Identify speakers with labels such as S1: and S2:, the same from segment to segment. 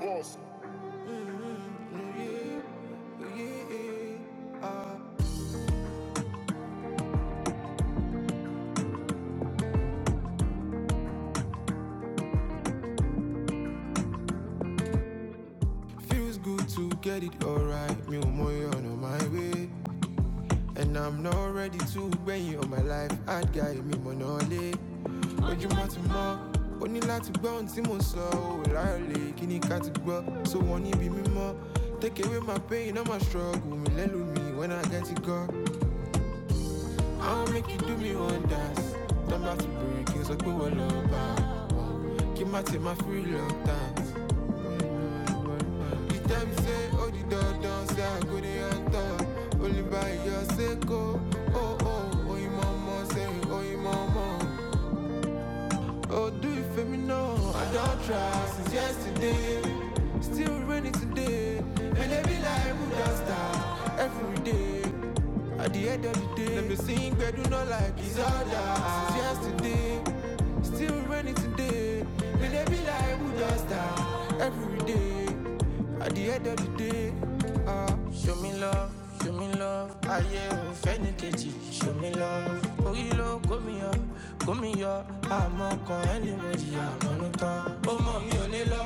S1: Boss. Feels good to get it alright. Me and my on my way. And I'm not ready to bring you on my life. I'd guy me monole. Ojúmọ́ ti mọ́, ó ní láti gbọ́ ohun tí mo to ni ká ti gbọ́, so wọ́n níbi mímọ́. Take away my pain, all my struggle. Me lẹ́lu me when I get it go. I'll make you do me wonders. dance. bá ti bèrè to break, sọ pé wọ́n lọ Give Kí má my free love dance. You tell me say, oh the door down, say I go dey on top. Only by your sake, oh oh oh, oh you mama say, oh you mama. Oh, do you feel me? now. I don't try since yesterday. Still raining today. And they be like, who does that? Every day. At the end of the day, let me sing, but do not like it's all that. Since yesterday, still raining today. And they be like, who does that? Every day. At the end of the day, Ah, show me love, show me love. Ayé ò fẹ́ni kejì, show me love. Orí ló kó mi yọ, kó mi yọ. Àmọ́ kan ẹni mo jìyà mọ́nú tán. Ó mọ̀ mi ò ní lọ,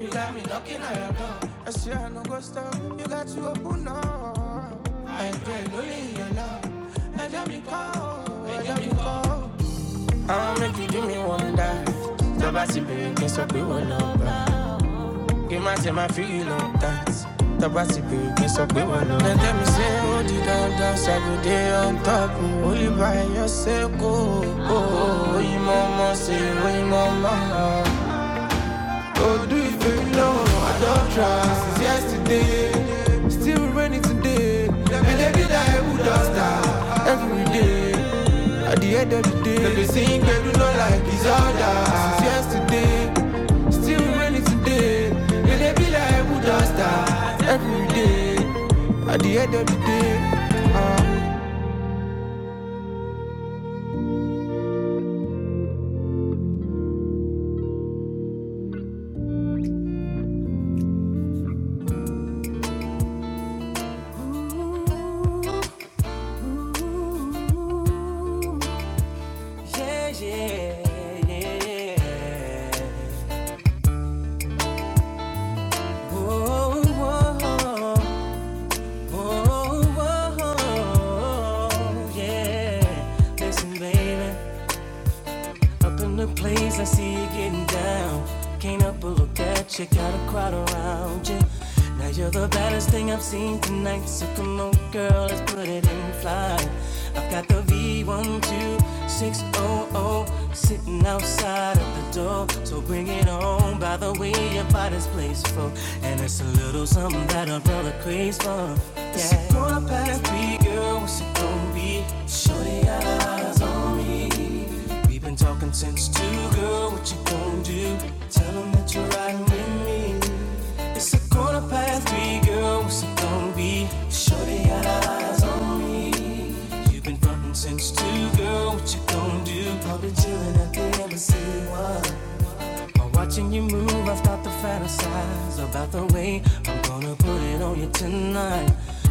S1: you got me knocking at your door. I swear I no go stop, you got to open up. I pray lórí your love. I Ẹja mi kọ́, ẹja mi kọ́. make you do me wonder. Tọ́ba ti bèrè kí n sọ pé wọ́n lọ bá you might say my feel on that. The body be be so good one. They tell me say, oh, the down down, say good day on top. oh. Only by yourself, go. Oh, oh, oh, you mama say, oh, you mama. Oh, do you feel long? I don't try since yesterday. Still raining today. And they be like, who does that? Every day. At the end of the day. They be sing, they do not like his other. Since yesterday. Still raining today. And they be like, who does that? Every day. At the end of the day. Uh, Yeah, yeah, yeah. Whoa, whoa, whoa, yeah. Listen, baby. Up in the place, I see you getting down. Can't help but look at you, got a crowd around you. Now you're the baddest thing I've seen tonight. So come on, girl, let's put it in flight. I've got the V12600 sitting outside of the door. So bring it on by the way your body's placed And it's a little something that a brother craves for. Yeah. It's a quarter past three, girl, what's it gonna be? Shorty, I eyes on me. We've been talking since two, girl. What you gonna do? Tell 'em that you're riding with me. It's a corner past three, girl. What's it gonna be? Shorty got eyes on. me. You've been frontin' since two, girl. What you gonna do? Probably chillin' at the embassy. Why? While watching you move, I start to fantasize about the way I'm gonna put it on you tonight.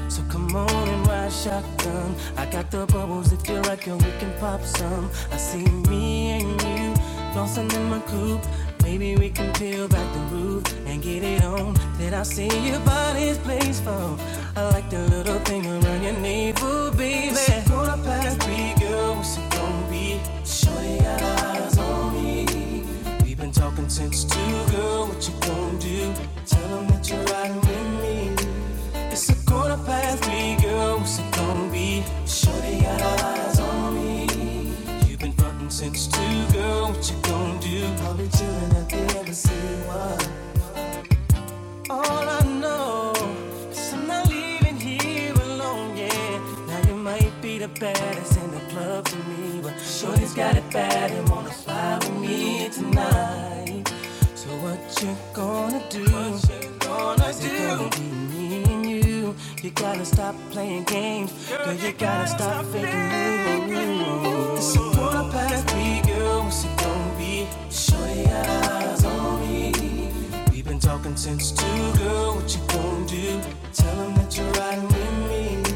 S1: So come on and ride shotgun. I got the bubbles if you're right, girl, we can pop some. I see me and you flossing in my coupe. Maybe we can peel back the roof and get it on. Then I see your body's blissful. I like the little thing around your navel, baby. It's a quarter past three, girl. What's it gonna be? Shorty got eyes on me me. We've been talking since two, girl. What you gonna do? Tell them that you're riding with me. It's a quarter past three, girl. What's it gonna be? Shorty got her eyes on me. You've been fucking since two, girl. What you gonna do? I'll be chilling at the embassy. What? All I know is I'm not leaving here alone, yeah. Now you might be the baddest in the club to me, but Shorty's got it bad and wanna fly with me tonight. So what you gonna do? What you gonna Is it gonna be me and you? You gotta stop playing games, girl. you, gotta, stop faking moves. It's a quarter past three, girl. What's it gonna be? Shorty got eyes on me. We've been talking since two, girl. What you gon' to do? Tell 'em that you're riding with me.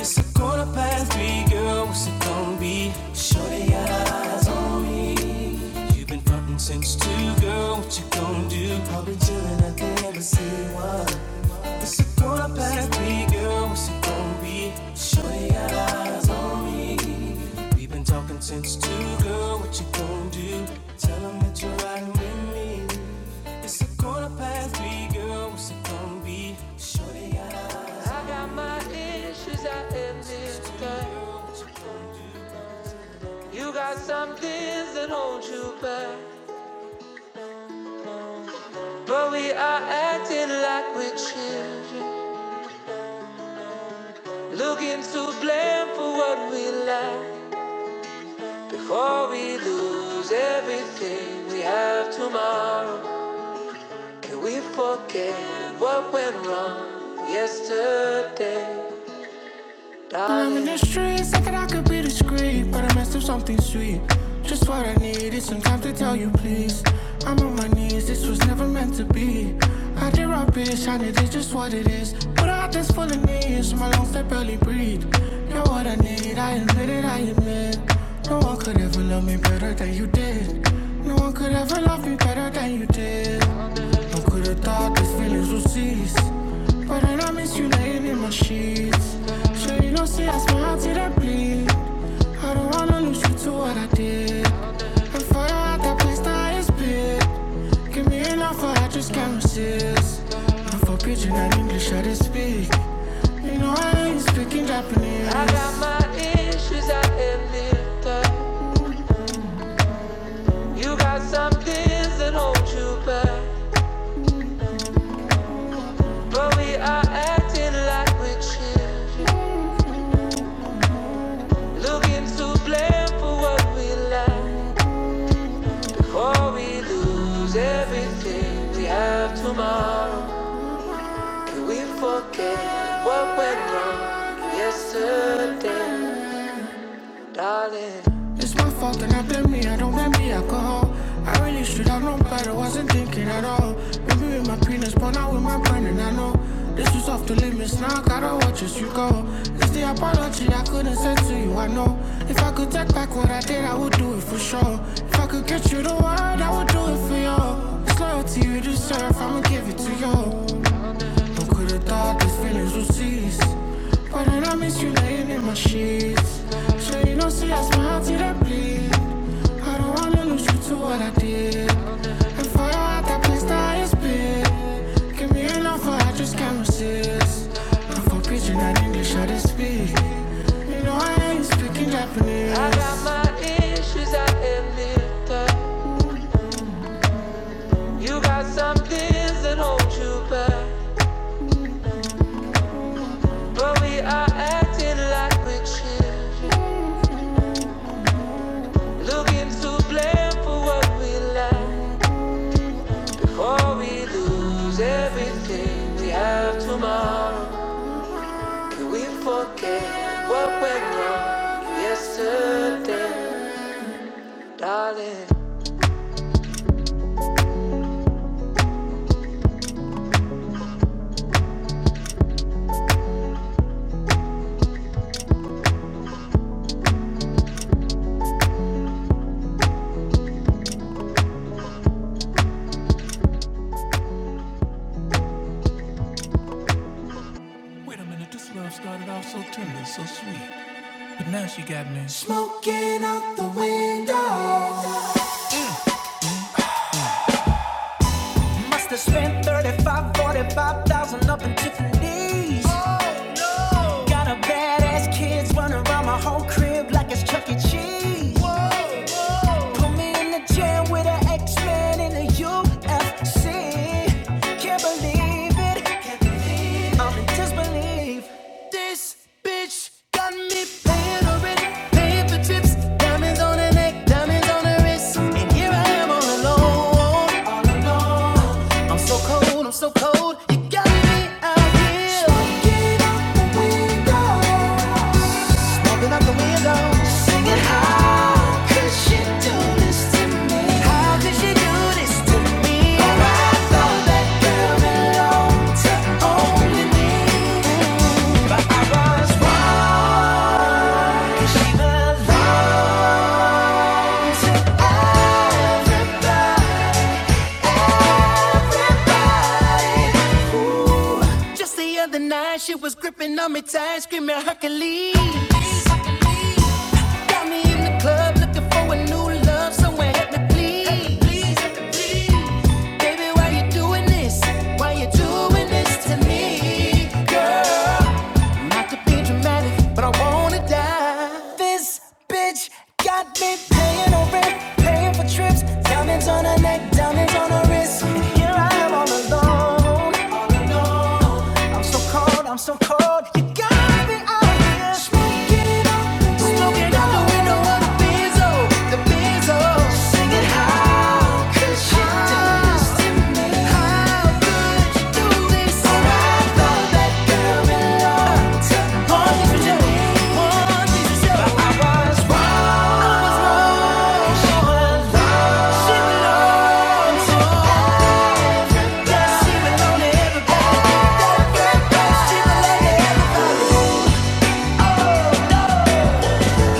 S1: It's a quarter past three, girl. What's it gon' to be? Shorty got her eyes on me. You've been frontin' since two, girl. What you gon' do? I'll be chillin' at the embassy. What? It's a one past three, girl. What's it gonna be? Shorty got eyes on me. We've been talking since two, girl. What you gonna do? Tell 'em that you're riding with me. It's a quarter past three, girl. What's it gonna be? Shorty got eyes on me. I got my issues, I am this girl. You got some things that hold you back. But we are acting like we're children. Looking to blame for what we lack. Before we lose everything we have tomorrow, can we forget what went wrong yesterday? Darling, I'm in the streets, thinking I could be discreet, but I messed up something sweet. Just what I needed, some time to tell you, please. I'm on my knees, this was never meant to be. I did rubbish, and it is just what it is. But I just full of knees, my lungs that barely breathe. You're what I need, I admit it, I admit it. No one could ever love me better than you did. No one could ever love me better than you did. I could have thought these feelings would cease. But then I miss you laying in my sheets. Sure, you don't see I smile till I bleed. I don't wanna lose you to what I did. And fire at that place that is big. Give me enough, but I just can't resist. I'm for pidgin and English, I didn't speak. You know I ain't speaking Japanese. I got my issues, I admit that. You got some things that hold you back, but we are acting like we're chill. Looking to blame for what we lack, before we lose everything we have tomorrow. Can we forget what went wrong yesterday? darling. It's my fault and I blame me, I don't blame the alcohol. I really should have known better, wasn't thinking at all. Maybe with my penis, but not with my brain, and I know this was off the limits. Now I gotta watch as you go. It's the apology I couldn't send to you, I know. If I could take back what I did, I would do it for sure. If I could get you the word, I would do it for you. It's loyalty you deserve, I'ma give it to you. Don't could've thought these feelings would cease. But then I miss you laying in my sheets. So you don't see I smile till I bleed. I don't wanna lose you to what I did. And fire out that place that is big. Give me an offer, I just can't resist. I'm for preaching and English, I just speak. You know I ain't speaking Japanese. I got my issues, I admit that. You got some things that hold you back. But we are acting like we are chill, looking to blame for what we lack. Before we lose everything we have tomorrow, can we forget what went wrong yesterday, darling? It's 35, 45,000 up in Tiffany's. Got a badass kids running around my whole crib like it's Chuck E. Cheese. Put me in the jam with an X-Men in the UFC. Can't believe it. I'm in disbelief. alone, all alone. I'm so cold, I'm so cold. You got me out here. Smoking out the window. Smoking out the window. Singing, how could she do this to me? How could she do this to me? Oh, I thought that girl belonged to only me. But I was wrong. She belongs to everybody. Just the other night, she was gripping on me tight, screaming Hercules. Got me in the club looking for a new love. Someone help me, please. Baby, why you doing this? Why you doing this to me, girl? Not to be dramatic, but I wanna die. This bitch got me paying rent, paying for trips, diamonds on her neck, diamonds on her wrist. here I am all alone, I'm so cold, I'm so cold. You got me out here. Smoking out the Smoking out the window of the Benzo. The Benzo. Singing, how could you do this to me? How could you do this? All I thought that girl belonged to Only for you. Only for you. But I was wrong. I was wrong. She belonged. She belonged to us.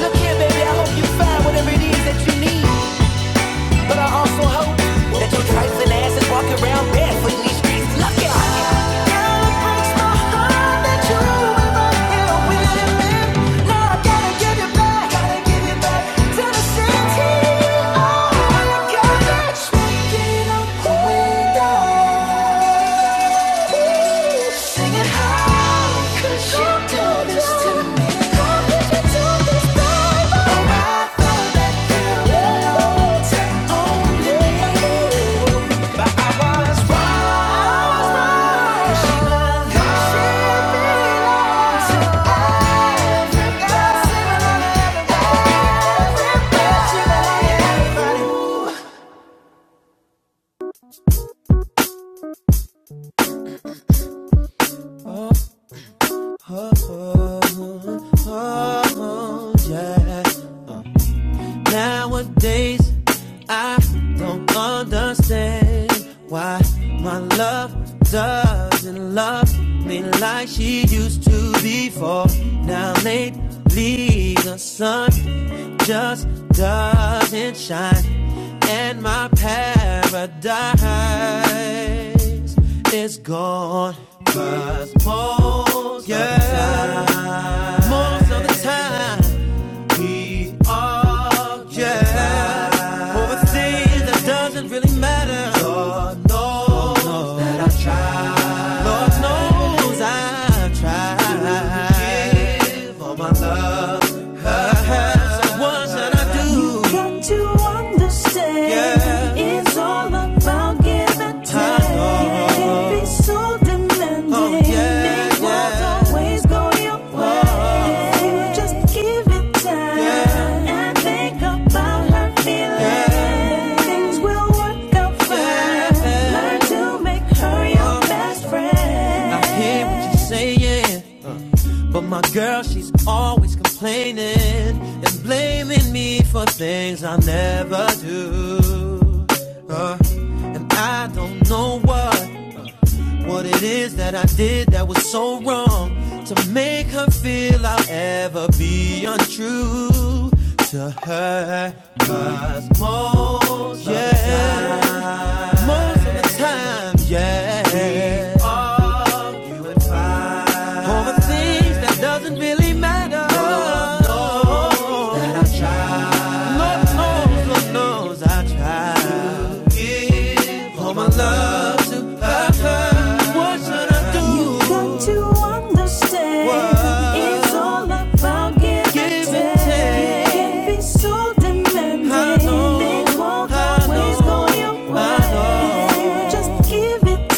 S1: Look here, baby, I hope you find whatever it is that you need. But I also hope that your trifling ass is walking around barefoot in these streets. Look at Girl, it breaks my heart that you ever here with me. Now I gotta give you back, gotta give you back to the city. Oh, you got me. Yeah. trying to understand. Yeah. It's all about give and take. can be so demanding. Oh, yeah, It yeah. won't yeah. always go your way. If just give it time Yeah. and think about her feelings, Yeah. things will work out fine. Yeah. Learn to make her your Oh. best friend. I hear what you're saying. But my girl, she's always complaining and blaming me for things I never do. Uh, and I don't know what, what it is that I did that was what You got to understand. It's all about give and Can't be so demanding. I know. Things won't I your way. Just give it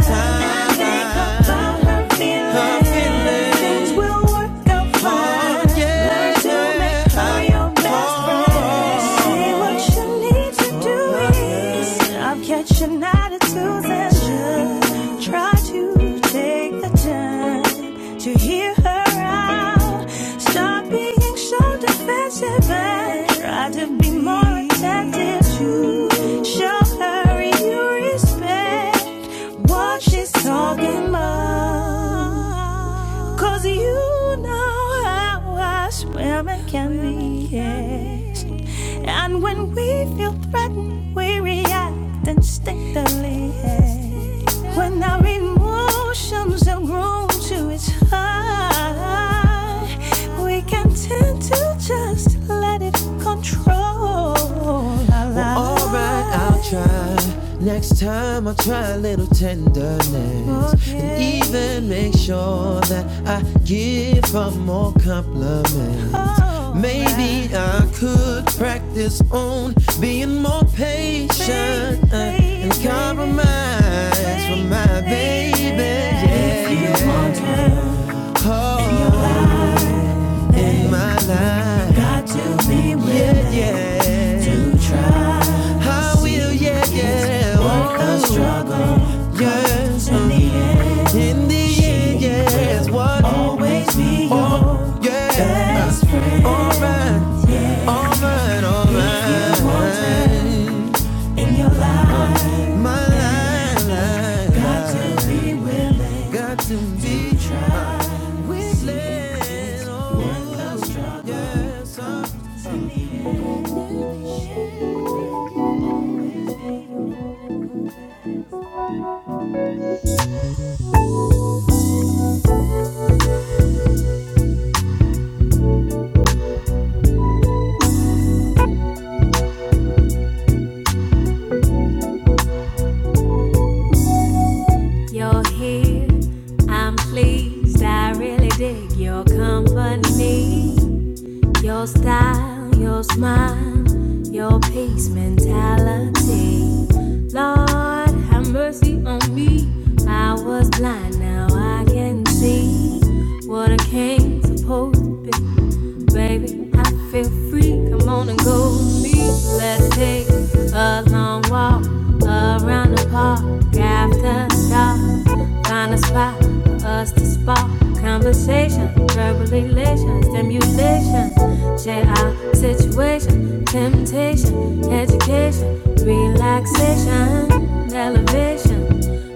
S1: time. time. Think about her feelings. feelings. Things will work out fine. Oh, yeah, Learn to yeah. make her your best friend. What you need to do is stop catching attitudes and just try to take the time to hear her out. Stop being so defensive and try to be more attentive to show her you respect what she's talking about. Cause you know how us women can be, yes. And when we feel threatened, we react instinctively, yes. When our emotions are grown to its high, we can tend to just let it control our lives. Well, all right, I'll try it. Oh, yeah. Even Maybe I could practice on being more patient and compromise for my baby. Yeah, yeah. Oh, my life. I will, yeah, yeah. Oh, yes. In the end, yes. What more? Yes. Alright, alright, alright. My life, life. Got to you're here. I'm pleased, I really dig your company. Your style, your smile, your peace mentality. Lord, have mercy on me. I was blind, now I can see what I came supposed to be. Baby, I feel free. Come on and go with me. Let's take a long walk around the park after dark. Find a spot, a us to spark conversation, verbal elation, stimulation, share our situation, temptation, education, relaxation, elevation.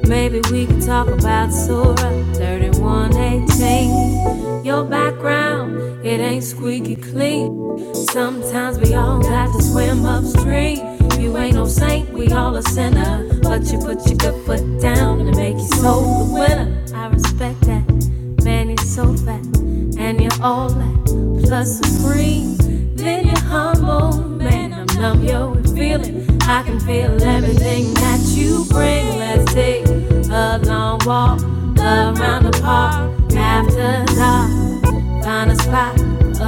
S1: Maybe we could talk about Surah 3118. Your background, it ain't squeaky clean. Sometimes we all got to swim upstream. You ain't no saint, we all a sinner. But you put your good foot down and it make you soul the winner. I respect that. Man, you're so fat. And you're all that. Plus supreme. Then you're humble. Man, I'm numb, yo, with feeling. I can feel everything that you bring. Let's take take a long walk around the park after dark. Find a spot,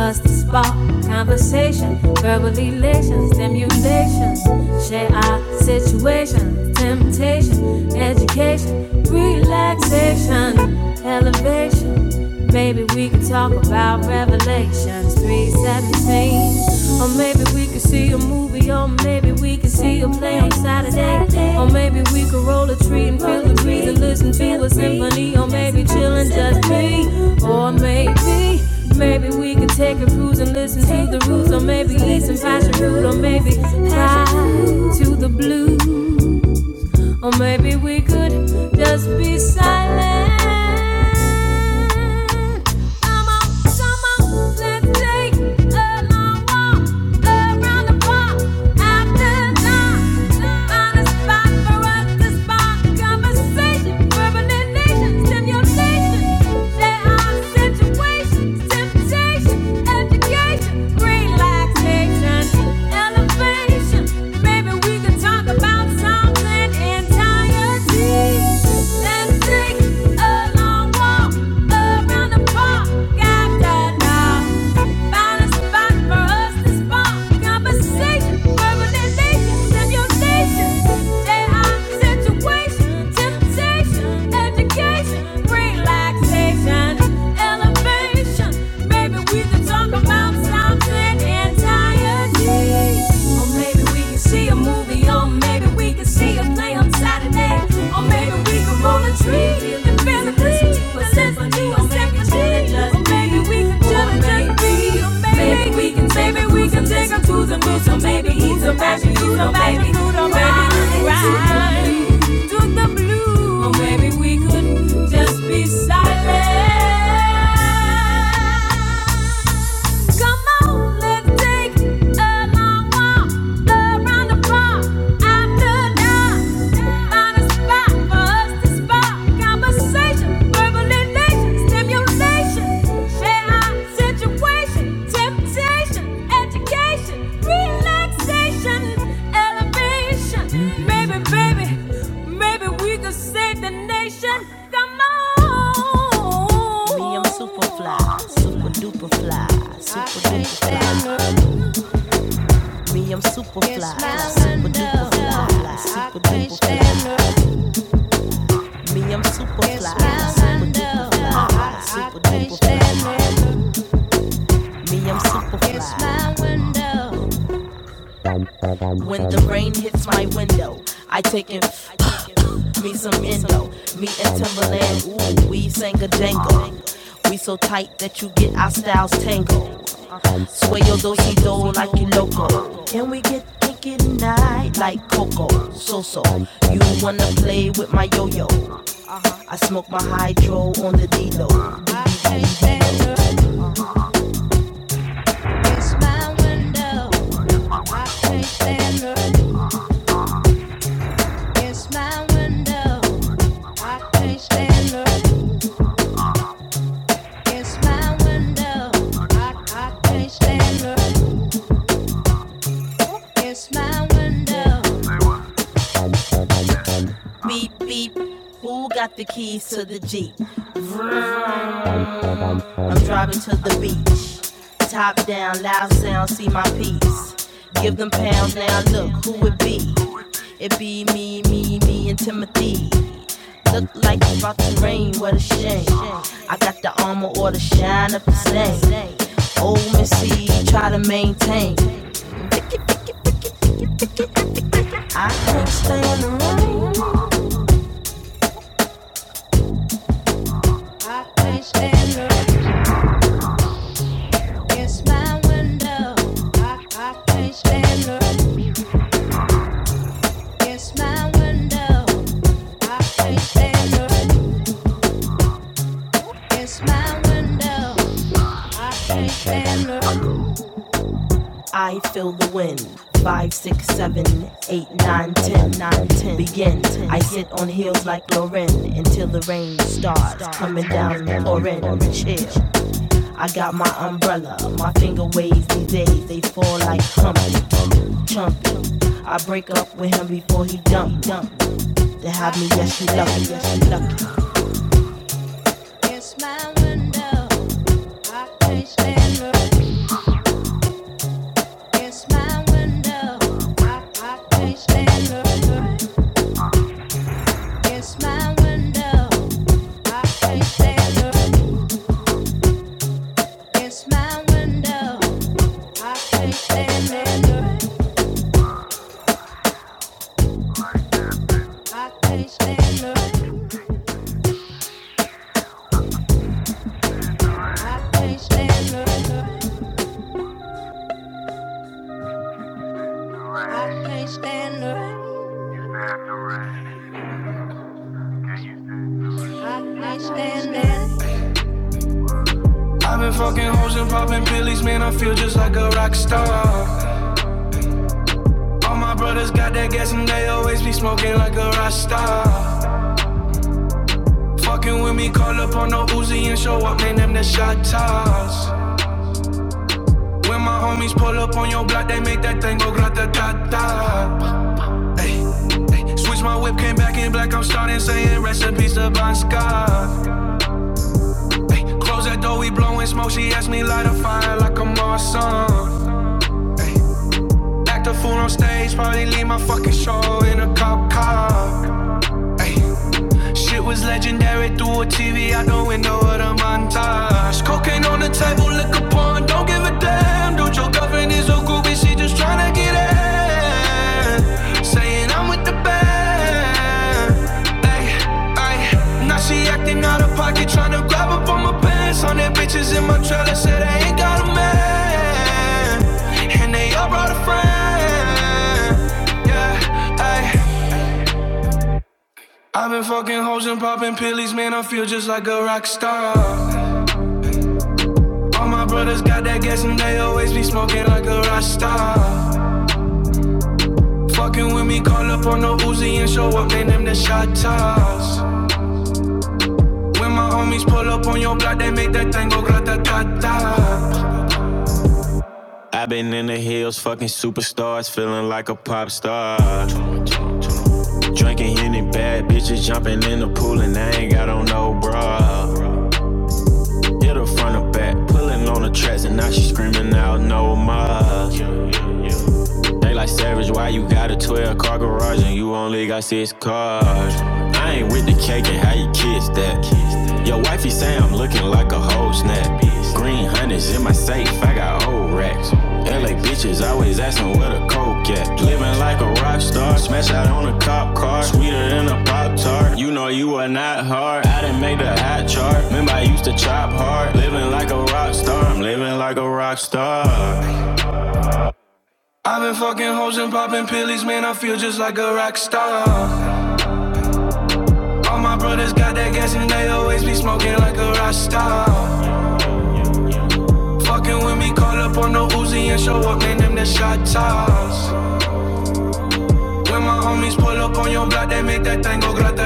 S1: us to spark conversation, verbal elation, stimulation. Share our situation, temptation, education, relaxation, elevation. Maybe we can talk about revelation. Oceans 317. Or maybe we could see a movie, or maybe we could see a play on Saturday. Or maybe we could roll a tree and feel the breeze and listen to a symphony, or maybe chillin' just me. Or maybe, maybe we could take a cruise and listen to the roots, or maybe eat some passion fruit, or maybe fly to the blues. Or maybe we could just be silent. Come on, come on, let's take a long walk around the park. After dark, find a spot for us to spark conversation, verbalization, stimulation. Share our situations, temptation, education, relaxation, elevation. Maybe we we can talk about something entirely. Let's take a long walk around the park. Got that a spot for us to spark conversation, verbalization, stimulation. They situation, temptation, education, relaxation elevation, Maybe we can talk about something entirely. Or maybe we can see a movie, or maybe we can see a play on Saturday. Or maybe we can roll a tree in the physically, a symphony, maybe we can just, or maybe we can just Maybe we can, maybe we can take her to to the moon, so maybe he's a magic, he's a baby who don't ride to the blue, or maybe we could just be silent. Come on, let's take a long walk around the block after dark. Find a spot for us to spark Conversation, verbalization, stimulation, share situation, temptation, education, relaxation, elevation. Maybe, baby, maybe we could save the nation. Come on. Me, I'm super fly. Super duper fly. Super duper fly. Super duper fly. Super duper fly. Super duper fly. It's my window. The rain hits my room in the interval. It's my window. I can't stand her. I can't stand her. It's my window. I, I can't stand her. My window. The beat down loud sound CD. Stand her. It's my window. I can't stand her. It's my window. I can't stand her. Eight and begin it on Hill Glorin and start coming to chill. I got my umbrella. My finger waves these days, they fall like Humpty Dumpty. I break up with him before he dump dump. To have me, yes, she lucky, yes, she lucky. It's my window. I- I- It's my window. I can't stand the rain. I can't stand the rain. I can't stand the rain. I can't stand the rain. I can't stand the rain. I've been fucking hoes and popping pillies, man. I feel just like a rock star. All my brothers got that gas and they always be smoking like a Rasta. Fucking with me, call up on no Uzi and show up, man, them the shot toss. When my homies pull up on your block, they make that thing go grata ta ta. Switch my whiz to Banska. Close that door, we blowing smoke. She asked me light a fire like a Marsan. The fool on stage probably leave my fucking show in a cop car. With TV out the window of the montage. Ain't on the tone, give a damn. Saying I'm with the band. Ay, ay. Now she acting out of pocket, tryna grab up on my pants. On that bitches in my trailer, said I ain't got a man. And they all brought a friend. Yeah, ay. I've been fucking hoes and popping pillies, man. I feel just like a rock star. All my brothers got that gas and they always be smoking like a rock star. Fucking with me, call up on the Uzi and show up, man. Them the shot toss. When my homies pull up on your block, they make that tango gratatata. i been in the hills, fucking superstars, feeling like a pop star. Drinking Henny, bad bitches jumping in the pool, and I ain't got on no bra. Hit her front or back, pulling on the tracks, and now she screaming out no more. They like savage, why you got a 12 car garage and you only got six cars? I ain't with the cake and how you kiss that. Your wifey say I'm looking like a whole snap. Green hundreds in my safe, I got old racks. LA bitches always asking where the coke at. Living like a rock star, smash out on a cop car. Sweeter than a Pop Tart, you know you are not hard. I didn't make the hot chart, remember I used to chop hard. Living like a rock star, I'm living like a rock star. I've been fucking hoes and popping pills, man. I feel just like a rock star. All my brothers got that gas and they always be smoking like a rock star. Fucking with me, call up on the Uzi and show up, man, them the shot toss. When my homies pull up on your block, they make that thing go grata.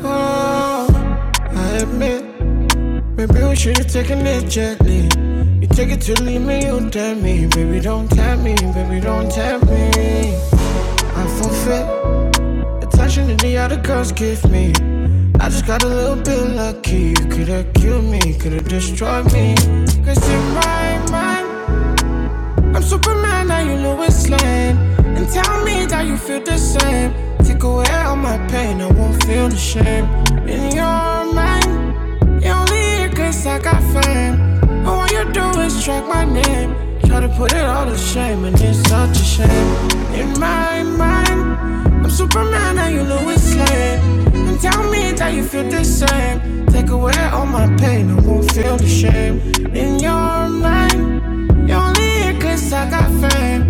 S1: Oh, I admit, maybe we should have taken it gently. You take it to leave me, you tempt me. Baby, don't tempt me, baby, don't tempt me. I forfeit attention that the other girls give me. The key could have destroyed me. Cause in my Superman, are you Lois Lane? And tell me that you feel the same. Take away all my pain, I won't feel the shame. In your mind, you only here 'cause I got fame. And what you doing? Child the shame, and I'm super slain. hand. Take away all my pain, I won't feel the shame. In your mind, you're only here 'cause I got fame.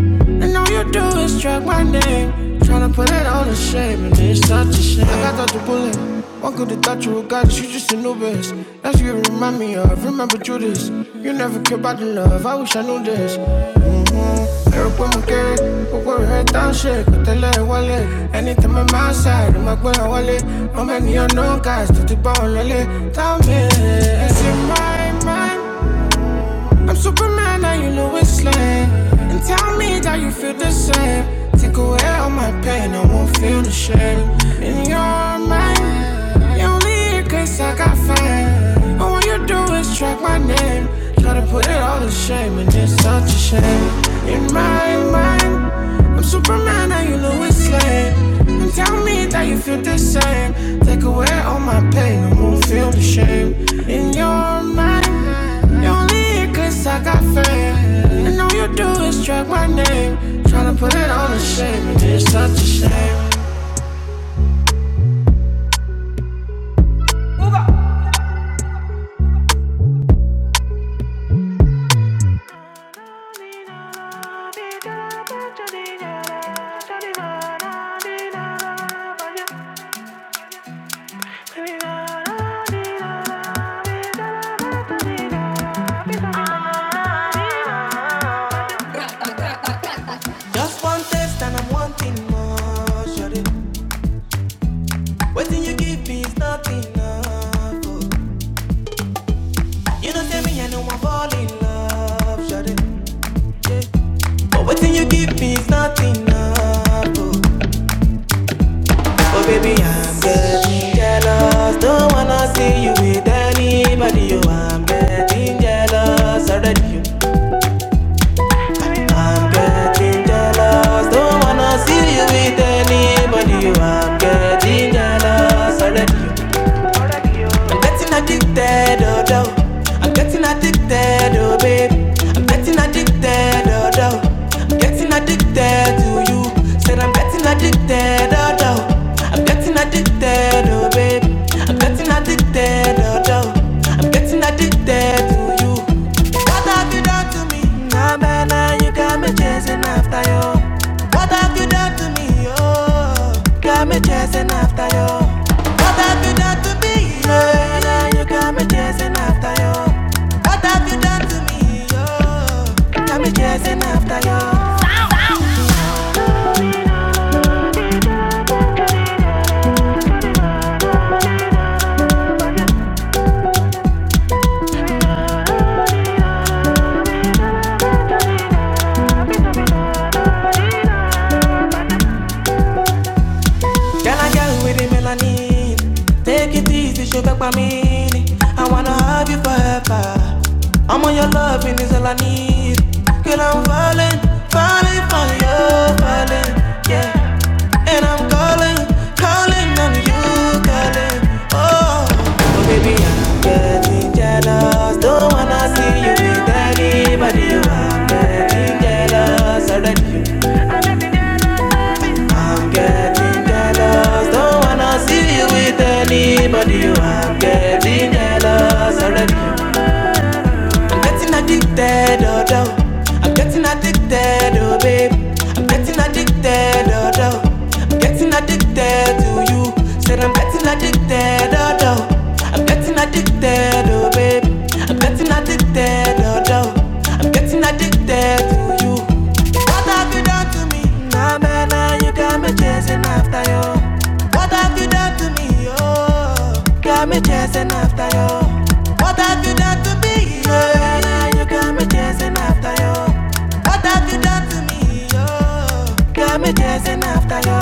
S1: And all you do is drag my name. Tryna put it all to shame, and it's such a shame. I got dodged a bullet. One could have thought you were God, you just a novice. That's what you remind me of. Remember Judas. You never care about the love. I wish I knew this. Pero podemos get it, but we head down shit, got the lead wallet. Anytime I'm outside, I'm like, where wallet. I'm a neon no guys, to the bone, lolly. Tell me, it's in my mind. I'm Superman, now you Lois Lane. And tell me that you feel the same. Take away all my pain, I won't feel the shame. In your mind, you only here 'cause I got fame. All you do is track my name. Try to put it all to shame, and it's such a shame. In my mind, I'm Superman, and you Lois Lane. And tell me that you feel the same. Take away all my pain, I won't feel the shame. In your mind. Only cause I got fame. And all you do is drag my name. Tryna put it on the shame, and it's such a shame. Just one taste and I'm wanting more, shorty. Waiting you give me is not enough. oh. You don't tell me I know I'm falling in love, shorty. But waiting you give me is not enough. Oh, oh baby, I'm getting jealous. Don't wanna see you with anybody. Oh, I'm getting jealous already. I'm getting jealous, don't wanna see you with anybody. Oh, I'm getting jealous already. I'm getting addicted, oh, oh. I'm getting addicted, oh, babe. I'm getting addicted, oh, oh. I'm getting addicted to you. Said I'm getting addicted, oh, oh. I'm getting addicted, oh, babe. I'm getting addicted, oh, oh. I'm getting addicted to you. What have you done to me? Now, nah, now nah, you got me chasing after you. What have you done to me? Oh, got me chasing after you. What have you done to me? Now, nah, nah, you got me chasing after you. What have you done to me? Oh, got me chasing after you. Girl, I got with the melanin. Take it easy, show back my meaning. I wanna have you forever. I'm on your loving is all I need. Girl, I'm falling, falling for you, falling, yeah. And I'm calling, calling on you, calling. Oh, getting jealous, don't wanna see you with anybody. I'm getting jealous already. Wanna see you with anybody, you I'm getting jealous already. I'm Getting addicted, oh, oh. I'm getting addicted, oh, babe. I'm getting addicted, oh, oh. I'm getting addicted to you. Said I'm getting addicted, oh, oh. I'm getting addicted, oh, babe. I'm getting addicted, oh, oh. I'm getting addicted to you. What have you done to me? Nah, man, nah, you got me chasing after you. What have you done to me? Oh, got me chasing after you. What have you done to me? Yeah, nah, nah, you got me chasing after you. What have you done to me? Oh, got me chasing after you.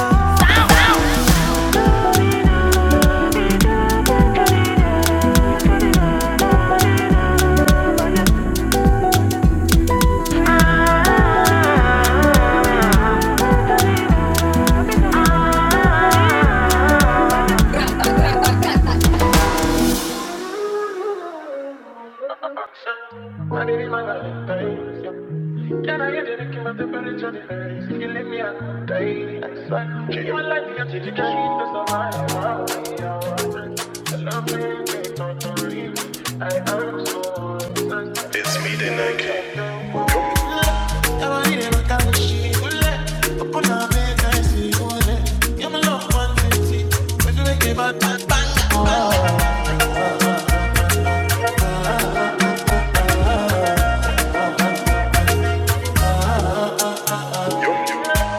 S1: It's me, the Nike.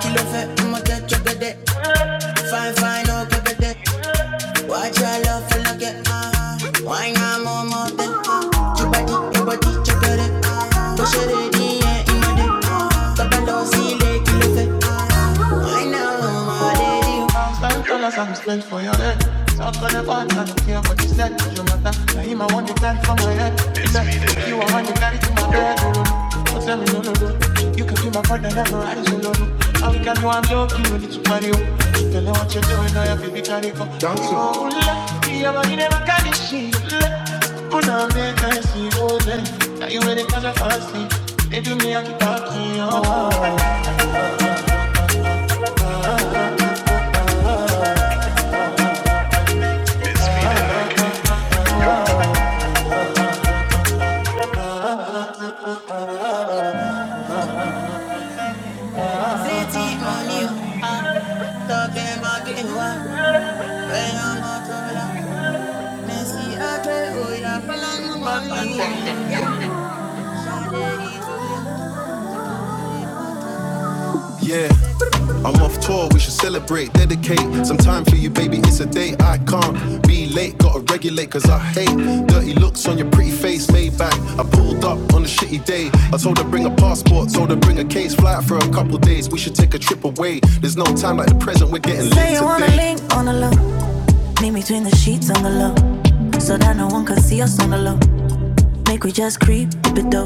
S1: Kilo fe, I'ma get you good. Fine, fine, oh, good. Watch your love for look at uh Why not more more than uh Your body, your body, your body uh Push it in the air, in my dick uh not see, lake, you look at uh Why not more more than you Some tell us I'm straight for your head. Some for the band, I don't care what you said. You matter. I hear my one you carry from my head. It's me, You are one you carry to my bed. Oh, no. no. Don't tell me no, no, no. You can be my partner, never rise, no, no, no. All we can do, I'm ready to party, oh. Dancehall. I'm off tour, we should celebrate, dedicate some time for you, baby. It's a day I can't be late. Gotta regulate, cause I hate dirty looks on your pretty face, made back. I pulled up on a shitty day. I told her bring a passport, told her bring a case, fly out for a couple days. We should take a trip away. There's no time like the present, we're getting late today. Say you wanna link on the low, meet me between the sheets on the low, so that no one can see us on the low. Make we just creep, dip it though.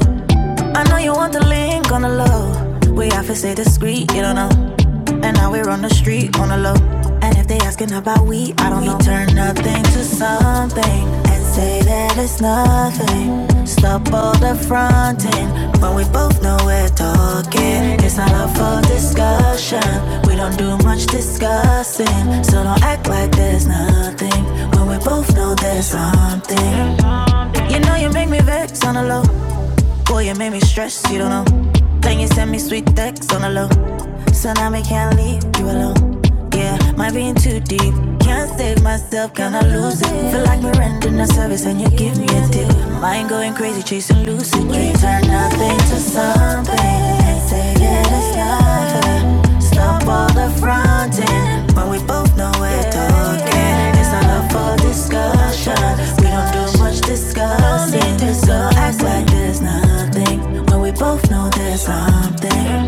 S1: I know you want the link on the low. We have to stay discreet, you don't know. And now we're on the street on the low. And if they asking about we, I don't we know. We Turn nothing to something and say that it's nothing. Stop all the fronting when we both know we're talking. It's not up for discussion. We don't do much discussing, so don't act like there's nothing when we both know there's something. You know you make me vex on the low. Boy, you made me stress, you don't know. Then you send me sweet texts on the low. So now we can't leave you alone. Yeah, might be in too deep. Can't save myself, can I lose it? Feel like we're rendering a service and you give me a tip. Mind going crazy, chasing lucid dreams. Turn nothing to something. Say that it's not fair. Stop all the fronting when we both know we're talking. It's not up for discussion. We don't do much discussing. So act like there's nothing when we both know there's something.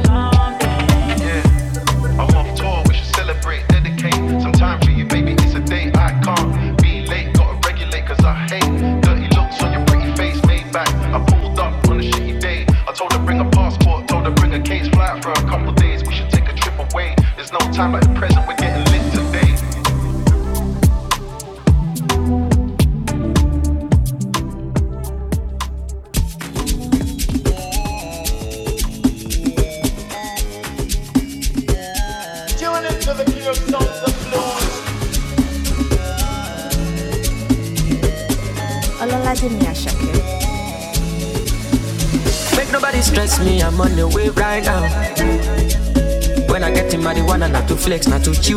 S1: Olala Junior Shakir.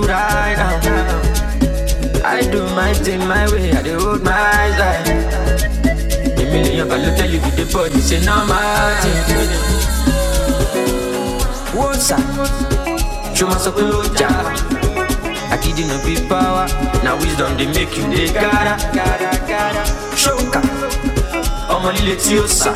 S1: Right now, tell me how What's up? Show me some loja. I kid you no big power. Now wisdom they make you they gotta, gotta, gotta. Shoka, I'm only let you sir.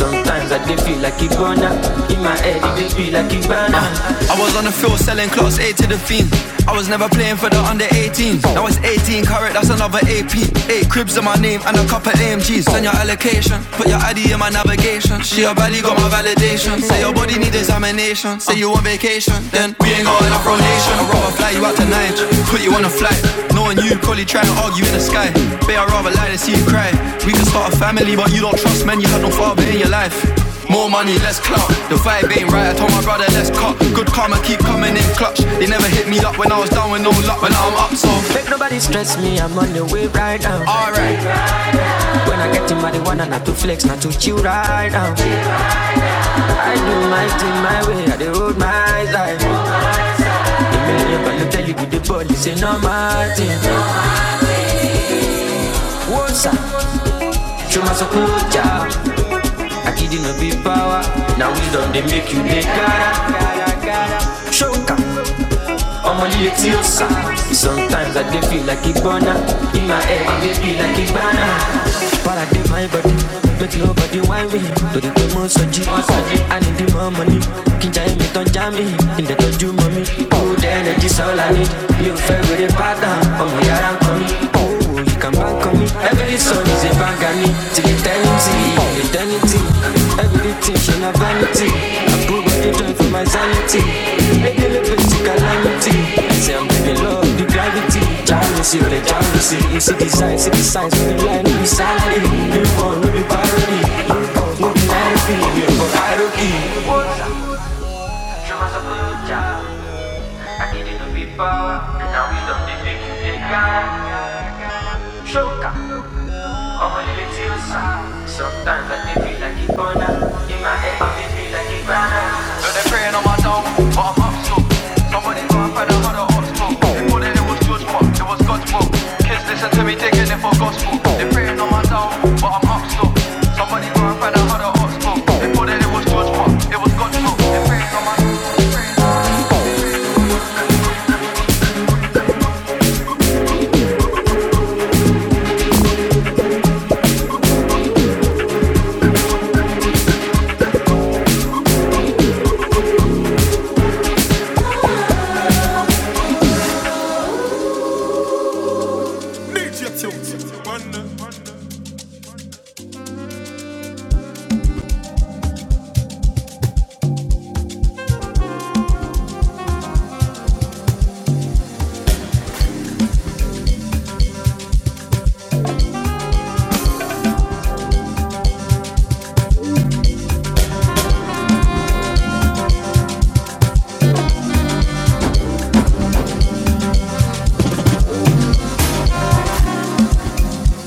S1: Sometimes I dey feel like Ibona. In my head, it dey feel like Ibana. I was on the field selling class A to the fiends. I was never playing for the under 18s. Now it's 18 carat, that's another AP. Eight cribs in my name and a couple AMGs. Send your allocation, put your ID in my navigation. She a valley got my validation. Say your body need examination. Say you on vacation, then we ain't got enough rotation. I'd rather fly you out tonight, put you on a flight. Knowing you probably try and argue in the sky. Babe, I'd rather lie than see you cry. We can start a family, but you don't trust men, you had no father in your life. More money, less clout. The vibe ain't right. I told my brother, let's cut. Good karma keep coming in clutch. They never hit me up when I was down with no luck. but now I'm up, so Make nobody stress me, I'm on the way right now. Alright. When I get in marijuana, not to flex, not to chill right now. I do my thing my way, I do hold my life. The million but look tell you with the police, ain't no my thing. What's up? Show my support, yeah. I kid you no big power. Now we do they make you the cara. Show 'em. I'm on the exiosa. Sometimes I dey feel like a burner. In my head, I dey feel like a burner. But I do my body, make your body wine me. Do the demo soji, I need the more money. Kinja me don't jam me. in the toju mommy. Oh, the energy's all I need. You favorite partner, ọmọ yàrá ń kọ coming. Oh, you can bank on me. Every song is a bang on me. Till eternity, eternity. Everything, she na vanity. But the joy for my sanity, I deliver to calamity. I say I'm begging love, the gravity. Jealousy, the jealousy. You see the signs, see the signs. We be lying, we be salary. We be born, we be parody. We cause no be We are for hierarchy. What's up? Cuma sepuja. Kaki di tepi bawah, kenal hidup di pinggir ikan. Showtime. Sometimes I feel like it burn out In my head, I feel like it so they're praying on my down, but I'm up still. Nobody got a father, had a up still. it was George it was God's We taking it for gospel. They pray, but I'm up still. Somebody got a father, had a up still. George Moore,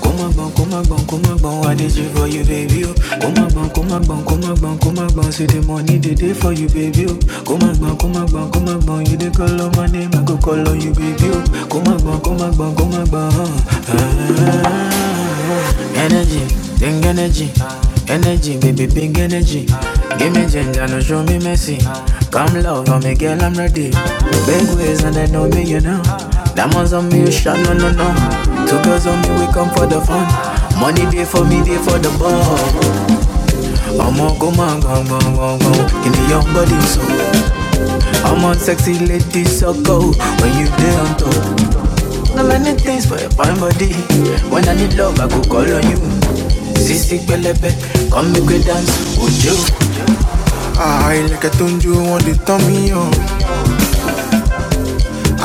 S1: Come on, bon, come on, bon, come on, bon. I did you for you, baby. Oh. Come on, bon, come on, bon, come on, bon, come on, bon. See the money they day for you, baby. Oh. Come on, bon, come on, bon, come on, bon. You dey call on my name, I go call on you, baby. Oh. Come on, bon, come on, bon, come on, come on. energy, big energy, energy, baby, big energy. Give me ginger, no show me mercy. Come love for me, girl, I'm ready. Big ways and I know me, you know. Diamonds on me, you shine, no, no, no. Two girls on me, we come for the fun. Money day for me, day for the ball. I'm on go, man, go, go, go, go. Give me your body, so I'm on sexy lady, so go. When you there on top, no many things for your fine body. When I need love, I go call on you. Sissy Belebe, come make we dance, would you?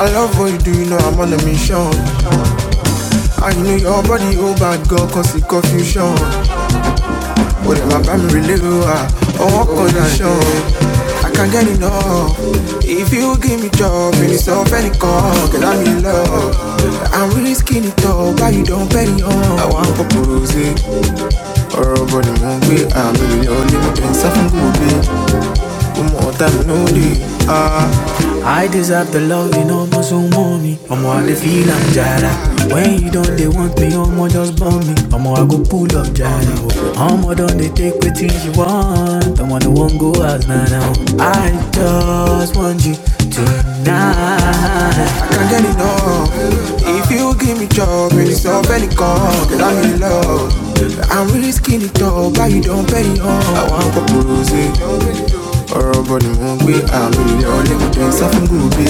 S1: I love what you do, you know I'm on a mission. And know your body, oh bad girl, cause it confusion. Confusion. I'm getting off. If you give me job, any stuff, any call, cause I'm in love. I'm risking it all, but you don't pay me on. I want to propose it, or but I'm hungry. I'm really only with them, something good no Ah. I deserve the love, you know, no so mommy. I'm all the feel I'm jada. When you don't, they want me, I'm all just bomb me. I'm all I go pull up jada. I'm all done, they take what things you want. I'm all the one go out now. now. I just want you tonight. I can't get enough. If you give me job, any stuff, any call, get I'm in love. I'm really skinny tall, but you don't pay on. I want to propose it ọ̀rọ̀ bọ̀ ni mò ń gbé àmì ilé ọ̀lẹ́ sá fún gòbè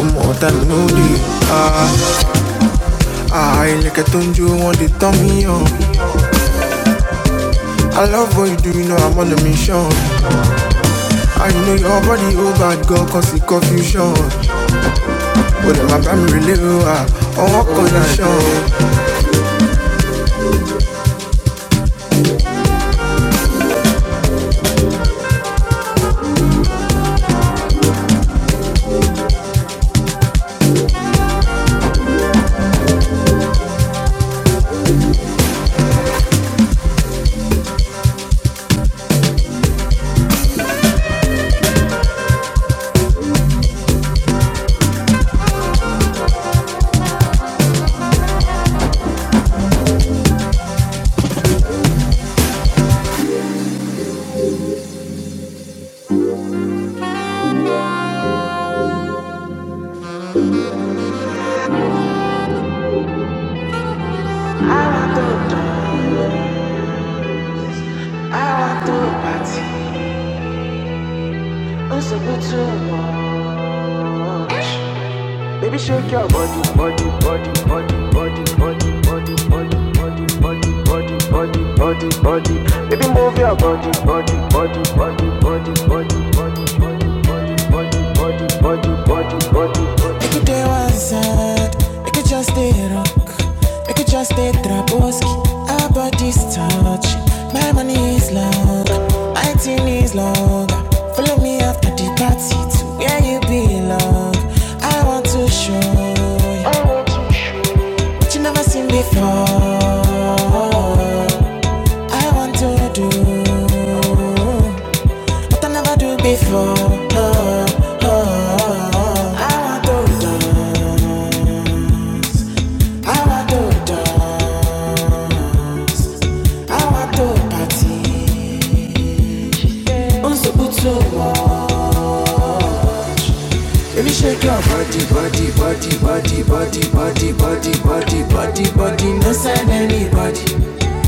S1: ọmọ ọ̀tá mi ló dé àà ilẹ̀kẹ̀ tó ń jó wọn lè tán me, hàn I love what you do, you know I'm on a mission I know your body, oh bad girl, cause it's confusion But lè má bá mi relé o, ah, on one condition Baby, shake your body, body, body, body, body, body, body, body, body, body, body, body, body, body. Baby, move your body, body, body, body, body, body, body, body, body, body, body, body, body, body. Make it day one side, make it just stay rock, make it just stay traboski. Our bodies touch, my money is long, my team is long. Follow me after the party to where you belong. I want to show you what you never seen before. I want to do. I never do before. Oh, oh, oh, oh. I want to dance. I want to dance. I want to party. Unso buto wo. Baby, shake your body, body, body, body, body, body, body, body, body, body. No sign anybody.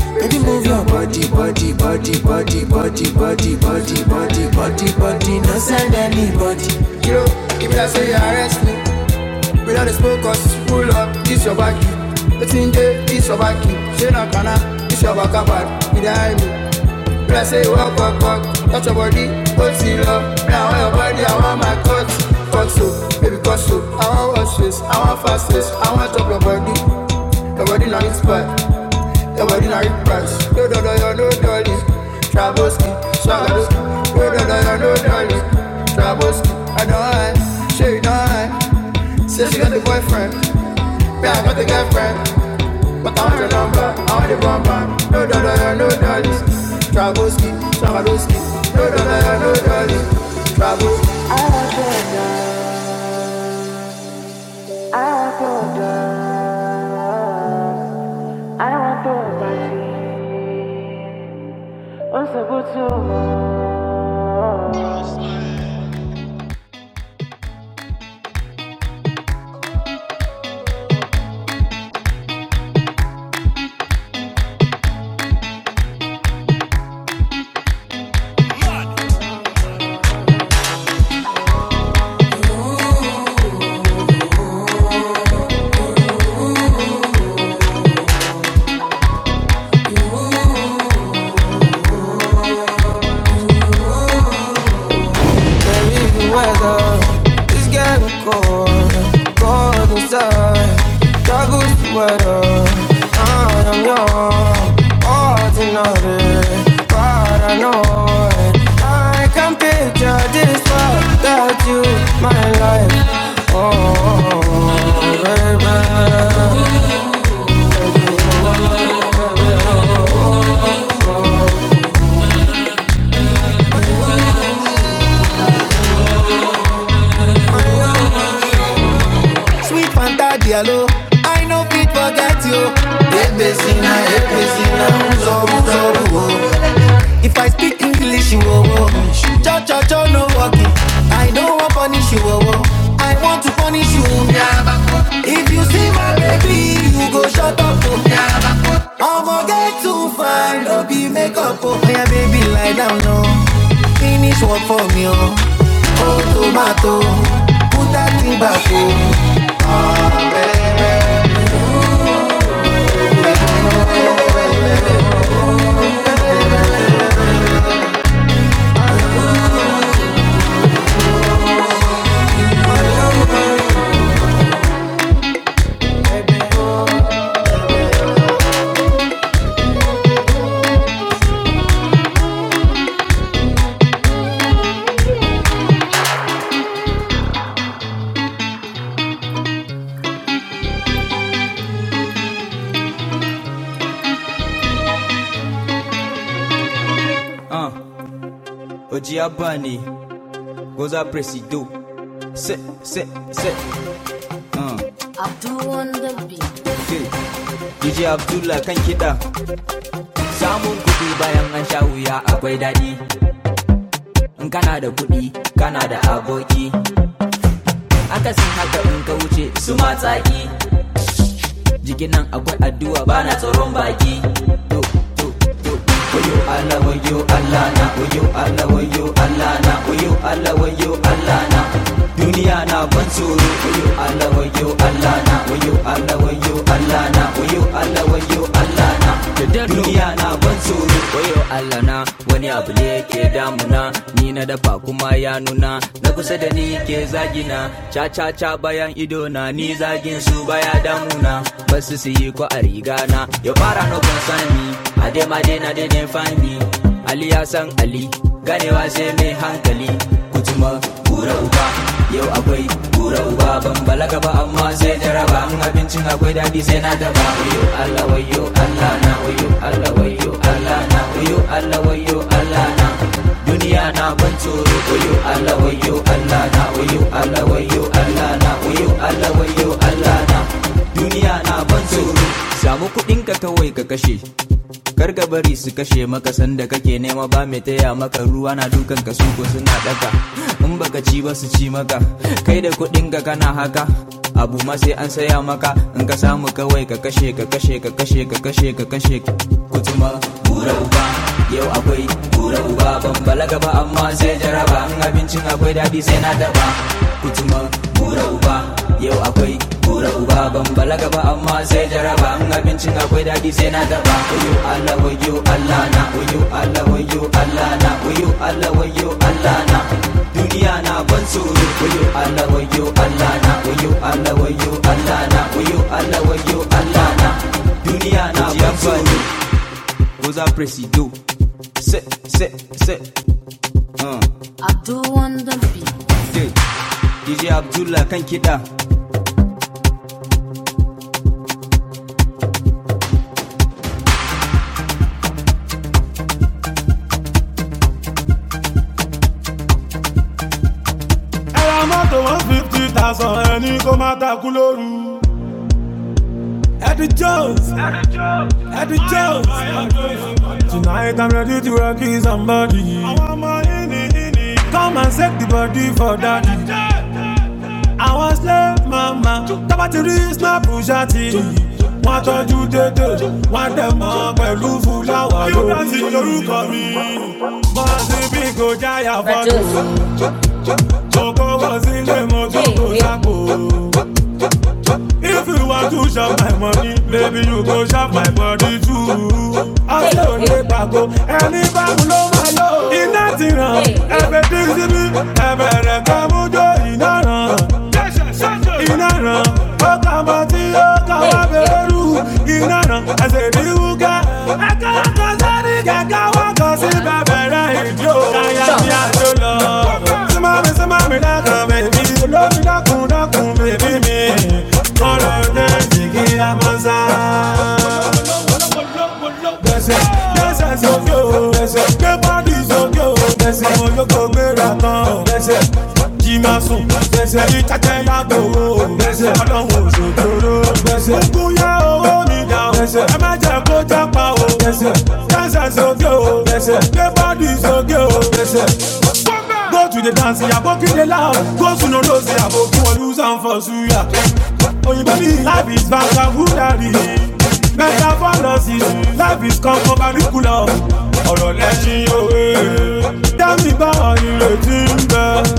S1: Baby move your body. Yo, if I say arrest me, We don't smoke us, pull up, this your back. The thing day, this your back. She not gonna, this your back back. Behind me, when I say walk, walk, walk, touch your body, hold till love. Now I want your body, I want my cut, cut so, baby cut so. I want wash face, I want fast face, I want top your body. Your body not inspired, your body not impressed. No, no, no, no, no, dolly. Traboski, Swagadoski. No, no, no, no, no, dolly. Traboski, I don't hide, she don't hide. Say she got a boyfriend. Me, I got a girlfriend, but I'm the number, I'm the bumper. No, no, no, no, no, daddies. Traboski, Traboski. No, no, no, no, no, daddies. Traboski. Osebutu, Can't leave the weather. It's getting cold, cold inside. Struggles to weather. And I'm young, ordinary, paranoid. I can picture this world without you, my life. Oh, baby. Sweet Fanta Diallo, I no fit forget you. In a APC now, so so so. If I speak English, you oh oh. Cha cha cha, no walking. I don't want punish you oh oh. I want to punish you. If you see my baby, you go shut up oh. I'ma get too fine, no be make up oh. Yeah, baby, lie down no. Finish work for me oh. Tomato, put that thing back oh. Oji Abani, Goza Presido, Se, Se, Se, DJ Abdullah kan kiɗa. In Canada, da kuɗi, kana da abu. akasin haka in ka wuce su matsaki jikin nan akwai addu'a ba bana tsoron baki da daro duniya na ban tsoro wayo Allah na wani abu ne yake damuna ni na dafa kuma ya nuna na kusa da ni ke zagina cha cha cha bayan ido na ni zagin su baya damuna basu su yi ko a riga na ya fara no concern me ade ma de na de find me Ali Hassan Ali ganewa sai me hankali Kutuma gura uba yau akwai gura uba ban balaga ba amma sai jaraba in abincin akwai daɗi sai na daba wayo Allah wayo Allah na wayo Allah wayo Allah na wayo Allah wayo Allah na samu kuɗin ka kawai ka kashe Kar ka bari su kashe maka sanda kake nema ba mai taya maka ruwa na dukan ka suko suna daka in baka ci ba su ci maka kai da kuɗin ka kana haka abu ma sai an saya maka in ka samu kawai ka kashe ka kashe ka kashe ka kashe ka kashe kutuma bura uba yau akwai bura uba ban balaga ba amma da kutuma yana duniya na kamfani goza presido se se se Uh, Abdul on the beat. yeah. DJ Abdullah kan kiɗa. ẹ̀rọ mọ́tò one fifty thousand ẹni kó má takú lóru. Eddie Jones, Eddie Jones. Tonight I'm ready to rock you somebody. Come and set the body for daddy. I Àwọn slave mama tábà ti rí snap ṣáàtì. Wọ́n tọ́jú dédé, wọ́n dẹ̀ mọ́ pẹ̀lú fúláwà lórí. Yóò dá sí lórúkọ mi. Bọ́sibí kò jáyà fọ́tò. Abdul. Coco was in the motor Hey, go hey. shop oh. If you want to shop my money, maybe you go shop my body too. I Hey, say hey. only bago, any bago lo ma lo. Iná ti ràn, Hey, hey. ẹ̀bẹ̀ ti síbi, ẹ̀bẹ̀ rẹ̀ ká mújó iná ràn. Iná ràn, ó kà mọ́ tí ó kà wá Hey, hey. bẹ̀rù. Iná ràn, ẹsẹ̀ ní wúkẹ́. Ẹ̀ka ọkọ̀ sẹ́ni kẹ̀kẹ́ wọ́kọ̀ sí bẹ̀bẹ̀rẹ̀ ìdí òkà yá Sure. ní àná tó lọ. Ṣé máa mi ṣé máa mi dákan bèbí? Olómi dákun dákun bèbí mi. Mọ̀rọ̀ náà jì kí a mọ̀ sá. Gbèsè gbèsè sókè o. Gbèsè gbé pàdé sókè o. Gbèsè àwọn olóko gbéra kan. Gbèsè jí máa sùn. Gbèsè yí tẹ́tẹ́ yàgò o. Gbèsè ọlọ́run òṣòjòrò. Gbèsè ogun yá owó mi dá down. Ẹ má jẹ́ kó jápa o. Dancer sókè Go Gbé bọ́ọ̀dù sókè o. Go to the dance, yàgò kí de loud. Go sunu lóse àbò kí wọ́n lose am for suya. Òyìnbó ní life is vagabundary. Metaphorosis, life is concomitant. Ọ̀rọ̀ lẹ́sìn òwe. Dá mi bá ọ̀rìn rètí ń bẹ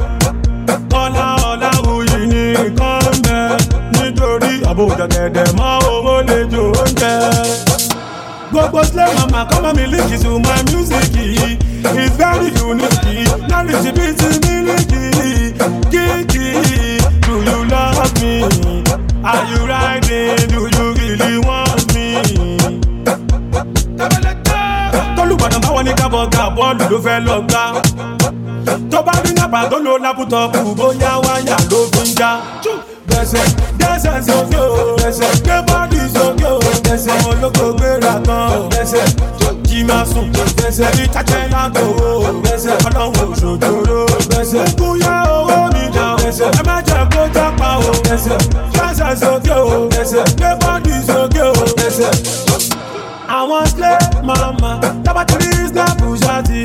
S1: kọ́lá ọ̀làwùyí ní nǹkan ń bẹ nítorí àbújá gẹ̀dẹ̀ mọ́ owó lè jò oúnjẹ. gbogbo sílẹ̀ màmá come and líkì to my music is very unique lárí ti bí ti mílíkì kíkì do you love me are you riding do you really want me. tọ́lùbọ̀dàn báwọn ní kábọ̀ ga bọ́ọ̀lù ló fẹ́ lọ gbá tó bá rí nàpà tó lo lápútọ̀pù bóyá wáyà ló fi ń já. bẹ̀sẹ̀ dẹ́sẹ̀ sókè o bẹ̀sẹ̀ gbé bọ́ọ̀dì sókè o bẹ̀sẹ̀ àwọn olóko gbéra kan o bẹ̀sẹ̀ tó jí máa sùn bẹ̀sẹ̀ bí tájẹ́ lágbo o bẹ̀sẹ̀ ọlọ́run òṣòjòrò bẹ̀sẹ̀ kúyà owó mi dà o bẹ̀sẹ̀ ẹ má jẹ́ kó jápa o bẹ̀sẹ̀ dẹ́sẹ̀ sókè o bẹ̀sẹ̀ gbé bọ́ọ̀dì sókè o bẹ̀sẹ̀. I want slave, mama, dábàá ti rí islam bùsàtì.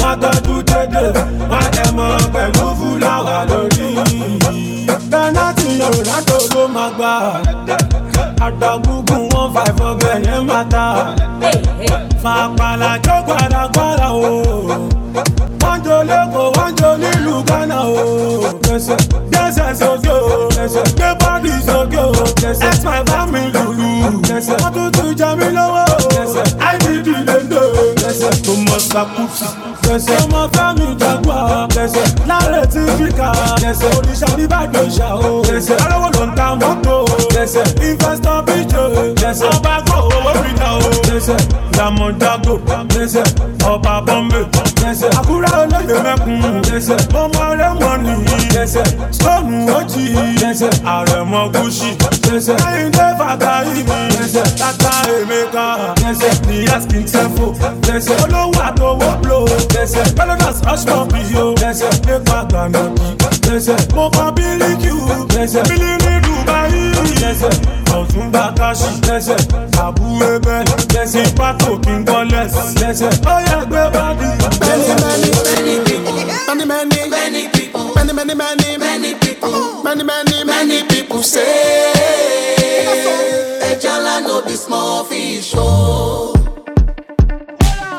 S1: Wọ́n tọ́jú dédé, wọ́n jẹ mọ́ pẹ̀lú fúláwà lórí. Bẹ́nátì Ronaldo ló máa gbà. Àdàgùgùn one five ọbẹ̀ yẹn máa ta. Fàpàlà jó gbàdàgbàdà o wọ́n jó lẹ́kọ̀ọ́ wọ́n jó nílùú Ghana o. Gbèsè gbèsè sókè o. Gbèsè gbé bọ́ọ̀dì sókè o. Gbèsè ẹ̀sìn bá mi lùlù. Gbèsè wọ́n tún tún jẹ mí lówó. Gbèsè IDD lè ń dò. Gbèsè tó mọ sakusi. Gbèsè ọmọ Fẹ́mi Jaguar. Gbèsè láre tí fíkà. I'm bad don't no áfíríkà. Jẹ̀sẹ̀ oníṣà oníbàdàn ìṣà o. Jẹ̀sẹ̀ alówó ló i ta mọ́tò. Jẹ̀sẹ̀ investor bíjò. Jẹ̀sẹ̀ ọba gbọ́ owó fìdá o. Jẹ̀sẹ̀ Diamond Dago. Jẹ̀sẹ̀ ọba Bọ́mbè. Jẹ̀sẹ̀ Àkúrẹ́ olóyè mẹ́kun. Jẹ̀sẹ̀ Mọ́mọ́ Rẹ́mọ̀nì. Jẹ̀sẹ̀ Stone Oji. Jẹ̀sẹ̀ Àrẹ̀mọ Gúsì. Jẹ̀sẹ̀ Kẹ́hìndé Fàkàyí. Jẹ̀sẹ̀ Tata Emeka. Jẹ̀sẹ̀ Níyà Skin Sefo. Jẹ̀sẹ̀ Olówó àtọwọ́ Blow. Jẹ̀sẹ̀ Melodus Hush Pop Yo. Jẹ̀sẹ̀ Nípa Gbàndó. Blessed, mo fa bíríkì blessed, bílí ní Dubai blessed, ọ̀tún bá káṣí blessed, àbú ẹbẹ blessed, pátó kí n gbọ́ lẹ́sẹ̀ blessed, ó yẹ gbé bàbí blessed. Many, many, many, many.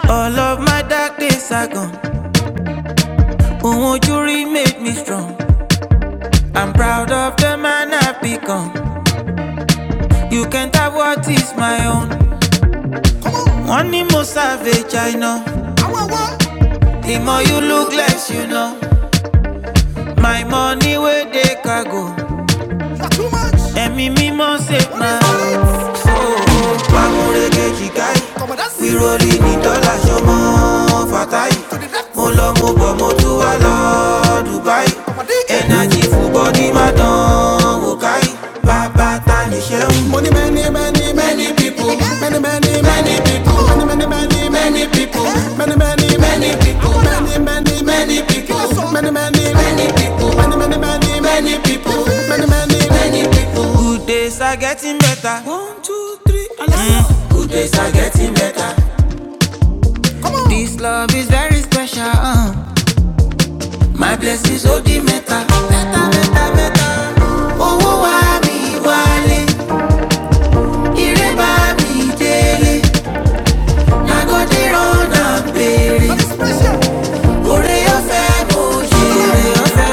S1: All of my dark days are gone. Ohun ojú rí made me strong. I'm proud of the man I've become. You can't have what is my own. Wọ́n ní mo savage, I know. The more you look less, you know. My money where they can go. Too much. ṣe máa. Pàmùrẹ́gẹ́ jìgáì, ìrọ̀lì ní oh. ṣọmọ Fatai. Mo lọ mo bọ̀ mo tún wá lọ Dubai. Ẹ̀nàjì fún bọ́dí má dán wò káì. Bàbá ta ni ṣẹ́un. Mo ní many many many people. Many many many people. Good days are getting better. One two three, allow. Good days are getting better. Come on. This love is very special. Uh. My blessings ó di better, better, better, better. Owó wá mi wálé, ireba mi délé. Nagode rọ̀nà béèrè, oore ọ̀fẹ́ mo jèrè.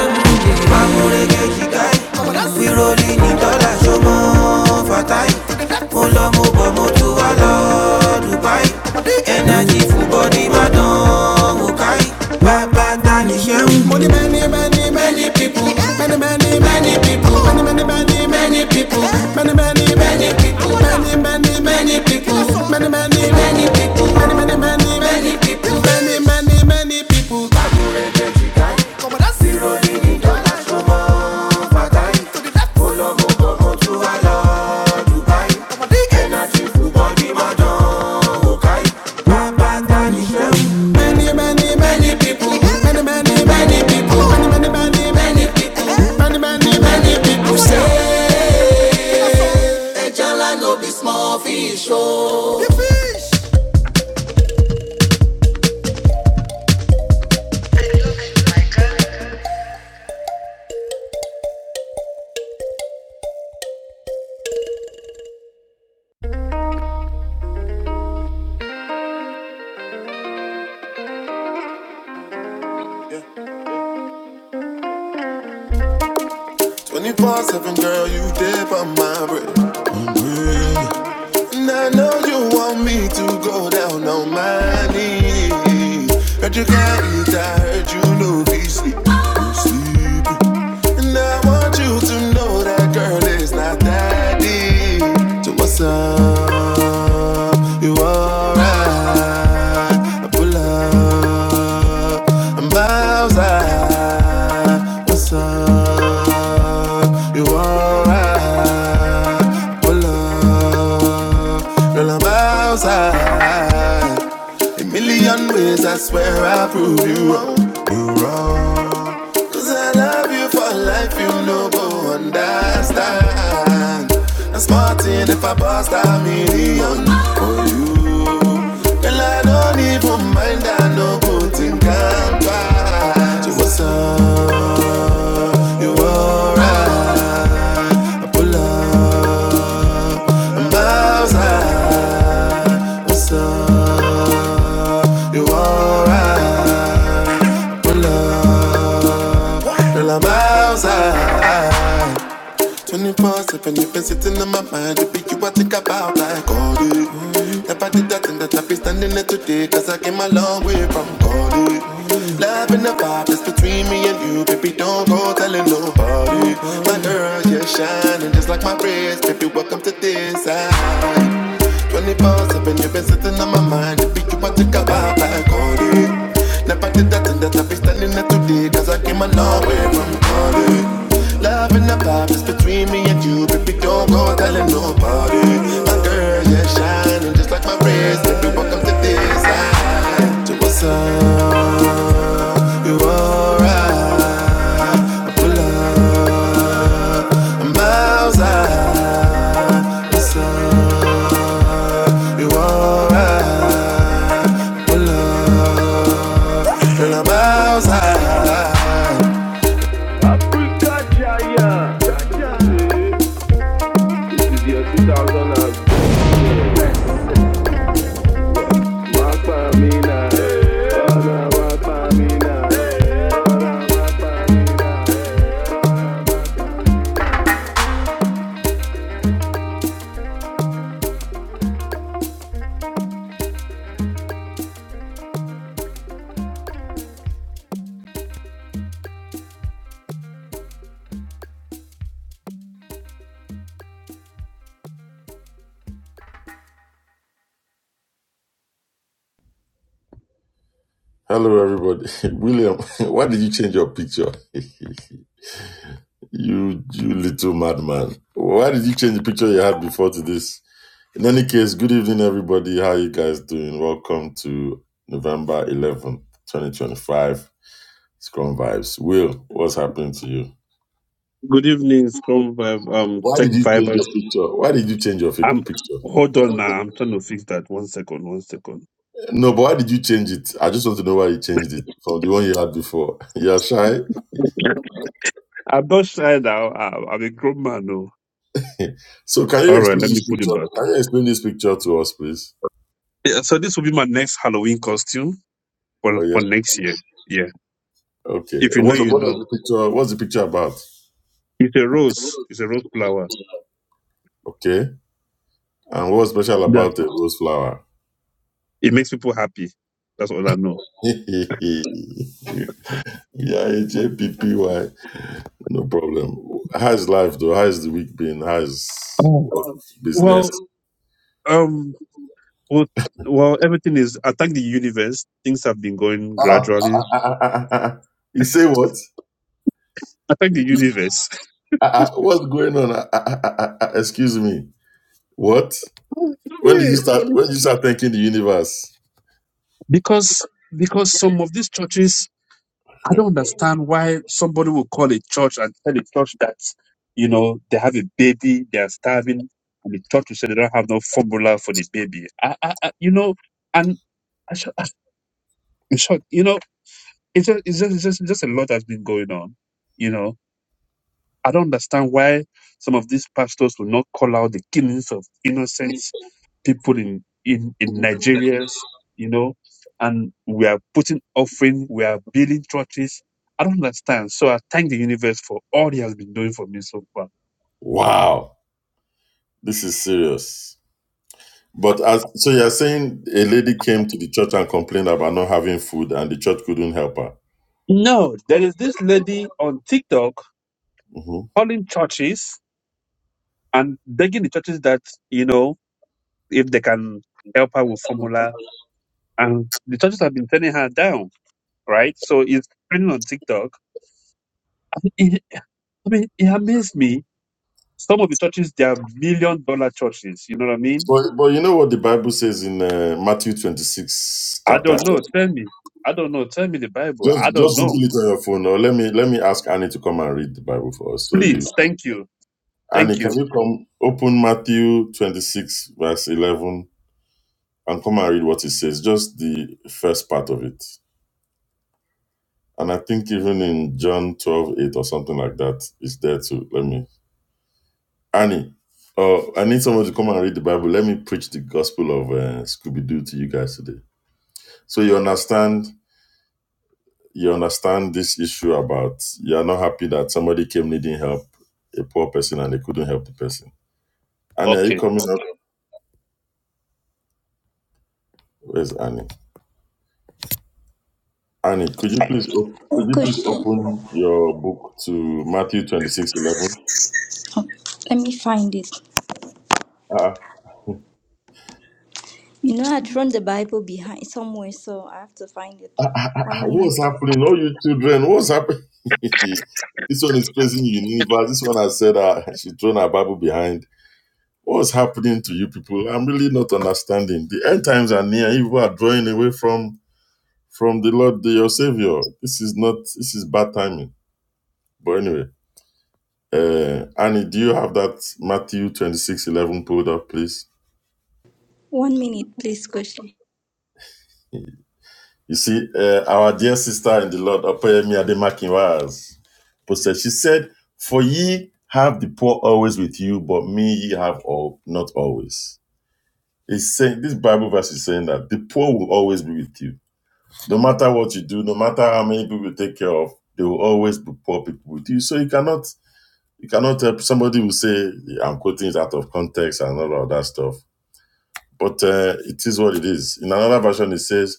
S1: many, many, many people. Many, many, many people. Many, many, many, many people. Many, many, many people. Many, many, many people. Many, many, many people. Many, many, many, many people. Many, many, many people. Zero digi dollar show overtime. Olówó gbogbo tún wá lọ Dubai. Energy full body, má dán wò káyì. Bá bá Many, many, many people. Many, many, many people. Many, many, many, many people. Many, many, many people say, Ejala no be small fish, oh. 24-7, girl, you dip on my bread. Mm-hmm. And I know you want me to go down on my knees. Heard you can't eat, I heard you know be sleep. Sleep. And I want you to know that girl is not that deep. So what's up? You alright? I pull up. I'm bows out. What's up? You alright? I pull up. Girl, I'm bows out. A million ways I swear I'll prove you wrong. You wrong. Cause I love you for life, you no go understand. I'm smarting if I bust a million. Girl, I don't even mind, I no go think I'm bad. You were so, you were outside, so you were out. Girl, I'm outside. 24 7, you've been sitting in my mind. You be you, I think about like all day. Never did that thing that I be standing here today. Cause I came a long way from God. Love and the vibe that's between me and you. Baby, don't go telling nobody. My girl, you're shining just like my wrist. Baby, welcome to this side. Twenty four seven, you've been sitting on my mind. If you want to go out, I call you. Never did that and that I be standing there today, cause I came a long way from calling. Love and the vibe is between me and you, baby. Don't go telling nobody. My girl, yeah, shining just like my wrist. Baby, welcome to this side. To what's up, you alright? Pull up outside, you alright? Pull up, girl, I'm outside. Africa Jaya. This
S2: Hello, everybody. William, why did you change your picture? you, you little madman. Why did you change the picture you had before to this? In any case, good evening, everybody. How you guys doing? Welcome to November 11th, 2025 Scrum Vibes. Will, what's happening to you?
S3: Good evening, Scrum Vibe, um,
S2: Why
S3: Tech
S2: did you change
S3: Vibers.
S2: your picture? Why did you change your fi-
S3: I'm
S2: picture?
S3: hold on now. I'm trying to fix that. One second, one second.
S2: No, but why did you change it? I just want to know why you changed it from the one you had before. You're shy?
S3: I'm not shy now. I'm, I'm a grown man. No.
S2: So can you
S3: All right,
S2: explain
S3: let me
S2: this
S3: put it
S2: picture?
S3: back.
S2: Can you explain this picture to us, please?
S3: Yeah, so this will be my next Halloween costume for
S2: Oh yeah.
S3: for next year. Yeah,
S2: Okay.
S3: if you
S2: And
S3: know,
S2: What
S3: you
S2: what is
S3: know.
S2: the picture? What's the picture about?
S3: It's a rose. It's a rose flower.
S2: Okay. And what's special
S3: That
S2: about the rose flower?
S3: it makes people happy. That's all I know.
S2: yeah, JPPY. No problem. How's life though? How's the week been? How's
S3: Oh.
S2: what business?
S3: Well, um, well, well, everything is. I thank the universe. Things have been going
S2: Ah, ah, ah,
S3: gradually.
S2: ah, ah, ah, ah. you say what?
S3: I thank the universe.
S2: Ah, ah, what's going on? Ah, ah, ah, ah, ah, excuse me. What? When did you
S3: Hey, what
S2: start? When did you start thanking the universe?
S3: because because some of these churches i don't understand why somebody will call a church and tell a church that you know they have a baby they are starving and the church will say they don't have no formula for this baby I, I, I you know and I, sho- I'm shocked you know it's just, it's just it's just it's just a lot has been going on you know I don't understand why some of these pastors will not call out the killings of innocent people in in in Nigeria. you know, and we are putting offering, we are building churches. I don't understand. So I thank the universe for all he has been doing for me so far.
S2: Wow. This is serious. But as so you're saying a lady came to the church and complained about not having food and the church couldn't help her.
S3: No, there is this lady on TikTok
S2: hmm
S3: calling churches and begging the churches that, you know, if they can help her with formula and the churches have been turning her down, right? So it's trending on TikTok. I mean, it amazed me. Some of the churches, they are million dollar churches. You know what I mean?
S2: But but you know what the Bible says in uh, Matthew 26
S3: I
S2: chapter.
S3: don't know. Tell me. I don't know. Tell me the Bible.
S2: Just
S3: I don't
S2: just
S3: know.
S2: Google it on your phone or let me let me ask Annie to come and read the Bible for us. So you
S3: Please. Thank you. Thank
S2: Annie, can
S3: you.
S2: you come open Matthew 26 verse 11 and come and read what it says, just the first part of it. And I think even in John 12 8 or something like that, it's there too. Let me Annie, oh, I need someone to come and read the Bible. Let me preach the gospel of uh, Scooby Doo to you guys today. So you understand, you understand this issue about you are not happy that somebody came needing help, a poor person, and they couldn't help the person. Annie, are you
S3: Okay.
S2: coming up? Where's Annie? Annie, could you please op- could you please
S4: Kushi,
S2: open your book to Matthew twenty six eleven?
S4: let me find it.
S2: Ah, ah,
S4: You know, I thrown the Bible behind somewhere, so I have to find it.
S2: ah, ah, ah,
S4: One
S2: what's
S4: minute.
S2: happening? All you children, what's happening? this one is praising universe. This one has said uh, she thrown her Bible behind What's happening to you people? I'm really not understanding. The end times are near. You people are drawing away from from the Lord, the- your Savior. This is not. This is bad timing. But anyway, uh, Annie, do you have that Matthew 26 11 pulled up, please?
S4: One minute, please, Koshi.
S2: You see, uh, our dear sister in the Lord, Opeyemi Ademakin was posted. She said, "For ye have the poor always with you, but me ye have all not always." It's saying this Bible verse is saying that the poor will always be with you No matter what you do, no matter how many people you take care of, there will always be poor people with you. So you cannot you cannot help somebody will say I'm quoting it out of context and all of that stuff. But uh, it is what it is. In another version, it says,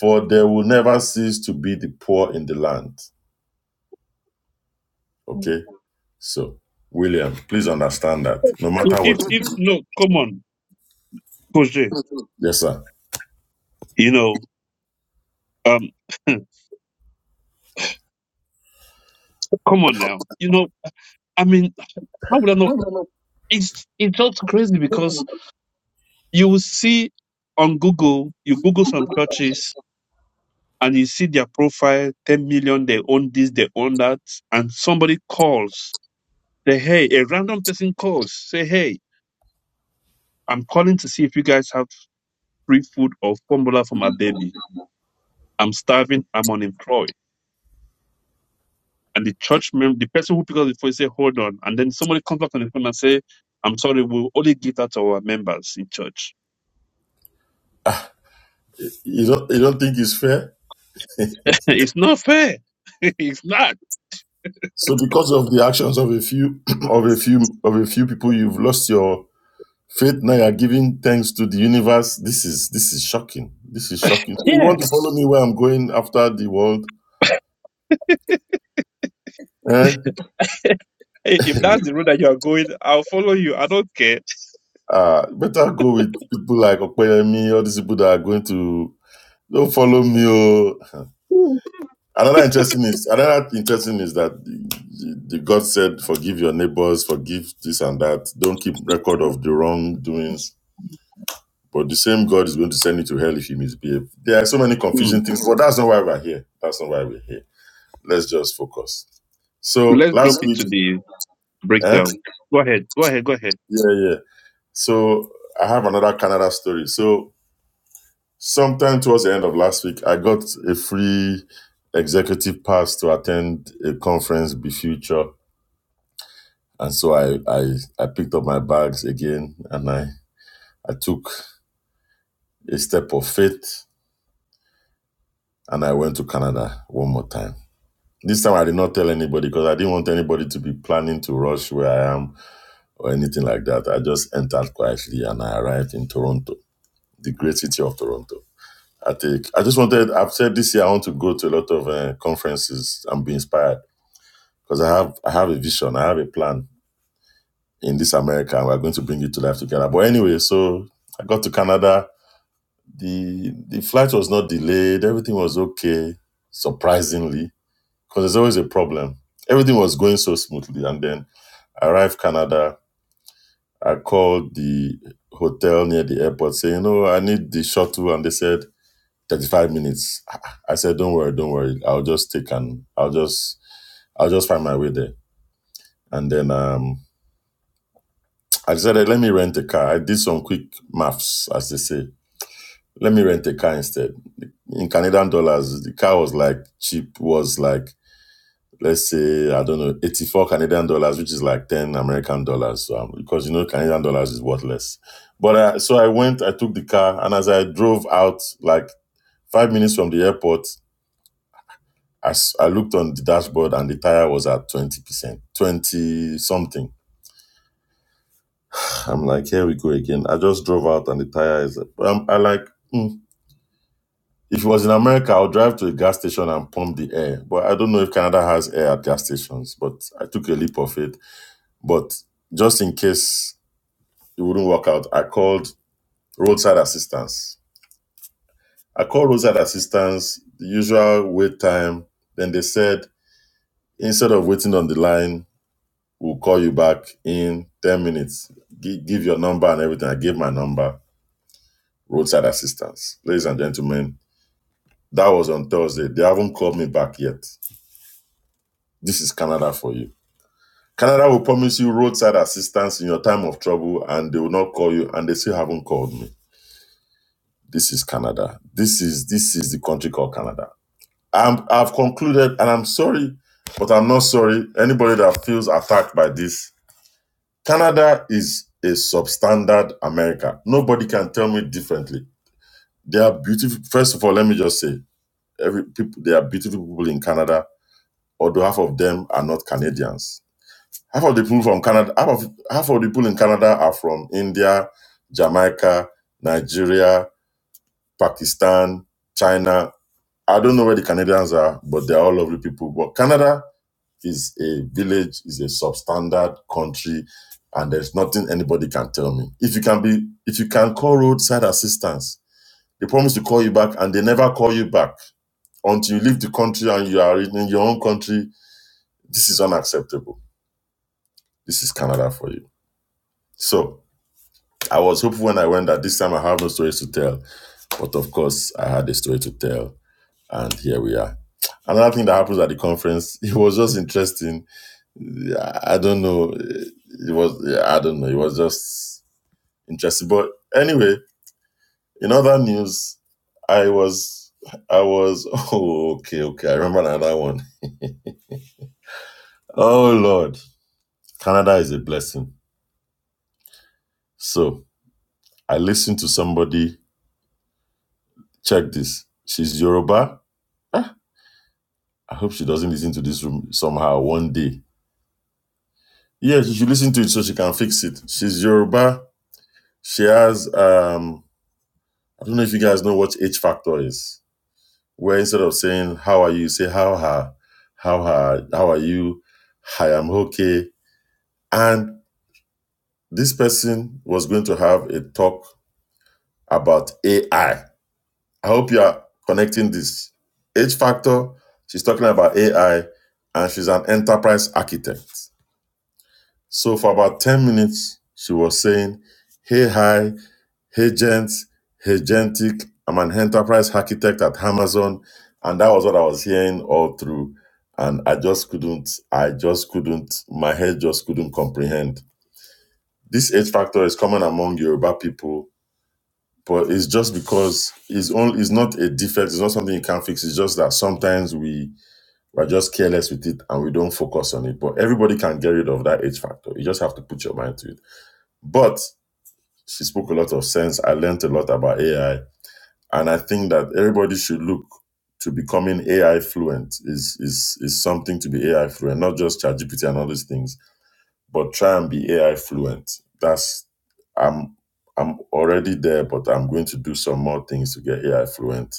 S2: "For there will never cease to be the poor in the land." Okay, so William, please understand that no
S3: If,
S2: matter
S3: if,
S2: what you
S3: if-
S2: do,
S3: no, come on, Koje.
S2: yes, sir.
S3: You know, um, come on now. You know, I mean, how would I know? It's, it's just crazy because you will see on Google, you Google some churches and you see their profile, 10 million, they own this, they own that. And somebody calls Say, hey, a random person calls. Say, hey, I'm calling to see if you guys have free food or formula for my baby. I'm starving. I'm unemployed. And the church member, the person who picked up the phone, say, hold on. And then somebody comes back on the phone and say, I'm sorry, we'll only give that to our members in church.
S2: You don't you don't think it's fair?
S3: it's not fair. it's not.
S2: So because of the actions of a few of a few of a few people, you've lost your Faith Naya giving thanks to the universe. This is this is shocking. This is shocking. You
S3: Yeah.
S2: want to follow me where I'm going after the world? Eh?
S3: Hey, if that's the road that you are going, I'll follow you. I don't care.
S2: Ah, better go with people like Okoyemi, all these people that are going to don't follow me. Oh. Another interesting is another interesting is that the, the the God said, "Forgive your neighbors, forgive this and that. Don't keep record of the wrongdoings." But the same God is going to send you to hell if you misbehave. There are so many
S3: Mm.
S2: confusing things, but that's not why we're here. That's not why we're here let's just focus. So
S3: Let's jump
S2: last week,
S3: into the
S2: eh?
S3: breakdown. Go ahead. Go ahead. Go ahead.
S2: yeah, yeah. So I have another Canada story. So sometime towards the end of last week, I got a free executive pass to attend a conference, Be Future, and so I I, I picked up my bags again and I I took a step of faith and I went to Canada one more time. This time I did not tell anybody because I didn't want anybody to be planning to rush where I am or anything like that. I just entered quietly and I arrived in Toronto, the great city of Toronto. I think I just wanted. I've said this year I want to go to a lot of uh, conferences and be inspired because I have I have a vision, I have a plan in this America, and we're going to bring it to life together. But anyway, so I got to Canada. the The flight was not delayed. Everything was okay, surprisingly, because there's always a problem. Everything was going so smoothly, and then I arrived Canada I called the hotel near the airport saying, "No, I need the shuttle," and they said 35 minutes. I said, "Don't worry, don't worry. I'll just take and I'll just I'll just find my way there." And then um, I decided, "Let me rent a car." I did some quick maths, as they say. Let me rent a car instead. In Canadian dollars, the car was like cheap. Was like let's say I don't know 84 Canadian dollars, which is like 10 American dollars. So um, because you know Canadian dollars is worthless. But uh, so I went, I took the car, and as I drove out, like five minutes from the airport, I I looked on the dashboard and the tire was at 20 percent, 20 something. I'm like, here we go again. I just drove out and the tire is. Um, I like. hmm. If it was in America, I'll drive to a gas station and pump the air. But I don't know if Canada has air at gas stations. But I took a leap of faith But just in case it wouldn't work out, I called roadside assistance. I called roadside assistance, the usual wait time. Then they said, instead of waiting on the line, we'll call you back in 10 minutes. Gi- give your number and everything. I gave my number, roadside assistance. Ladies and gentlemen, that was on Thursday. They haven't called me back yet. This is Canada for you. Canada will promise you roadside assistance in your time of trouble and they will not call you and they still haven't called me. This is Canada. This is this is the country called Canada. I'm, I've concluded, and I'm sorry, but I'm not sorry. Anybody that feels attacked by this, Canada is a substandard America. Nobody can tell me differently. They are beautiful. First of all, let me just say, every people they are beautiful people in Canada, although half of them are not Canadians. Half of the people from Canada, half of half of the people in Canada are from India, Jamaica, Nigeria, Pakistan, China. I don't know where the Canadians are, but they're all lovely people. But Canada is a village, is a substandard country, and there's nothing anybody can tell me. If you can be, if you can call roadside assistance, they promise to call you back, and they never call you back until you leave the country and you are in your own country. This is unacceptable. This is Canada for you. So I was hopeful when I went that this time I have no stories to tell, but of course I had a story to tell and here we are. Another thing that happens at the conference, it was just interesting. Yeah, I don't know. It was, yeah, I don't know. It was just interesting. But anyway, in other news, I was, I was, oh, okay, okay. I remember another one. Oh, Lord. Canada is a blessing. So I listened to somebody, check this. She's Yoruba. I hope she doesn't listen to this room somehow one day. Yeah, she should listen to it so she can fix it. She's Yoruba She has um I don't know if you guys know what H factor is. Where instead of saying how are you, you say how her, how her, how are you? I am okay. And this person was going to have a talk about AI. I I hope you are connecting this. H factor, she's talking about AI and she's an enterprise architect. So for about 10 minutes, she was saying, hey hi, Agent, agentic. I'm an enterprise architect at Amazon, and that was what I was hearing all through. And I just couldn't, I just couldn't, my head just couldn't comprehend. This H factor is common among Yoruba people, but it's just because it's only it's not a defect, it's not something you can fix. It's just that sometimes we we're just careless with it and we don't focus on it. But everybody can get rid of that H factor. You just have to put your mind to it. But she spoke a lot of sense. I learned a lot about AI And I think that everybody should look to becoming AI fluent is is is something to be AI fluent, not just ChatGPT and all these things, but try and be AI fluent. That's I'm I'm already there, but I'm going to do some more things to get AI fluent.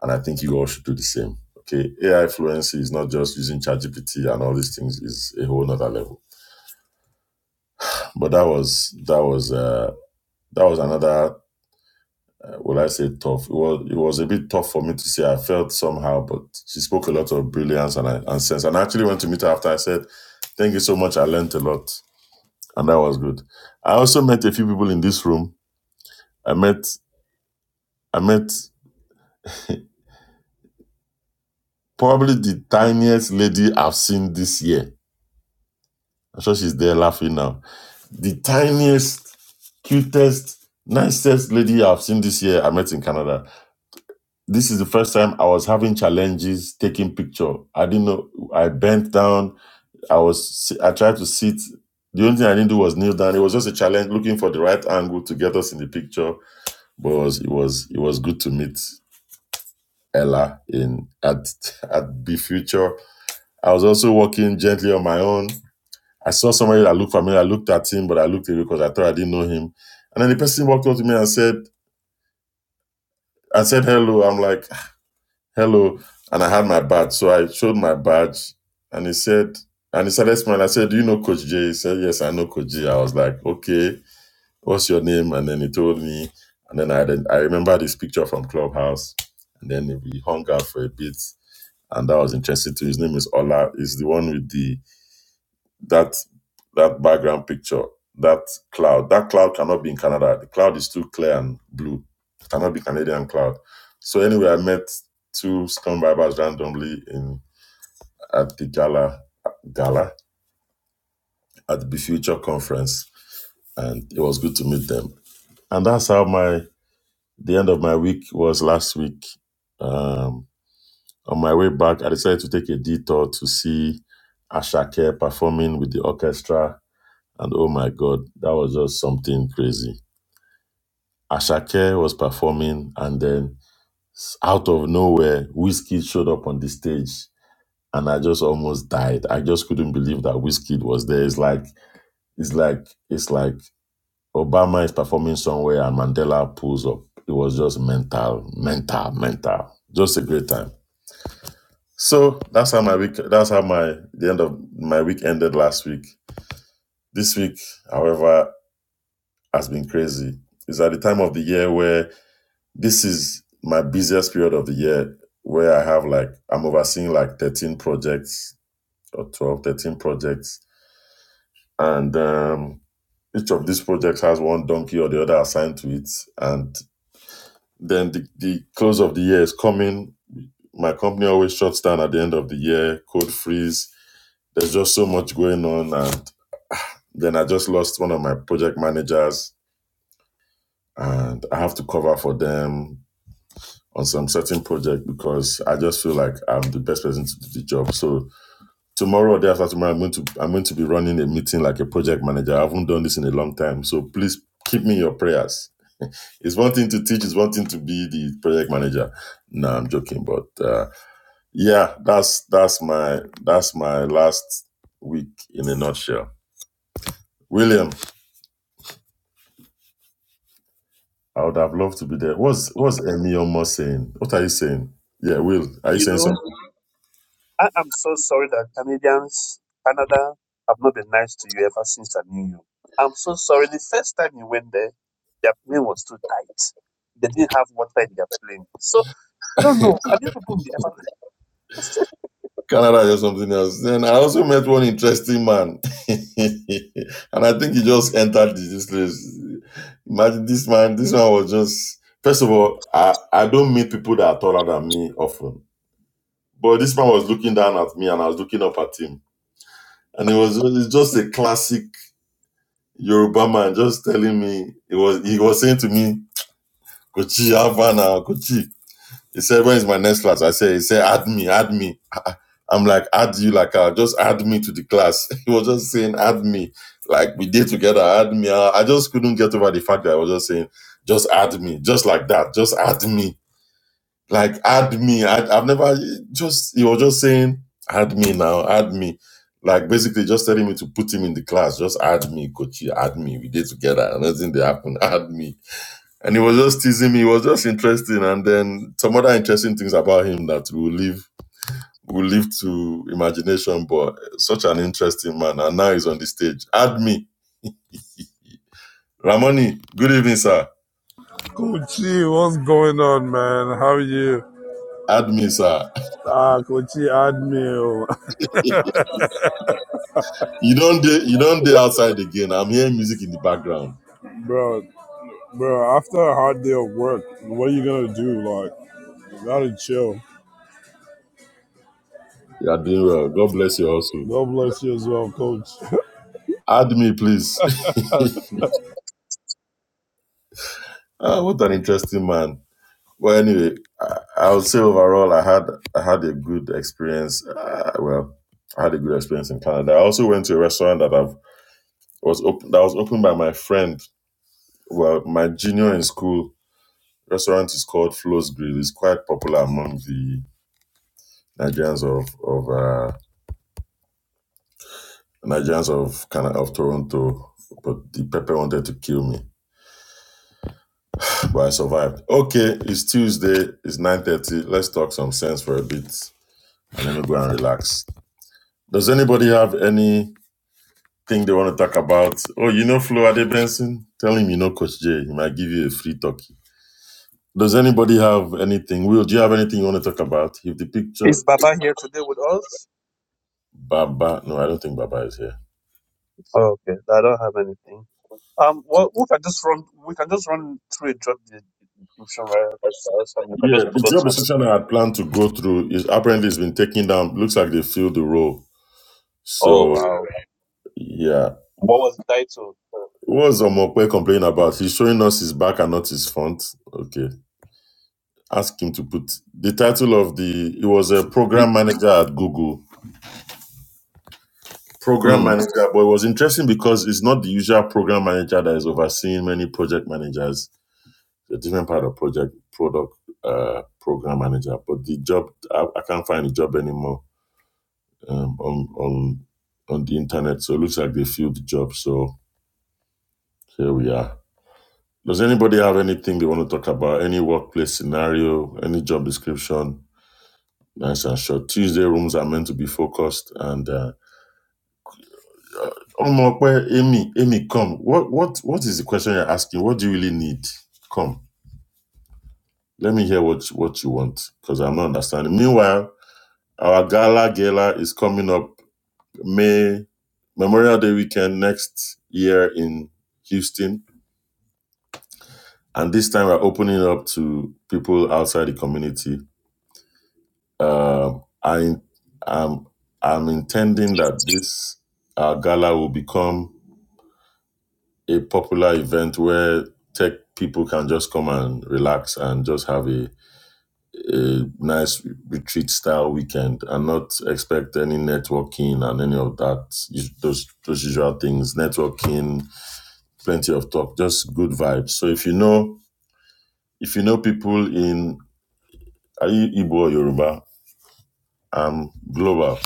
S2: And I think you all should do the same. Okay. AI fluency is not just using ChatGPT and all these things is a whole nother level. But that was that was uh that was another Well, I say tough? It was it was a bit tough for me to say. I felt somehow, but she spoke a lot of brilliance and, I- and sense. And I actually went to meet her after. I said, "Thank you so much. I learned a lot, and that was good." I also met a few people in this room. I met I met probably the tiniest lady I've seen this year. I'm sure she's there laughing now. The tiniest, cutest, nicest lady I've seen this year. I met in Canada this is the first time I was having challenges taking picture. I didn't know. I bent down. I was si, I tried to sit. The only thing I didn't do was kneel down. It was just a challenge looking for the right angle to get us in the picture. But it was it was, it was good to meet Ella in at at the future. I was also walking gently on my own. I saw somebody that looked familiar. I looked at him, but I looked away because I thought I didn't know him. And then the person walked up to me and said, I said hello. I'm like, hello. And I had my badge. So I showed my badge and he said, and he started smiling. I said, Do you know Coach J? He said, Yes, I know Coach J. I was like, Okay. what's your name? And then he told me. And then I then I remember this picture from Clubhouse. And then we hung out for a bit. And that was interesting too. His name is Ola. Is the one with the that that background picture, that cloud. That cloud cannot be in Canada. The cloud is too clear and blue. It cannot be Canadian cloud. So anyway, I met two scum vibers randomly in at the gala gala at the Be Future conference and it was good to meet them. And that's how my The end of my week was last week. Um, on my way back, I decided to take a detour to see Ashake performing with the orchestra. And oh my God, that was just something crazy. Ashake was performing, and then s- out of nowhere, Whiskey showed up on the stage. And I just almost died. I just couldn't believe that Whiskey was there. It's like, it's like, it's like Obama is performing somewhere and Mandela pulls up. It was just mental, mental, mental. Just a great time. So that's how my week. That's how my the end of my week ended last week. This week, however, has been crazy. It's at the time of the year where this is my busiest period of the year, where I have like I'm overseeing like 13 projects or 12, 13 projects, and um, each of these projects has one donkey or the other assigned to it, and Then the, the close of the year is coming. My company always shuts down at the end of the year, code freeze. There's just so much going on. And then I just lost one of my project managers and I have to cover for them on some certain project because I just feel like I'm the best person to do the job. So tomorrow or day after tomorrow, I'm going to I'm going to be running a meeting like a project manager. I haven't done this in a long time. So please keep me in your prayers. It's one thing to teach, it's one thing to be the project manager. No, I'm joking, but uh, Yeah, that's that's my that's my last week in a nutshell. William, I would have loved to be there. What's what's Emmy almost saying? What are you saying? Yeah, Will, are you
S3: You
S2: saying
S3: know.
S2: something?
S3: I am so sorry that Canadians, Canada, have not been nice to you ever since I knew you. I'm so sorry. The first time you went there, their plane was too tight. They didn't have water in their plane. So I don't know. Have you people been ever nice?
S2: Canada or something else. Then I also met one interesting man. and I think he just entered this place. Imagine this man, this man was just first of all, I, I don't meet people that are taller than me often. But this man was looking down at me and I was looking up at him. And it was it was just a classic Yoruba man just telling me it was he was saying to me, Kochi Havana, Kochi. He said, When is my next class? I said, he said, add me, add me. I'm like, add you like uh, just add me to the class. He was just saying, add me. Like we did together, add me. I just couldn't get over the fact that I was just saying, just add me, just like that, just add me. Like add me. I, I've never just he was just saying add me now, add me. Like basically just telling me to put him in the class. Just add me, coach. Add me. We did together. And nothing they happened. Add me. And he was just teasing me. It was just interesting. And then some other interesting things about him that we will leave we will leave to imagination. But such an interesting man. And now he's on the stage. Add me. Ramoni, good evening, sir.
S5: Kochi, what's going on, man? How are you?
S2: Add me, sir.
S5: Ah, Kochi, admin.
S2: You don't do, you don't do outside again. I'm hearing music in the background.
S5: bro, bro, after a hard day of work, what are you gonna do? Like, you gotta chill.
S2: You are doing well. God bless you also.
S5: God bless you as well, coach.
S2: Add me, please. ah, what an interesting man. Well, anyway, I, I would say overall, I had I had a good experience. Uh, well, I had a good experience in Canada. I also went to a restaurant that I've was open that was opened by my friend. Well, my junior in school restaurant is called Flo's Grill. It's quite popular among the Nigerians of of uh, Nigerians of Canada of Toronto. But the pepper wanted to kill me. but I survived. Okay, it's Tuesday. It's nine thirty. Let's talk some sense for a bit, and then we go and relax. Does anybody have anything they want to talk about? Oh, you know Flo Ade Benson. Tell him you know Coach J. He might give you a free turkey. Does anybody have anything? Will, do you have anything you want to talk about? If the picture,
S3: Is Baba here today with us?
S2: Baba, no, I don't think Baba is here.
S3: Okay, I don't have anything. Um, well, we can just run. We can just run through a job de- description right after us, and we can
S2: Yeah,
S3: just
S2: the
S3: pull out
S2: job
S3: something.
S2: description I had planned to go through is apparently it's been taken down. Looks like they filled the role.
S3: Oh
S2: So
S3: wow!
S2: yeah,
S3: What was the title?
S2: What's Omokwe complaining about? He's showing us his back and not his front. Okay. Ask him to put the title of the he was a program manager at Google. Program
S3: Hmm.
S2: manager, but it was interesting because it's not the usual program manager that is overseeing many project managers. A different part of project product uh program manager. But the job I, I can't find the job anymore um, on on on the internet. So it looks like they filled the job. So here we are. Does anybody have anything they want to talk about? Any workplace scenario, any job description? Nice and short. Tuesday rooms are meant to be focused. And uh, Omokwe, Amy, Amy, come. What what what is the question you're asking? What do you really need? Come, let me hear what what you want because I'm not understanding. Meanwhile, our gala gala is coming up May Memorial Day weekend next year in Houston, and this time we're opening up to people outside the community Um, I, I'm, I'm intending that this uh, gala will become a popular event where tech people can just come and relax and just have a, a nice retreat style weekend and not expect any networking and any of that, those, those usual things, networking, plenty of talk, just good vibes. So if you know, if you know people in, are you Igbo or Yoruba? I'm global,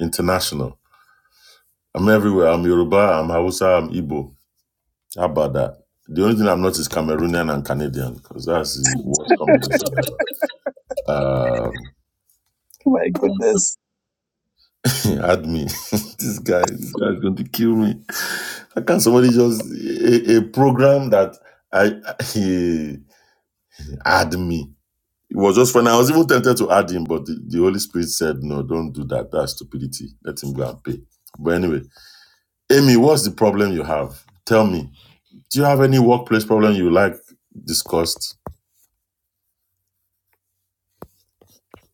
S2: international I'm everywhere. I'm Yoruba, I'm Hausa, I'm Igbo. How about that? The only thing I'm not is Cameroonian and Canadian because that's the worst combination ever.
S3: My goodness.
S2: Um, add me. this guy, this guy is going to kill me. How can somebody just a, a program that I he add me? It was just fun. I was even tempted to add him, but the, the Holy Spirit said, "No, don't do that. That's stupidity. Let him go and pay." But anyway, Amy, what's the problem you have? Tell me. Do you have any workplace problem you like discussed?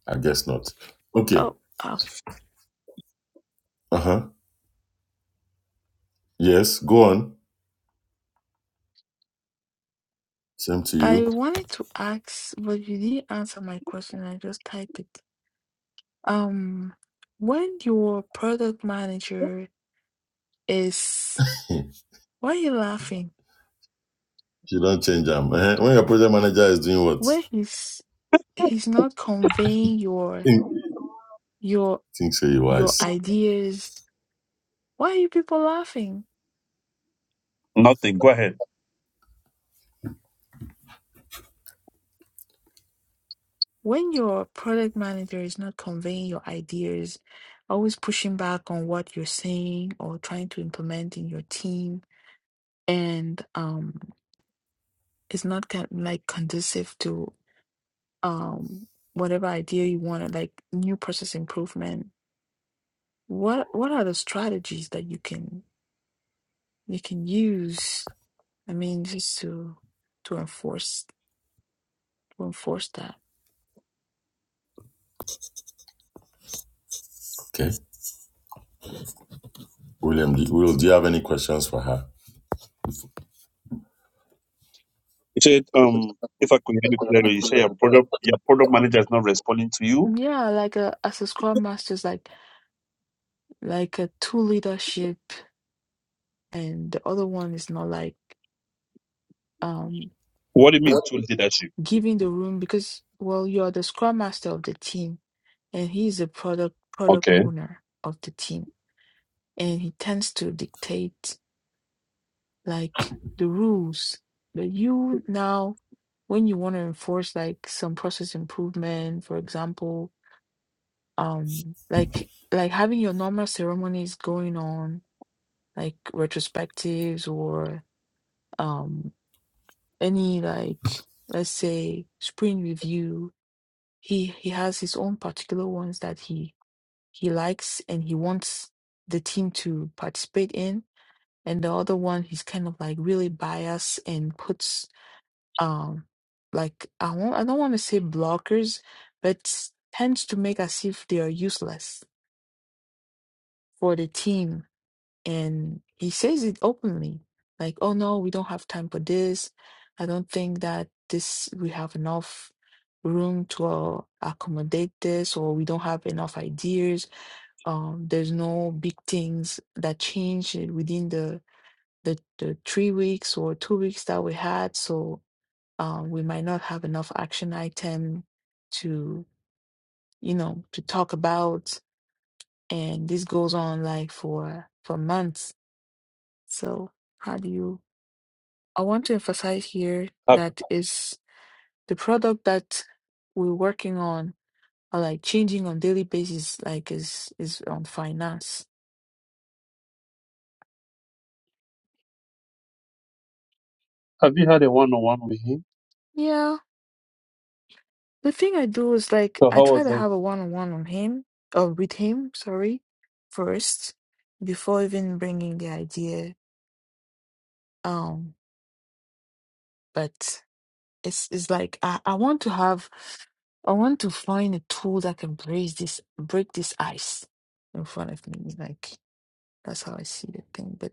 S2: I guess not. Okay.
S6: Oh, uh,
S2: Uh huh. Yes. Go on. Same to you.
S6: I wanted to ask, but you didn't answer my question. I just typed it. Um, when your product manager is,
S2: you
S6: why are you laughing?
S2: don't change them. When your project manager is doing what?
S6: When he's he's not conveying your
S2: Think,
S6: your
S2: think say you
S6: your
S2: wise.
S6: ideas, why are you people laughing?
S3: Nothing. Go ahead.
S6: When your product manager is not conveying your ideas, always pushing back on what you're saying or trying to implement in your team, and um. it's not con- like conducive to um whatever idea you want like new process improvement what what are the strategies that you can you can use i mean just to to enforce to enforce that
S2: Okay. William, do, Will, do you have any questions for her?
S3: He said, um, if I could hear you clearly, you say your product your product manager is not responding to you.
S6: yeah like a, as a scrum master is like like a two leadership and the other one is not like um
S3: What do you mean to leadership?
S6: giving the room because well you're the scrum master of the team and he's the product product
S3: Okay.
S6: owner of the team and he tends to dictate like the rules that you now when you want to enforce like some process improvement for example um like like having your normal ceremonies going on like retrospectives or um any like let's say spring review he he has his own particular ones that he he likes and he wants the team to participate in and the other one he's kind of like really biased and puts um like I won't I don't want to say blockers, but tends to make as if they are useless for the team. And he says it openly, like, "Oh no, we don't have time for this. I don't think that this we have enough room to uh, accommodate this, or we don't have enough ideas. Um, there's no big things that change within the the, the three weeks or two weeks that we had. So um, we might not have enough action item to, you know, to talk about. And this goes on like for for months. So how do you? I want to emphasize here
S3: Have
S6: that is the product that we're working on, or like changing on daily basis, like is is on finance.
S3: have you had a one on one with him?
S6: Yeah, The thing I do is like
S3: So
S6: I
S3: how
S6: try
S3: was
S6: to
S3: it?
S6: have a one-on-one on one on him, or with him, sorry, first, before even bringing the idea. Um, but it's it's like I, I want to have, I want to find a tool that can break this break this ice in front of me. Like that's how I see the thing. But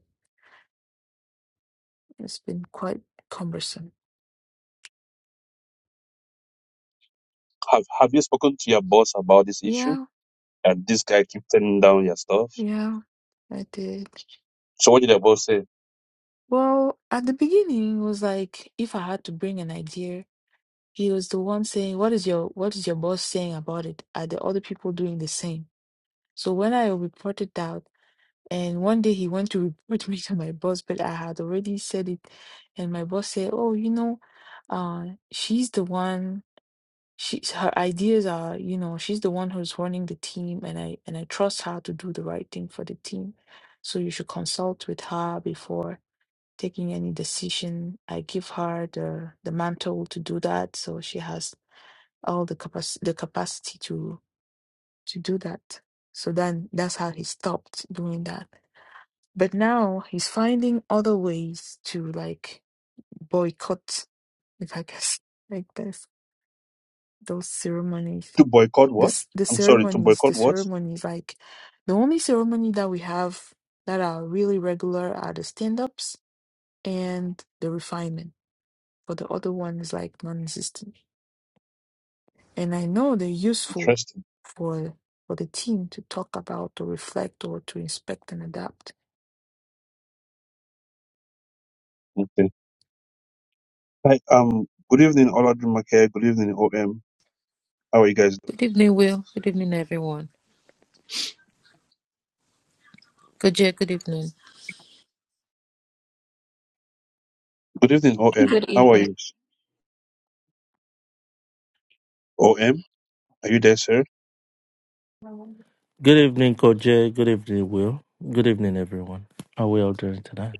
S6: it's been quite cumbersome.
S3: Have have you spoken to your boss about this issue?
S6: Yeah,
S3: And this guy keeps turning down your stuff.
S6: yeah, I did.
S3: So what did your boss say?
S6: Well, at the beginning, it was like if I had to bring an idea. He was the one saying, "What is your what is your boss saying about it? Are the other people doing the same?" So when I reported out, and one day he went to report me to my boss, but I had already said it, and my boss said, "Oh, you know, uh, she's the one. She's her ideas are, you know, she's the one who's running the team, and I and I trust her to do the right thing for the team. So you should consult with her before." taking any decision i give her the the mantle to do that so she has all the capac- the capacity to to do that. So then that's how he stopped doing that. But now he's finding other ways to like boycott, if I guess like this those ceremonies.
S3: To boycott what?
S6: This the
S3: I'm sorry, to
S6: ceremonies, the
S3: boycott what?
S6: ceremonies like the only ceremony that we have that are really regular are the stand ups and the refinement. But the other one is like non existent. And I know they're useful
S3: Interesting.
S6: for for the team to talk about to reflect or to inspect and adapt.
S3: Okay. Hi, um good evening Ola Good evening OM. How are you guys doing?
S7: Good evening, Will. Good evening, everyone. Good day, good evening.
S3: Good evening OM.
S4: Good
S3: How are
S4: evening.
S3: you? OM? Are you there, sir?
S8: Good evening, Coach Jay. Good evening, Will. Good evening, everyone. How are we all doing tonight?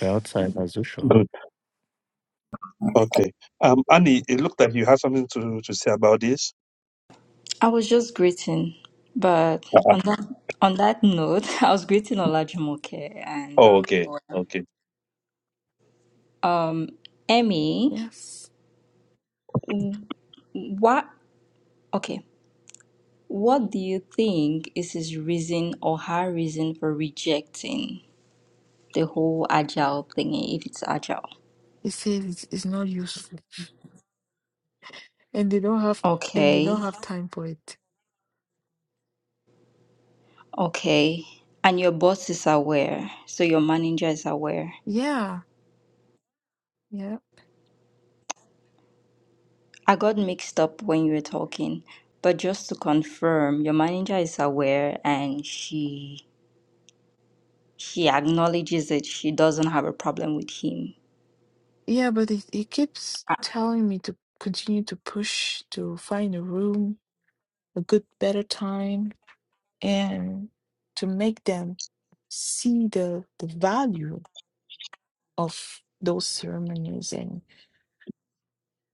S8: We're outside as usual.
S3: Okay. Um, Annie, it looked like you had something to, to say about this.
S4: I was just greeting, but
S3: Uh-uh.
S4: on that on that note, I was greeting Olajumoke and
S3: Oh,
S4: um,
S3: okay. Okay.
S4: um, Emmy.
S6: Yes.
S4: What? Okay. What do you think is his reason or her reason for rejecting the whole agile thingy, if it's agile?
S6: It says it's, it's not useful. And they don't have and they
S4: Okay.
S6: don't have time for it.
S4: Okay. And your boss is aware, so your manager is aware.
S6: Yeah. Yeah.
S4: I got mixed up when you were talking, but just to confirm, your manager is aware and she she acknowledges it. She doesn't have a problem with him.
S6: Yeah, but it, it keeps telling me to continue to push to find a room, a good better time. and to make them see the the value of those ceremonies and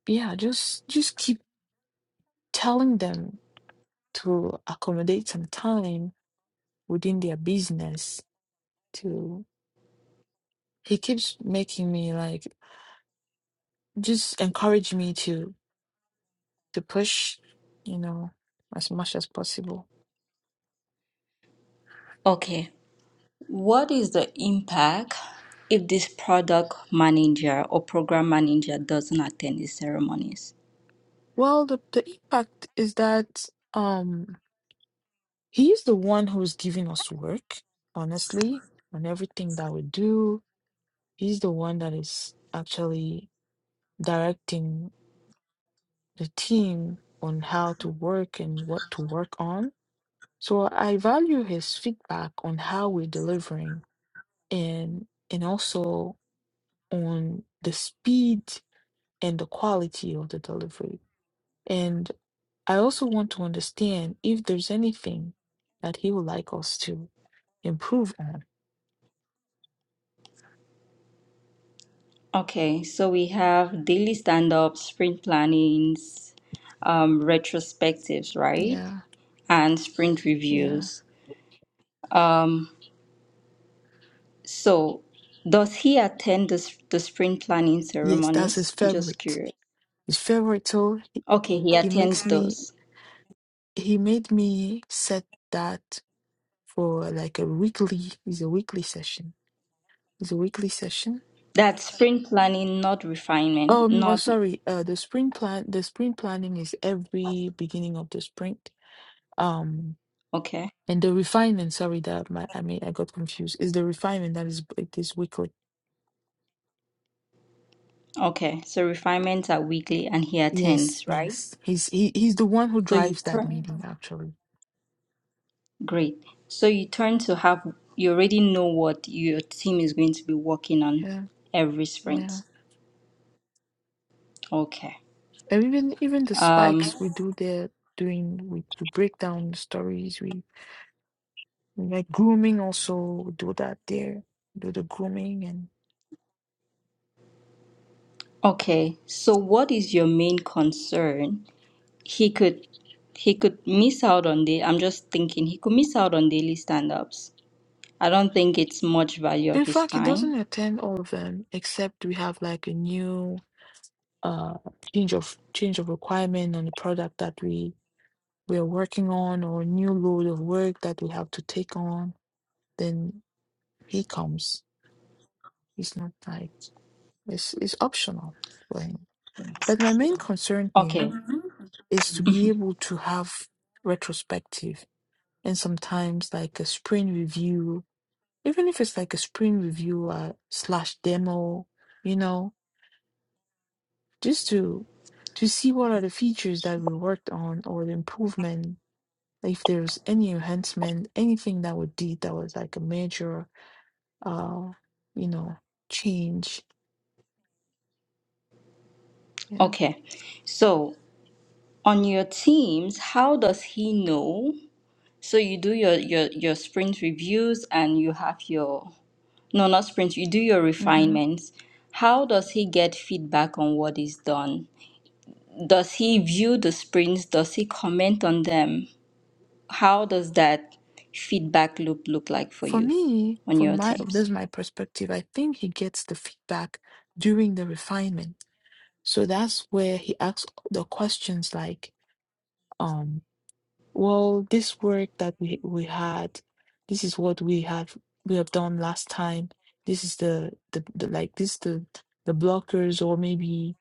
S6: yeah just just keep telling them to accommodate some time within their business to he keeps making me like just encourage me to to push you know as much as possible
S4: Okay. What is the impact if this product manager or program manager doesn't attend the ceremonies?
S6: well the the impact is that um He's the one who's giving us work, honestly, on everything that we do. He's the one that is actually directing the team on how to work and what to work on. So I value his feedback on how we're delivering and and also on the speed and the quality of the delivery. And I also want to understand if there's anything that he would like us to improve on.
S4: Okay, so we have daily stand-ups, sprint plannings, um, retrospectives, right?
S6: Yeah.
S4: and sprint
S6: Yeah.
S4: reviews. Um, so, does he attend the, s- the sprint planning
S6: Yes, that's his
S4: ceremonies? just
S6: favorite.
S4: curious.
S6: His favorite tool.
S4: Okay, he
S6: He makes
S4: attends
S6: me
S4: those.
S6: he made me set that for like a weekly it's a weekly session. It's a weekly session.
S4: That's sprint planning, not refinement.
S6: Um oh
S4: Not
S6: sorry, uh the spring plan the spring planning is every beginning of the spring. Um
S4: okay.
S6: and the refinement, sorry that my I mean I got confused. Is the refinement that is it is weekly.
S4: Okay, so refinements are weekly, and he
S6: Yes,
S4: attends, right?
S6: yes. He's he, he's the one who
S4: So you
S6: drives that
S4: turn.
S6: meeting actually.
S4: Great. So you turn to have. You already know what your team is going to be working on
S6: Yeah,
S4: every
S6: yeah.
S4: sprint. Okay.
S6: And even even the
S4: Um,
S6: spikes we do there doing we to break down the stories we like grooming also we do that there do the grooming and
S4: okay. So what is your main concern he could he could miss out on the I'm just thinking he could miss out on daily stand-ups. I don't think it's much value of
S6: in
S4: his
S6: fact it
S4: time.
S6: doesn't attend all of them except we have like a new uh change of change of requirement on the product that we we are working on or new load of work that we have to take on then he comes it's not like it's it's optional for him but my main concern
S4: Okay.
S6: here
S4: Mhm.
S6: is to be able to have retrospective and sometimes like a spring review, even if it's like a spring review uh, slash demo, you know, just to to see what are the features that we worked on or the improvement, if there's any enhancement, anything that we did that was like a major, uh, you know, change. Yeah.
S4: Okay. So on your teams, how does he know? So you do your your your sprint reviews and you have your no not sprints, you do your
S6: hmm
S4: refinements. How does he get feedback on what is done? Does he view the sprints? Does he comment on them? how does that feedback loop look like for
S6: For
S4: you
S6: me,
S4: on
S6: from
S4: your
S6: my
S4: teams
S6: this is my perspective, I think he gets the feedback during the refinement So that's where he asks the questions like, um, well, this work that we we had, this is what we have we have done last time. This is the the, the like this the the blockers or maybe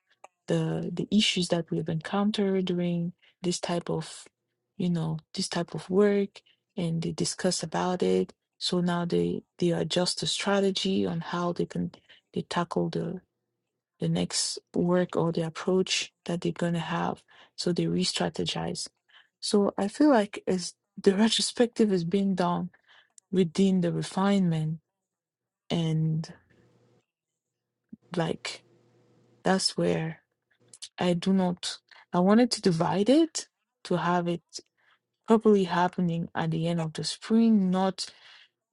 S6: the the issues that we've encountered during this type of you know this type of work and they discuss about it. So now they they adjust the strategy on how they can they tackle the the next work or the approach that they're going to have. So they re strategize. So I feel like as the retrospective is being done within the refinement. And like, that's where I do not, I wanted to divide it to have it properly happening at the end of the spring, not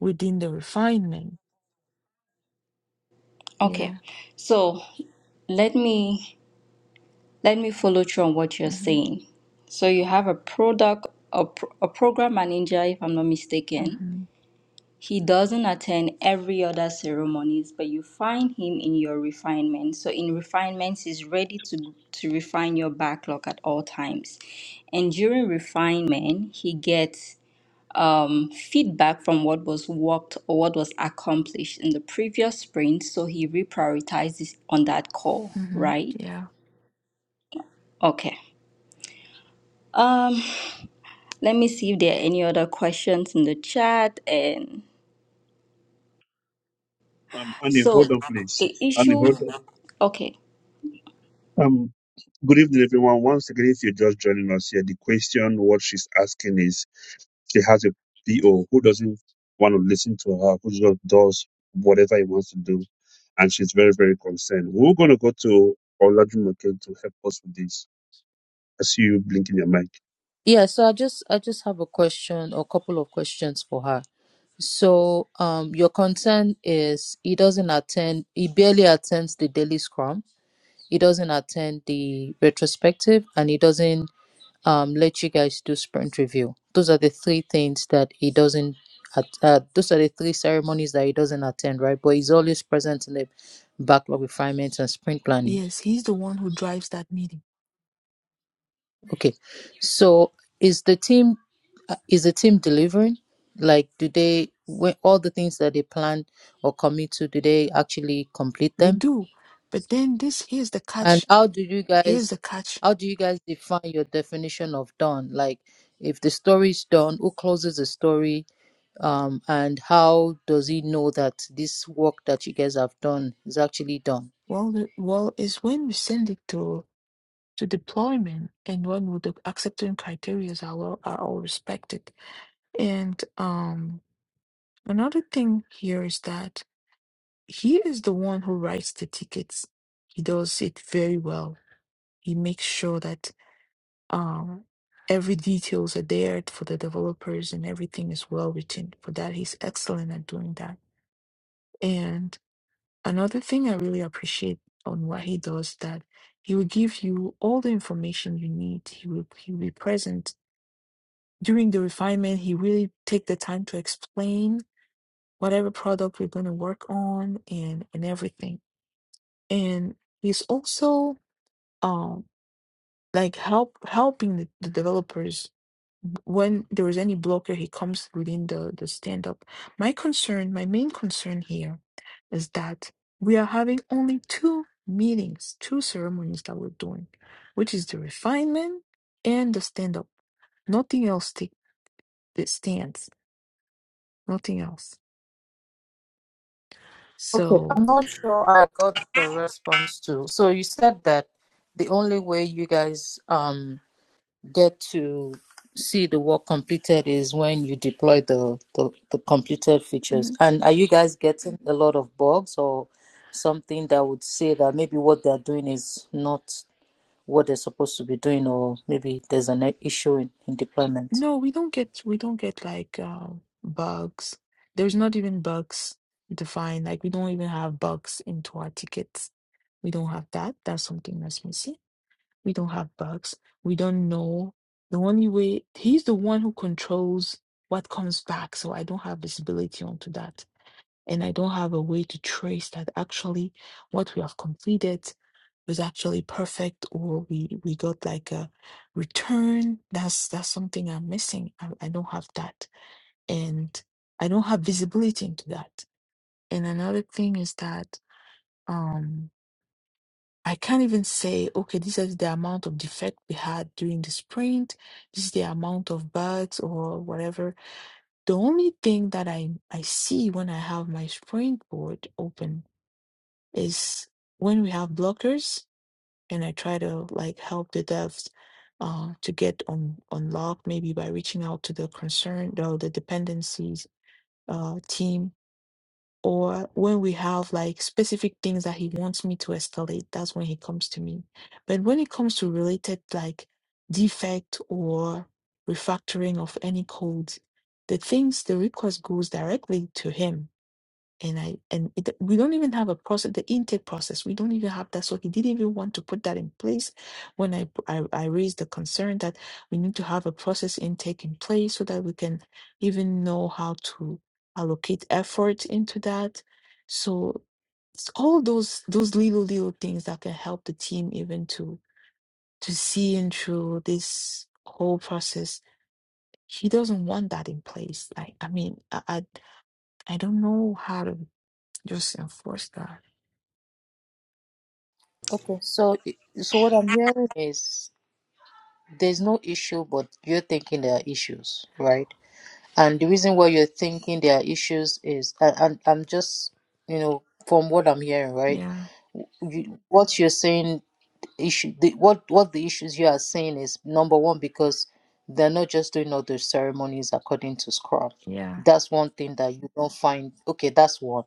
S6: within the refinement. Yeah.
S4: okay so let me let me follow through on what you're
S6: Mm-hmm.
S4: saying so you have a product a, pro- a program manager if i'm not mistaken
S6: Mm-hmm.
S4: he doesn't attend every other ceremonies but you find him in your refinement so in refinements he's ready to to refine your backlog at all times and during refinement he gets um, feedback from what was worked or what was accomplished in the previous sprint, so he reprioritizes on that call,
S6: Mm-hmm.
S4: right?
S6: Yeah.
S4: Okay. Um, let me see if there are any other questions in the chat. And
S3: Um, Annie,
S4: so
S3: hold on, please.
S4: the
S3: Annie,
S4: issue.
S3: hold on.
S4: Okay.
S3: Um, good evening, everyone. Once again, if you're just joining us here, the question what she's asking is she has a PO who doesn't want to listen to her, who just does whatever he wants to do. And she's very, very concerned. We're going to go to Olajumoke to help us with this. I see you blinking your mic.
S7: Yeah, so I just I just have a question or a couple of questions for her. So um your concern is he doesn't attend he barely attends the daily scrum, he doesn't attend the retrospective and he doesn't um let you guys do sprint review. Those are the three things that he doesn't at, uh, those are the three ceremonies that he doesn't attend, right? But he's always present in the backlog refinements and sprint planning.
S6: Yes, he's the one who drives that meeting.
S7: Okay. So is the team uh, is the team delivering? Like do they when all the things that they plan or commit to, do they actually complete
S6: They
S7: them?
S6: do. But then this here's the
S7: And
S6: catch.
S7: how do you
S6: Here's
S7: guys
S6: the catch.
S7: how do you guys define your definition of done? Like if the story is done, who closes the story? Um, and how does he know that this work that you guys have done is actually done?
S6: Well, the, well, is when we send it to to deployment and when the acceptance criteria are well, are all respected. And um, another thing here is that he is the one who writes the tickets. He does it very well. He makes sure that um every details are there for the developers and everything is well written. For that, he's excellent at doing that. And Another thing I really appreciate on what he does that he will give you all the information you need. He will he will be present during the refinement. He really take the time to explain whatever product we're going to work on and and everything. And he's also um like help helping the, the developers when there is any blocker, he comes within the, the stand up. My concern, my main concern here is that we are having only two meetings, two ceremonies that we're doing, which is the refinement and the stand up. Nothing else take, that stands, nothing else.
S7: Okay,
S6: So,
S7: I'm not sure I got the response to. So you said that the only way you guys um get to see the work completed is when you deploy the the, the completed features.
S6: hmm
S7: And are you guys getting a lot of bugs or something that would say that maybe what they're doing is not what they're supposed to be doing, or maybe there's an issue in, in deployment?
S6: no, we don't get, we don't get like uh, bugs. There's not even bugs defined. Like, we don't even have bugs into our tickets. We don't have that. That's something that's missing. We don't have bugs. We don't know. The only way, he's the one who controls what comes back. So I don't have visibility onto that. And I don't have a way to trace that actually what we have completed was actually perfect or we, we got like a return. That's that's something I'm missing. I, I don't have that. And I don't have visibility into that. And another thing is that um. I can't even say, okay, this is the amount of defect we had during the sprint. This is the amount of bugs or whatever. The only thing that I, I see when I have my sprint board open is when we have blockers and I try to like help the devs uh, to get on unlocked maybe by reaching out to the concern or the dependencies uh, team or when we have like specific things that he wants me to escalate, that's when he comes to me. But when it comes to related like defect or refactoring of any code, the things, the request goes directly to him and I and it, we don't even have a process, the intake process. We don't even have that. So he didn't even want to put that in place. When I I, I raised the concern that we need to have a process intake in place so that we can even know how to allocate effort into that. So it's all those those little little things that can help the team even to to see and through this whole process. He doesn't want that in place. Like I mean, I I, I don't know how to just enforce that.
S7: Okay, so i- so what I'm hearing is there's no issue, but you're thinking there are issues, right? and the reason why you're thinking there are issues is and, and i'm just you know from what i'm hearing right
S6: Yeah,
S7: you, what you're saying issue the, what what the issues you are saying is number one because they're not just doing all the ceremonies according to scrum
S6: yeah.
S7: that's one thing that you don't find okay that's one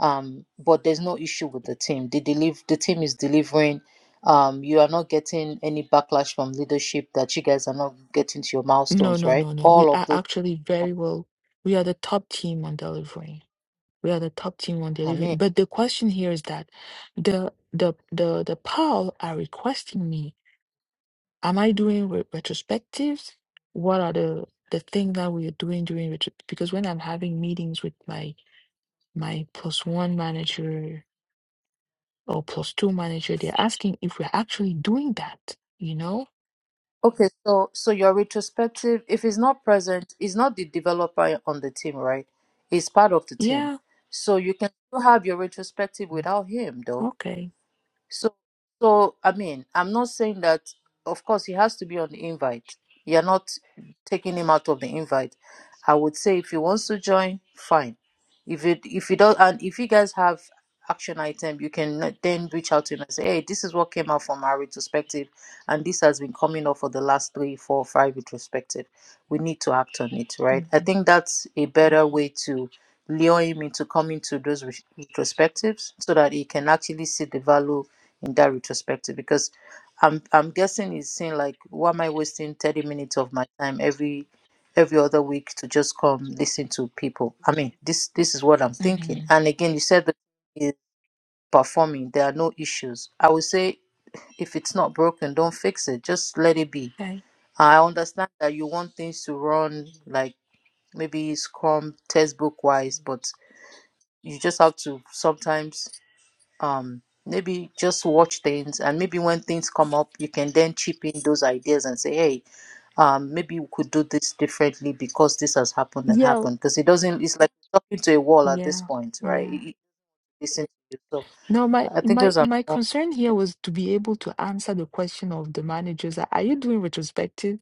S7: um but there's no issue with the team the deliver the team is delivering um you are not getting any backlash from leadership that you guys are not getting to your
S6: No,
S7: milestones
S6: no,
S7: right
S6: no, no. We
S7: all of
S6: are
S7: those
S6: actually very well. We are the top team on delivering. We are the top team on
S7: i
S6: delivering.
S7: mean
S6: But the question here is that the the the the PAL are requesting me. Am I doing re- retrospectives? What are the the things that we are doing during retro? Because when I'm having meetings with my my plus one manager or plus two manager, they're asking if we're actually doing that. You know?
S7: Okay, so so your retrospective, if it's not present, it's not the developer on the team, right? It's part of the team.
S6: Yeah.
S7: So you can still have your retrospective without him, though.
S6: Okay.
S7: So, so I mean, I'm not saying that. Of course, he has to be on the invite. You're not taking him out of the invite. I would say if he wants to join, fine. If it if he does, and if you guys have action item, you can let- then reach out to him and say, hey, this is what came out from our retrospective, and this has been coming up for the last three, four, five retrospective. We need to act on it, right? I
S6: hmm
S7: think that's a better way to lure him into coming to those ret- retrospectives so that he can actually see the value in that retrospective because i'm i'm guessing he's saying like why am i wasting 30 minutes of my time every every other week to just come listen to people i mean this this is what i'm thinking and again you said that is performing there are no issues i would say if it's not broken don't fix it just let it be
S6: Okay.
S7: i understand that you want things to run like maybe scrum textbook wise but you just have to sometimes um maybe just watch things and maybe when things come up you can then chip in those ideas and say hey um maybe we could do this differently because this has happened and
S6: Yeah,
S7: happened because it doesn't it's like talking to a wall at this
S6: yeah,
S7: point right
S6: yeah.
S7: It- it- listen to you so
S6: No, my
S7: i think
S6: my
S7: those are
S6: my
S7: my own.
S6: concern here was to be able to answer the question of the managers. Are are you doing retrospective?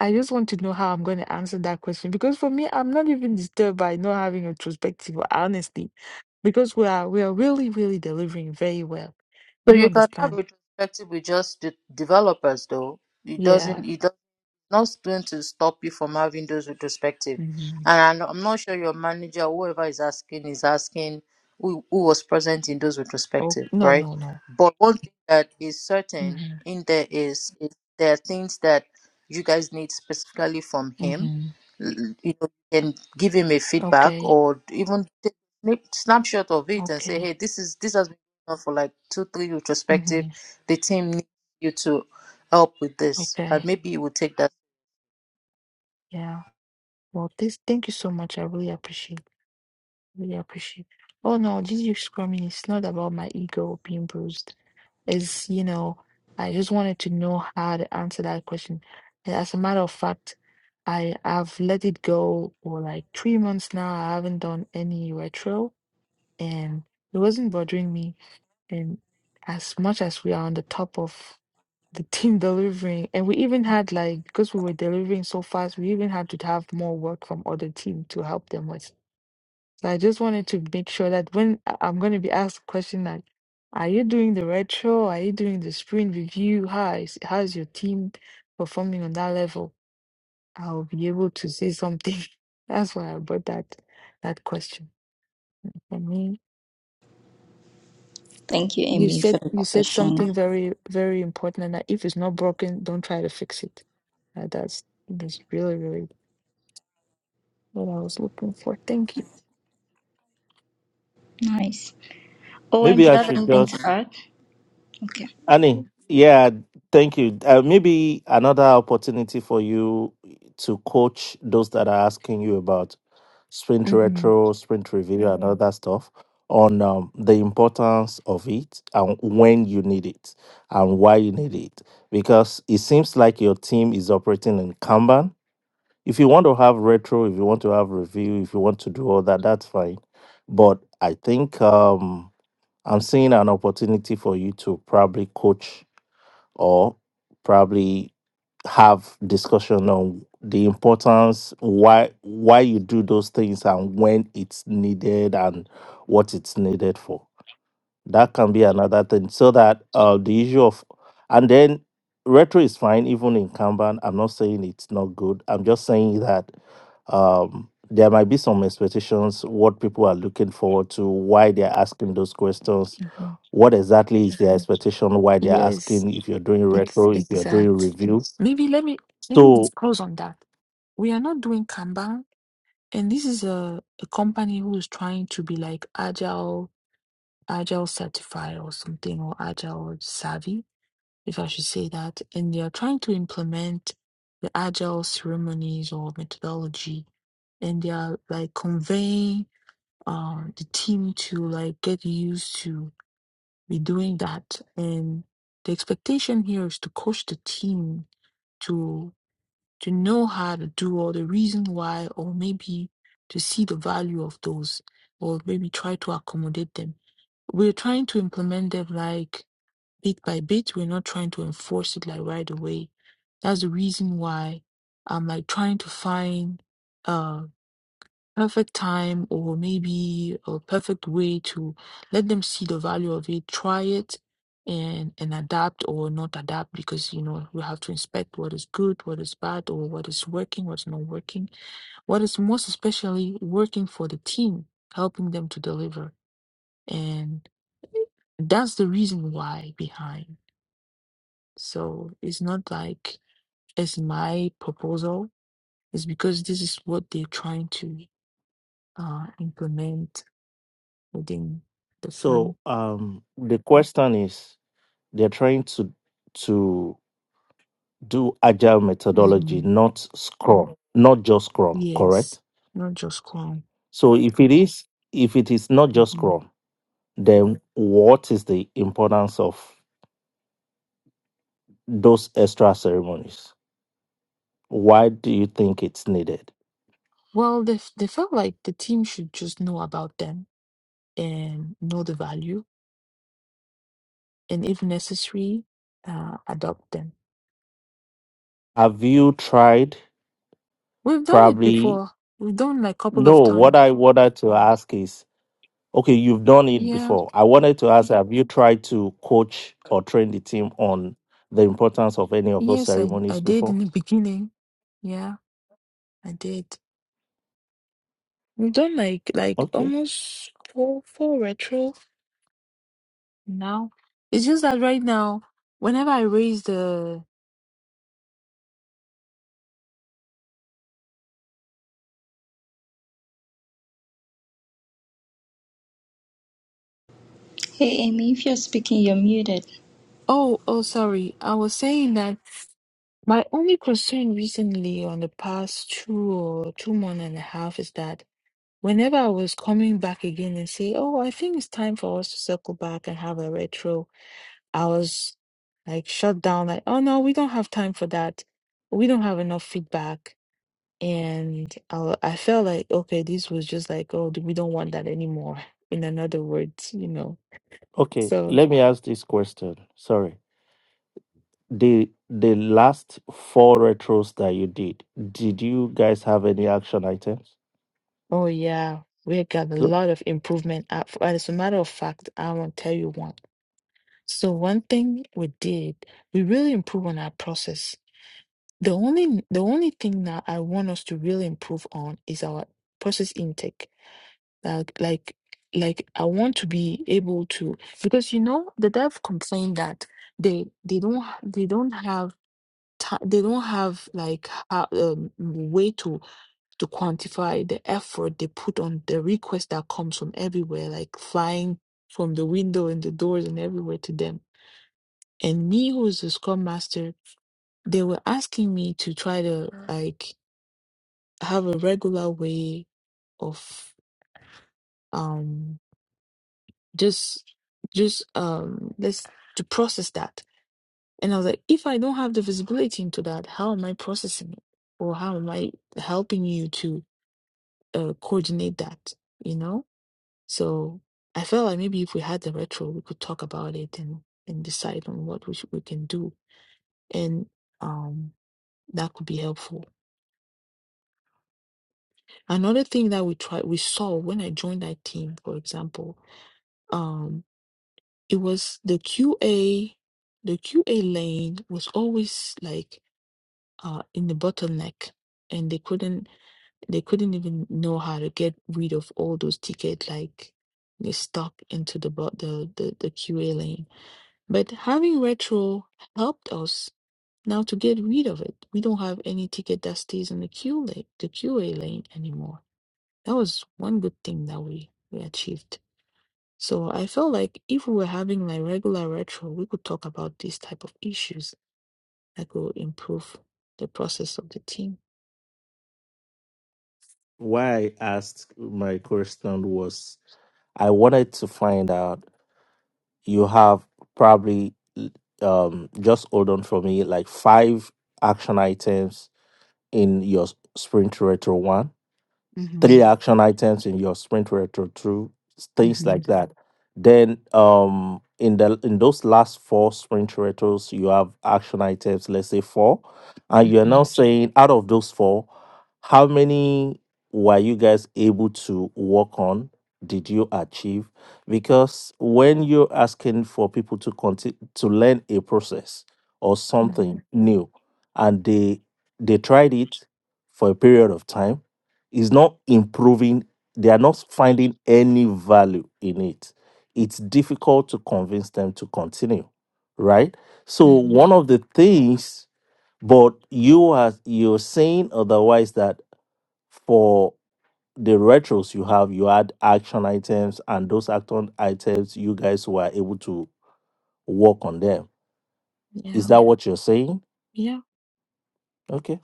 S6: I just want to know how I'm going to answer that question because for me, I'm not even disturbed by not having retrospective, honestly, because we are we are really really delivering very well. Do
S7: so
S6: you
S7: you can have
S6: understand?
S7: retrospective with just the developers though it
S6: Yeah.
S7: doesn't it doesn't not going to stop you from having those retrospective.
S6: hmm
S7: And I'm I'm not sure your manager, whoever is asking, is asking who, who was present in those
S6: Oh
S7: retrospective,
S6: no
S7: right?
S6: no no.
S7: But one thing that is certain
S6: hmm
S7: in there is, is there are things that you guys need specifically from him.
S6: hmm
S7: L- You know, you can give him a feedback
S6: Okay.
S7: or even take a snip- snapshot of it and say,
S6: Okay.
S7: hey, this is this has been going on for like two, three retrospective.
S6: hmm
S7: The team needs you to help with this, and
S6: Okay.
S7: maybe you will take that
S6: Yeah. Well, this, thank you so much. I really appreciate, really appreciate. Oh no, GG scrumming it's not about my ego being bruised. It's, you know, I just wanted to know how to answer that question. And as a matter of fact, I have let it go for like three months now. I haven't done any retro and it wasn't bothering me. And as much as we are on the top of the team delivering and we even had like because we were delivering so fast we even had to have more work from other team to help them with so i just wanted to make sure that when I- i'm going to be asked a question like are you doing the retro are you doing the sprint review how is how's your team performing on that level i'll be able to say something that's why i brought that that question for me
S4: Thank you,
S6: you
S4: Amy,
S6: said
S4: for the
S6: you said something
S4: question.
S6: very very important and that if it's not broken don't try to fix it Uh, that's that's really really what i was looking for thank you
S4: Nice. OM,
S8: Maybe
S4: do
S8: I
S4: you have
S8: should
S4: anything
S8: just
S4: to add? Okay.
S8: Annie. Yeah, thank you. Uh, maybe another opportunity for you to coach those that are asking you about sprint
S6: hmm
S8: retro, sprint review, and all that stuff on um, the importance of it and when you need it and why you need it. Because it seems like your team is operating in Kanban If you want to have retro, if you want to have review, if you want to do all that, that's fine. But I think um, I'm seeing an opportunity for you to probably coach or probably have discussion on the importance why why you do those things and when it's needed and what it's needed for that can be another thing. So that uh, the issue of and then retro is fine even in Kanban. I'm not saying it's not good. I'm just saying that um, there might be some expectations, what people are looking forward to, why they're asking those questions,
S6: hmm
S8: what exactly is their expectation, why they're
S6: yes
S8: asking if you're doing
S6: ex-
S8: retro, if you're doing
S6: exact
S8: review.
S6: maybe let me let me
S8: So
S6: disclose on that we are not doing kanban and this is a, a company who is trying to be like agile agile certified or something or agile savvy if I should say that, and they are trying to implement the agile ceremonies or methodology, and they are like conveying uh, the team to like get used to be doing that. And the expectation here is to coach the team to to know how to do or the reason why, or maybe to see the value of those, or maybe try to accommodate them. We're trying to implement them like bit by bit. We're not trying to enforce it like right away. That's the reason why I'm like trying to find a perfect time or maybe a perfect way to let them see the value of it, try it and and adapt or not adapt because you know we have to inspect what is good, what is bad, or what is working, what's not working, what is most especially working for the team, helping them to deliver. And that's the reason why behind. So it's not like it's my proposal. It's because this is what they're trying to uh, implement within the film.
S8: so um the question is they're trying to to do agile methodology,
S6: hmm
S8: not Scrum, not just Scrum,
S6: Yes,
S8: correct?
S6: not just Kwan.
S8: So if it is, if it is not just
S6: hmm
S8: Scrum, then what is the importance of those extra ceremonies? Why do you think it's needed?
S6: Well, they f- they felt like the team should just know about them and know the value, and if necessary, uh, adopt them.
S8: Have you tried?
S6: We've done it
S8: Probably
S6: before. We've done like a couple of
S8: no. What
S6: times.
S8: I wanted to ask is, okay, you've done it
S6: Yeah.
S8: before. I wanted to ask, have you tried to coach or train the team on the importance of any of those
S6: Yes, I I
S8: ceremonies
S6: did in
S8: before?
S6: the beginning. Yeah, I did. We've done like like
S8: Okay.
S6: almost four four retro now. It's just that right now, whenever I raise the
S4: Hey, Amy, if you're speaking, you're muted.
S6: oh oh sorry, I was saying that my only concern recently on the past two or two month and a half is that whenever I was coming back again and say, oh, I think it's time for us to circle back and have a retro, I was like shut down like, oh no, we don't have time for that. We don't have enough feedback And I, I felt like, okay, this was just like, oh, we don't want that anymore. In another words, you know.
S8: Okay,
S6: So,
S8: let me ask this question. Sorry. The the last four retros that you did, did you guys have any action items?
S6: oh yeah, we got a
S8: So
S6: lot of improvement. Uh, As a matter of fact, I want to tell you one. So one thing we did, we really improved on our process. The only the only thing that I want us to really improve on is our process intake. Like like like I want to be able to because you know the dev complained that they they don't they don't have ti they don't have like ho- um, way to to quantify the effort they put on the request that comes from everywhere, like flying from the window and the doors and everywhere to them. And me, who is the scrum master, they were asking me to try to like have a regular way of um just just um let's to process that. And I was like, if I don't have the visibility into that, how am I processing it? Or how am I helping you to uh, coordinate that, you know? So I felt like maybe if we had the retro, we could talk about it and, and decide on what we, should, we can do. And um, that could be helpful. Another thing that we tried, we saw when I joined that team, for example, um, it was the QA, the QA lane was always like uh, in the bottleneck and they couldn't They couldn't even know how to get rid of all those tickets like they stuck into the bu- the, the the QA lane. But having retro helped us now to get rid of it. We don't have any ticket that stays in the queue lane, the QA lane anymore. That was one good thing that we we achieved. So I felt like if we were having like regular retro, we could talk about these type of issues that could improve the process of the team.
S8: why I asked my question was I wanted to find out you have probably um just hold on for me like five action items in your sprint retro one three
S6: Mhm,
S8: action items in your sprint retro through things
S6: mhm,
S8: like that then um in the in those last four sprint retros you have action items let's say four and you're now
S6: mhm,
S8: saying out of those four how many were you guys able to work on did you achieve because when you're asking for people to continue to learn a process or
S6: mhm,
S8: something new and they they tried it for a period of time is not improving they are not finding any value in it it's difficult to convince them to continue right so
S6: mhm.
S8: one of the things but you are you're saying otherwise that for the retros you have you had action items and those action items you guys were able to work on them
S6: Yeah,
S8: is that what you're saying
S6: yeah.
S8: okay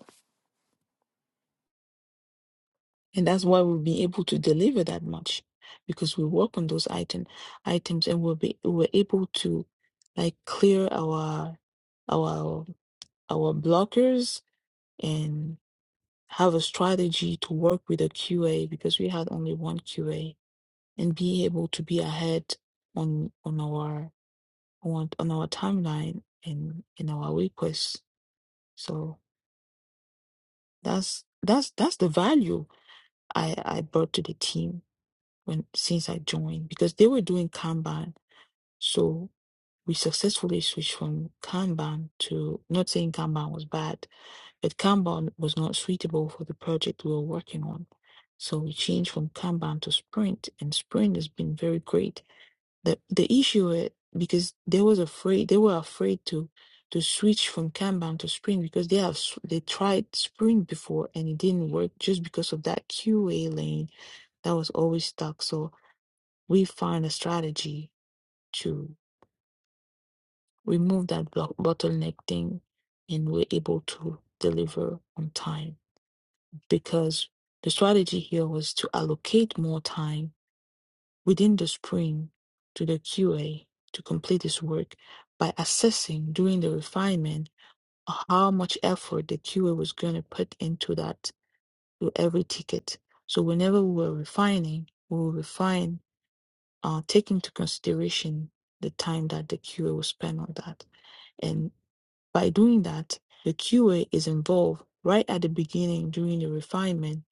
S6: And that's why we'll be able to deliver that much because we work on those item items and we'll be we're able to like clear our our our blockers and have a strategy to work with a QA because we had only one QA and be able to be ahead on on our on, on our timeline and in our requests. So that's that's that's the value I I brought to the team when since I joined because they were doing Kanban. So We successfully switched from Kanban to not saying Kanban was bad, but Kanban was not suitable for the project we were working on. So we changed from Kanban to Sprint, and Sprint has been very great. The the issue i- because they was afraid they were afraid to to switch from Kanban to Sprint because they have s- they tried Sprint before and it didn't work just because of that QA lane that was always stuck. So we find a strategy to remove that block bottleneck thing and we're able to deliver on time because the strategy here was to allocate more time within the spring to the QA to complete this work by assessing during the refinement how much effort the QA was going to put into that to every ticket. So whenever we were refining, we will refine, uh, take into consideration the time that the QA will spend on that and. By doing that, the QA is involved right at the beginning during the refinement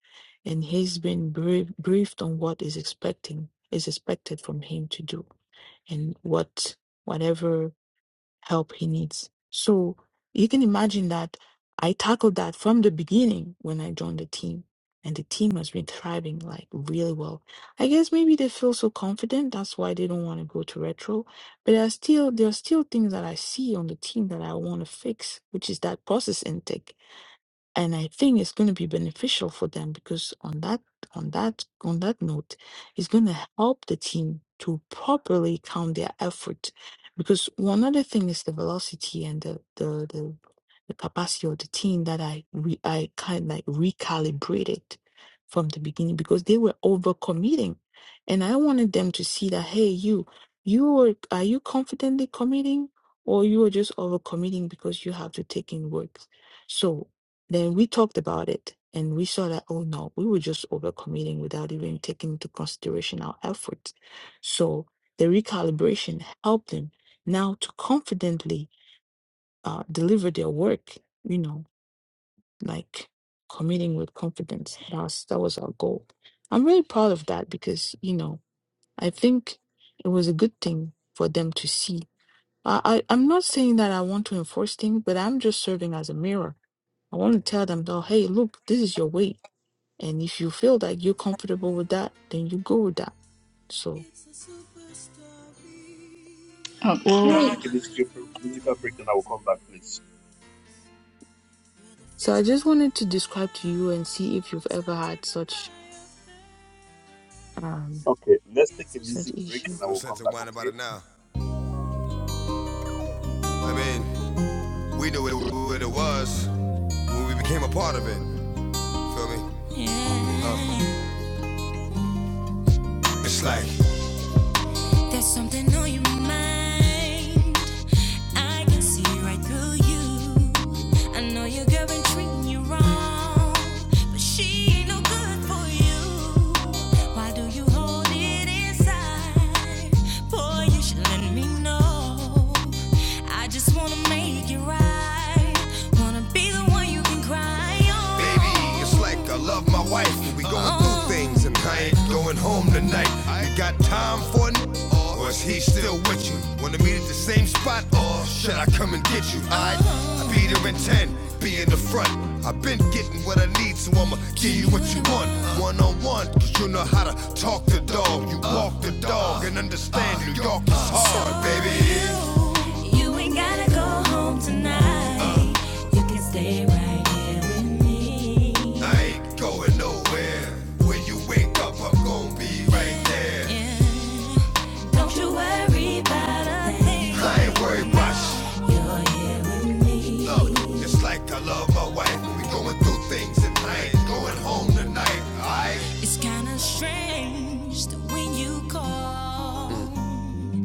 S6: and he's been brief, briefed on what is expecting is expected from him to do and what whatever help he needs. So you can imagine that I tackled that from the beginning when I joined the team. And the team has been thriving like really well. I guess maybe they feel so confident, that's why they don't want to go to retro. But there are still there are still things that I see on the team that I want to fix, which is that process intake and I think it's going to be beneficial for them because on that on that on that note, it's going to help the team to properly count their effort. Because one other thing is the velocity and the the the, the capacity of the team that I re, I kind of like recalibrated from the beginning because they were overcommitting, and I wanted them to see that hey you you are are you confidently committing or you are just overcommitting because you have to take in work. So then we talked about it and we saw that, oh no, we were just overcommitting without even taking into consideration our efforts. So the recalibration helped them now to confidently uh, deliver their work, you know, like committing with confidence. That was, that was our goal. I'm really proud of that because, you know, I think it was a good thing for them to see. I, I, I'm not saying that I want to enforce things, but I'm just serving as a mirror. I want to tell them, though, hey, look, this is your way and if you feel like you're comfortable with that, then you go with that. So, well,
S3: Let's
S4: Okay.
S3: take a musical, musical break, then I will come back, please.
S6: so I just wanted to describe to you and see if you've ever had such um
S3: Okay, let's take a
S6: such
S3: music break,
S6: issue.
S3: then I will come back. Okay.
S1: Uh, we knew it, it was. We became a part of it. Feel me? Yeah. Oh. There's something on your mind. I can see right through you. I know your girl been treating you wrong, but she ain't no good for you. Why do you hold it inside? Boy, you should let me know. I just wanna make it right. Wanna be the one you can cry on. Baby, it's like I love my wife, but we going through Oh. things, and I ain't going home tonight. You got time for it? Or is he still with you? Wanna meet at the same spot? Or should I come and get you? I'll be there in 10, be in the front. I've been getting so I'ma give you what you want. One on one, cause you know how to talk the dog. You walk the dog and understand New York is hard, baby. You ain't gotta go home tonight. You can stay right here with me. Going nowhere when you wake up, ain't that Don't you worry about a thing. You're here with me. It's kinda strange that when you call,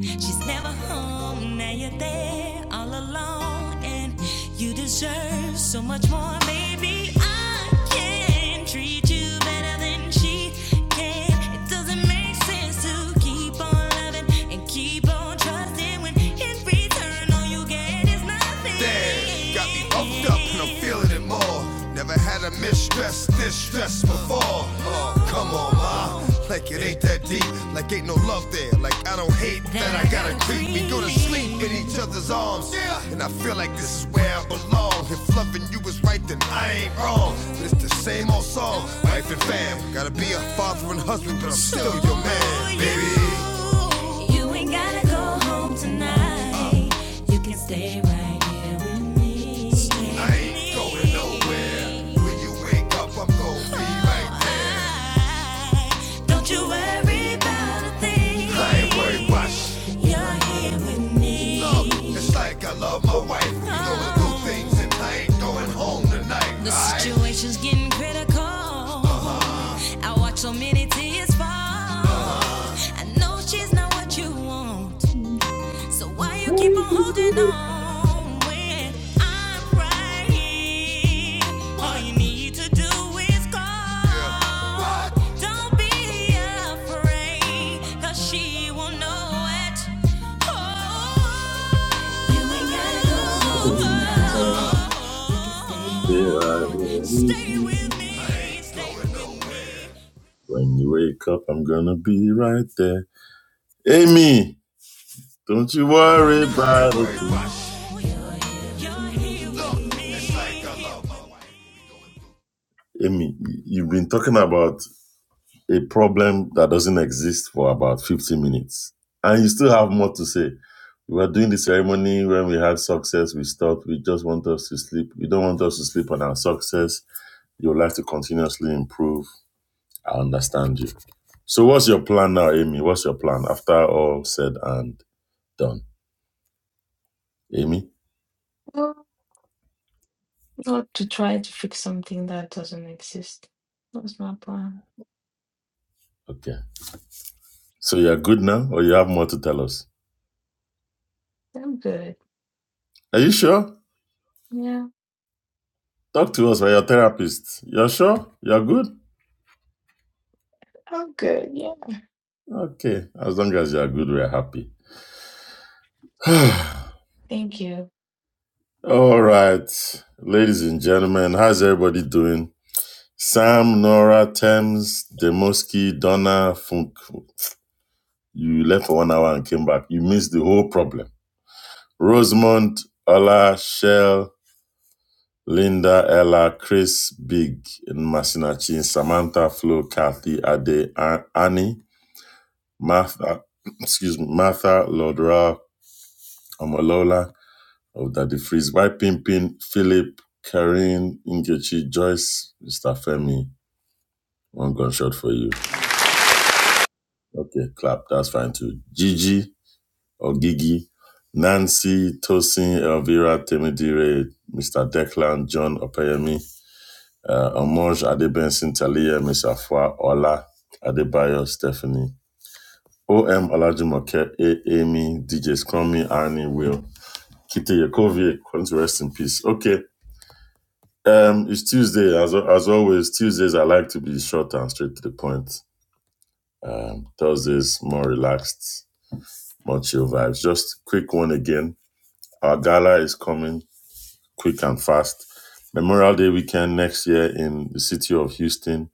S1: she's never home. Now you're there all alone, and you deserve so much more. Maybe I can treat you better than she can. It doesn't make sense to keep on loving and keep on trusting when in return all you get is nothing. Damn, got me upped up and I'm feeling weak. We go to sleep and he was right, still your man. You ain't gotta go home tonight. You can stay right here with me. I ain't going nowhere. Don't you worry about a thing. I ain't worried about it. You're here with me. love. It's Situation's getting critical. Uh-huh. I watch so many tears fall. Uh-huh. I know she's not what you want. So why you keep on holding on when I'm right here? All you need to do is call. Don't be afraid, cause she will know it. Oh, you ain't gotta go home tonight.
S2: When you wake up, I'm gonna be right there. Amy, don't you worry about it. Amy, you've been talking about a problem that doesn't exist for about 50 minutes. And you still have more to say. We were doing the ceremony when we had success. We stopped. We just want us to sleep. We don't want us to sleep on our success. You would like to continuously improve. I understand you. So, what's your plan now, Amy? What's your plan after all said and done? Amy?
S6: Well, not to try to fix something that doesn't exist. That's my plan.
S2: Okay. So, you're good now, or you have more to tell us?
S6: I'm good.
S2: Are you sure?
S6: Yeah,
S2: Talk to us. We're your therapist. You're sure? You're good?
S6: I'm good. Yeah.
S2: Okay. As long as you're good, we're happy.
S6: Thank you.
S2: All right, ladies and gentlemen, how's everybody doing? Sam, Nora, Thames, Demoski, Donna, Funk. You left for one hour and came back. You missed the whole problem. Rosemont, Ola, Shell, Linda, Ella, Chris, Big, and Masinachi, Samantha, Flo, Kathy, Ade, A- Annie, Martha, excuse me, Martha, Lodra, Omolola, of Daddy Freeze. Why Pimpin, Philip, Karin, Ingechi, Joyce, Mr. Femi? One gunshot for you. Okay, clap. That's fine too. Gigi or Gigi, Nancy, Tosin, Elvira, Temidire, Mr. Declan, John Opeyemi, uh, Omoj, Adebensin, Talia, Miss Afua, Ola, Adebayo, Stephanie, OM Olajumoke, A. Amy, DJ Scrummy, Annie, Will, Kite Yakovie, come rest in peace. Okay, Um, it's Tuesday as as always. Tuesdays I like to be short and straight to the point. Um, Thursdays more relaxed, more chill vibes. Just quick one again. Our gala is coming quick and fast. Memorial Day weekend next year in the city of Houston,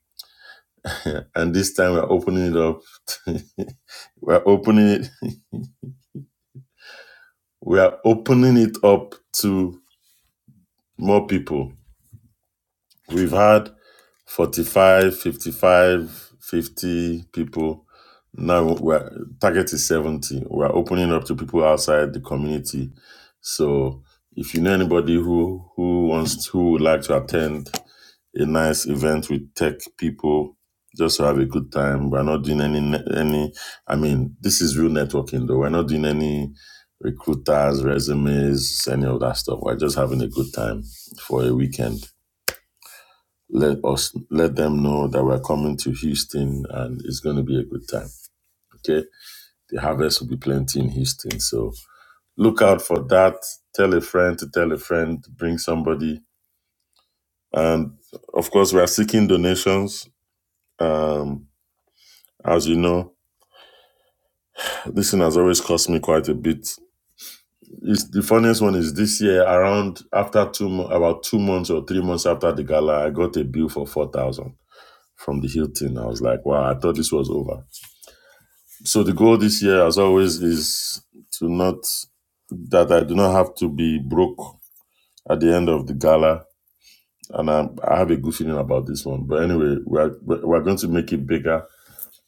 S2: and this time we're opening it up. we're opening it. We are opening it up to more people. We've had 45, 55, 50 people. Now we're target is 70. We're opening up to people outside the community. So if you know anybody who who wants who would like to attend a nice event with tech people, just to have a good time. We're not doing any ne- any. I mean, this is real networking though. We're not doing any recruiters, resumes, any of that stuff. We're just having a good time for a weekend. Let us let them know that we're coming to Houston and it's going to be a good time. Okay, the harvest will be plenty in Houston, so look out for that. Tell a friend to tell a friend, bring somebody, and of course we are seeking donations. Um, as you know, this thing has always cost me quite a bit. It's, the funniest one is this year, around after two, mo- about two months or three months after the gala, I got a bill for four thousand from the Hilton. I was like, wow, I thought this was over. So the goal this year, as always, is to not that I do not have to be broke at the end of the gala, and i I have a good feeling about this one. But anyway, we're we're going to make it bigger,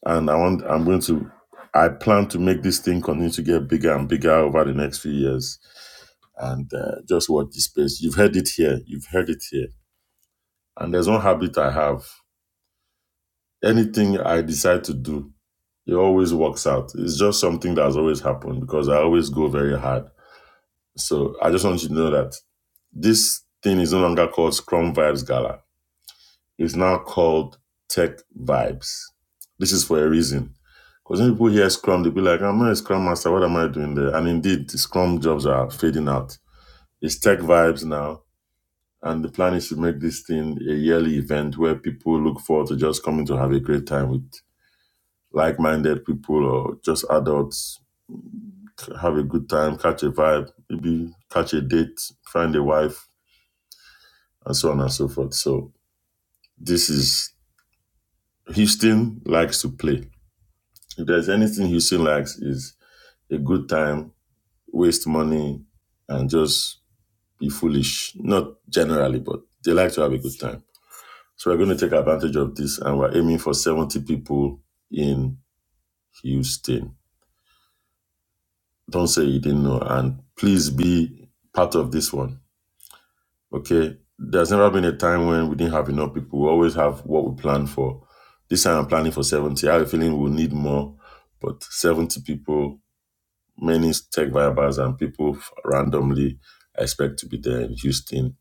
S2: and I want I'm going to I plan to make this thing continue to get bigger and bigger over the next few years, and uh, just watch this space. You've heard it here. You've heard it here. And there's one habit I have. Anything I decide to do, it always works out. It's just something that has always happened because I always go very hard So I just want you to know that this thing is no longer called Scrum Vibes Gala. It's now called Tech Vibes. This is for a reason. Because when people hear Scrum, they'll be like, I'm not a Scrum Master. What am I doing there? And indeed, the Scrum jobs are fading out. It's Tech Vibes now. And the plan is to make this thing a yearly event where people look forward to just coming to have a great time with like minded people or just adults. Have a good time, catch a vibe, maybe catch a date, find a wife, and so on and so forth. So this is Houston likes to play. If there's anything Houston likes is a good time, waste money, and just be foolish. Not generally, but they like to have a good time. So we're going to take advantage of this, and we're aiming for 70 people in Houston. Don't say you didn't know, and please be part of this one. Okay. There's never been a time when we didn't have enough people. We always have what we plan for. This time I'm planning for 70. I have a feeling we'll need more, but 70 people, many tech vibers and people f- randomly I expect to be there in Houston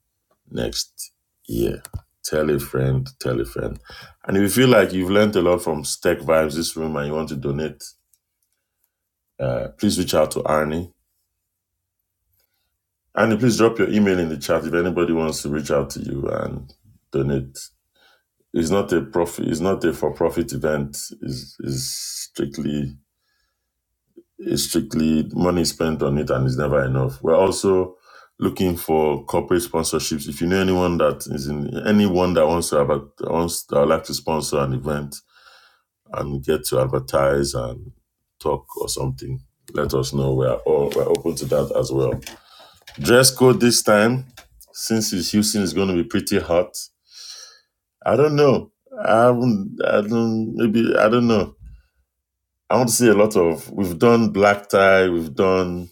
S2: next year. Tell a friend, tell a friend. And if you feel like you've learned a lot from Tech Vibes this room and you want to donate, uh, please reach out to Arnie. Arnie, please drop your email in the chat if anybody wants to reach out to you and donate It's not a profit. It's not a for-profit event. It's, it's strictly it's strictly money spent on it, and it's never enough. We're also looking for corporate sponsorships. If you know anyone that is in anyone that wants to about wants that would like to sponsor an event and get to advertise and talk or something, let us know. We're all we're open to that as well. Dress code this time, since it's Houston, is going to be pretty hot. I don't know. I haven't. I don't. Maybe I don't know. I want to see a lot of. We've done black tie. We've done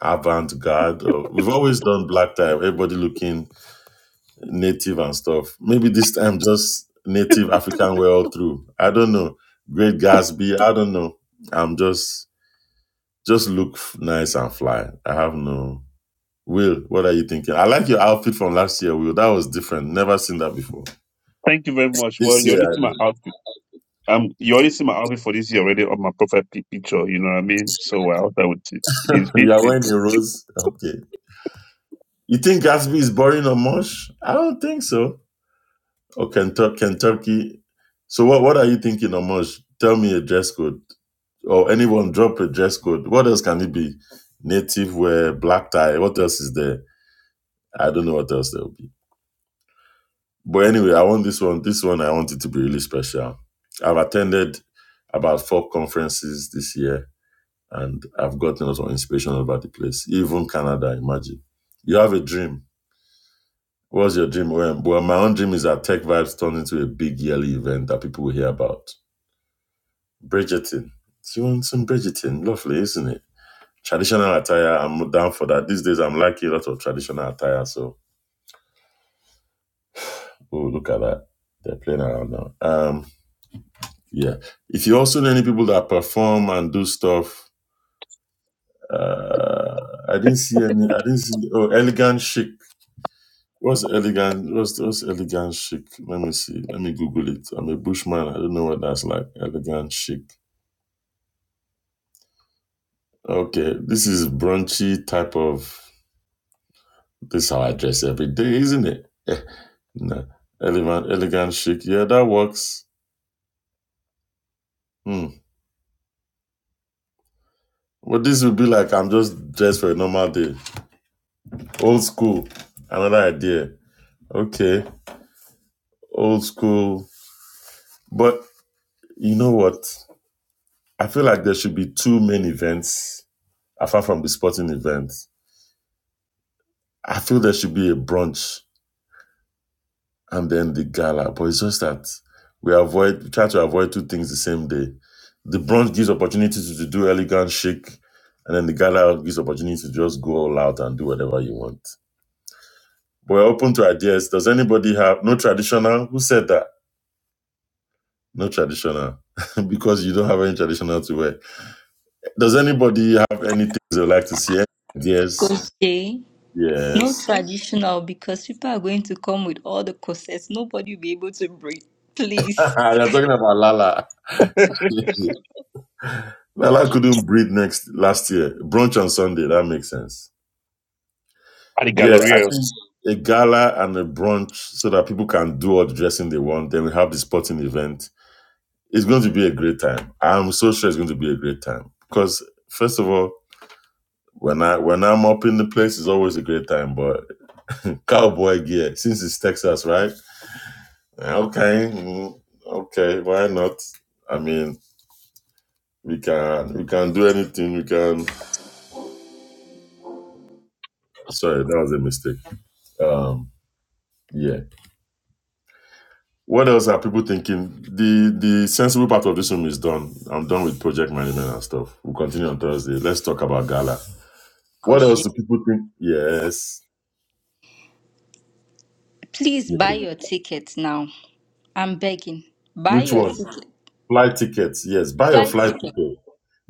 S2: avant garde. or- We've always done black tie. Everybody looking native and stuff. Maybe this time just native African way all through. I don't know. Great Gatsby. I don't know. I'm just just look f- nice and fly. I have no. Will, what are you thinking? I like your outfit from last year, Will. That was different. Never seen that before.
S3: Thank you very much. Well,
S2: This
S3: you
S2: year,
S3: already
S2: I
S3: see my
S2: mean.
S3: outfit. Um, you already see my outfit for this year already on my profile pi- picture. You know what I mean? So well, I out there with it. It's
S2: you are
S3: fitting.
S2: wearing a rose. Okay. You think Gatsby is boring or much? I don't think so. Oh, Kentucky. Kentucky. So what, what are you thinking, Omosh? Tell me a dress code. Or anyone drop a dress code. What else can it be? Native wear, black tie. What else is there? I don't know what else there will be. But anyway, I want this one. This one, I want it to be really special. I've attended about four conferences this year and I've gotten a lot of inspiration about the place. Even Canada, imagine. You have a dream. What's your dream? Well, well, my own dream is that Tech Vibes turns into a big yearly event that people will hear about Bridgerton. She wants some Bridgerton. Lovely, isn't it? Traditional attire. I'm down for that. These days, I'm liking a lot of traditional attire. So, oh, look at that. They're playing around now. Um, yeah. If you also know any people that perform and do stuff, uh, I didn't see any. I didn't see. Oh, elegant chic. What's elegant? What's, what's elegant chic? Let me see. Let me Google it. I'm a bushman. I don't know what that's like. Elegant chic. Okay, this is brunchy type of. This is how I dress every day, isn't it? no. Elegant, elegant, chic. Yeah, that works. Hmm. But this would be like I'm just dressed for a normal day. Old school. Another idea. Okay. Old school. But you know what? I feel like there should be two main events apart from the sporting event. I feel there should be a brunch. and then the gala. But it's just that we avoid we try to avoid two things the same day. The brunch gives opportunity to, to do elegant chic, and then the gala gives opportunity to just go all out and do whatever you want. But we're open to ideas. Does anybody have no traditional? Who said that? No traditional. because you don't have any traditional to wear. Does anybody have anything they would like to see? Yes,
S4: Coach Jay. No
S2: Yes.
S4: traditional because people are going to come with all the corsets. Nobody will be able to breathe. Please,
S2: They're talking about Lala.
S3: at
S2: Lala couldn't breathe next last year. Brunch on Sunday. That makes sense.
S3: the
S2: Yeah, I
S3: Galleria.
S2: think a gala and a brunch so that people can do all the dressing they want. Then we have the sporting event. It's going to be a great time. I'm so sure it's going to be a great time because first of all, when I when I'm up in the place, it's always a great time. But cowboy gear, since it's Texas, right? Okay, mm, okay, why not? I mean, we can we can do anything. We can. Sorry, that was a mistake. Um, yeah. What else are people thinking? The the sensible part of this room is done. I'm done with project management and stuff. We'll continue on Thursday. Let's talk about gala. What else
S4: Crochet.
S2: do people think? Yes.
S4: please buy
S2: Yeah.
S4: your ticket now. I'm begging. Buy
S2: Which
S4: your
S2: one?
S4: ticket.
S2: Flight tickets. Yes. Buy your
S4: Flight
S2: flight
S4: ticket.
S2: ticket.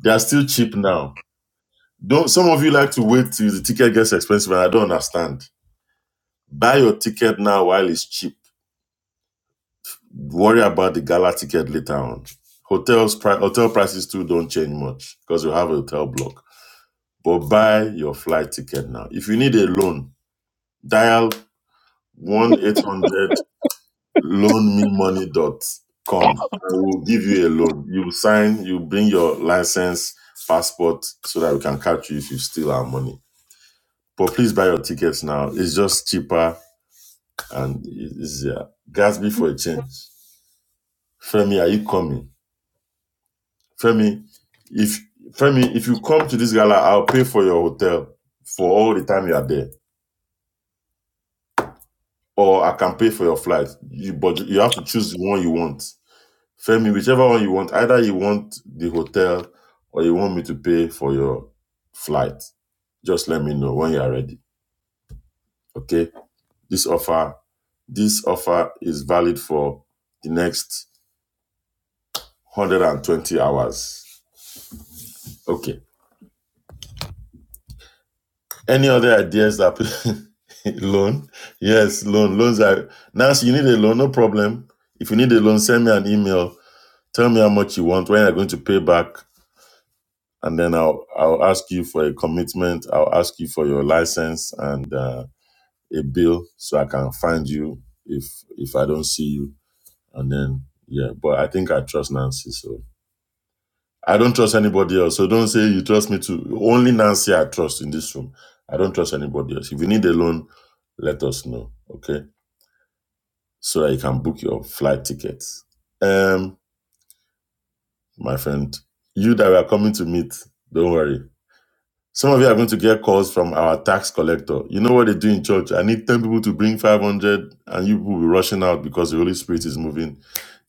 S2: They are still cheap now. Don't some of you like to wait till the ticket gets expensive and I don't understand. Buy your ticket now while it's cheap. Worry about the gala ticket later on. Hotels pri- hotel prices too don't change much because you have a hotel block But buy your flight ticket now. If you need a loan, dial 1 800 loanmemoney.com. I will give you a loan. You sign, you bring your license, passport, so that we can catch you if you steal our money. But please buy your tickets now. It's just cheaper and e- easier. Gatsby for a change. Femi, are you coming? Femi, if Femi, if you come to this gala, I'll pay for your hotel for all the time you are there. or I can pay for your flight. You, but you have to choose the one you want. Femi, whichever one you want, either you want the hotel or you want me to pay for your flight. Just let me know when you are ready. Okay. This offer, this offer is valid for the next 120 hours. Okay. Any other ideas that loan? Yes, loan. Loans are Nancy, you need a loan, no problem. If you need a loan, send me an email. Tell me how much you want, when you're going to pay back and then I'll I'll ask you for a commitment. I'll ask you for your license and uh, a bill so I can find you if if I don't see you. And then yeah, but I think I trust Nancy. So I don't trust anybody else. So don't say you trust me to only Nancy. I trust in this room. I don't trust anybody else. If you need a loan, let us know, okay? So that you can book your flight tickets. Um, my friend, you that we are coming to meet, don't worry Some of you are going to get calls from our tax collector. You know what they do in church? I need 10 people to bring 500, and you will be rushing out because the Holy Spirit is moving.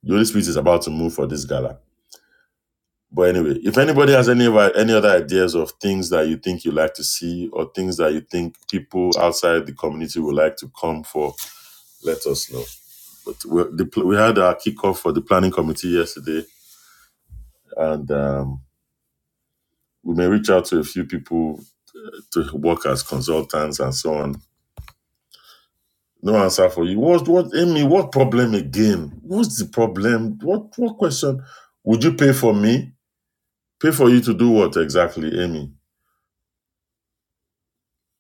S2: The Holy Spirit is about to move for this gala. But anyway, if anybody has any of our- any other ideas of things that you think you like to see or things that you think people outside the community would like to come for, let us know. But we the, pl- we had our kickoff for the planning committee yesterday, and um, we may reach out to a few people to work as consultants and so on No answer for you. What what Amy, what problem again? What's the problem? What what question? Would you pay for me? Pay for you to do what exactly, Amy?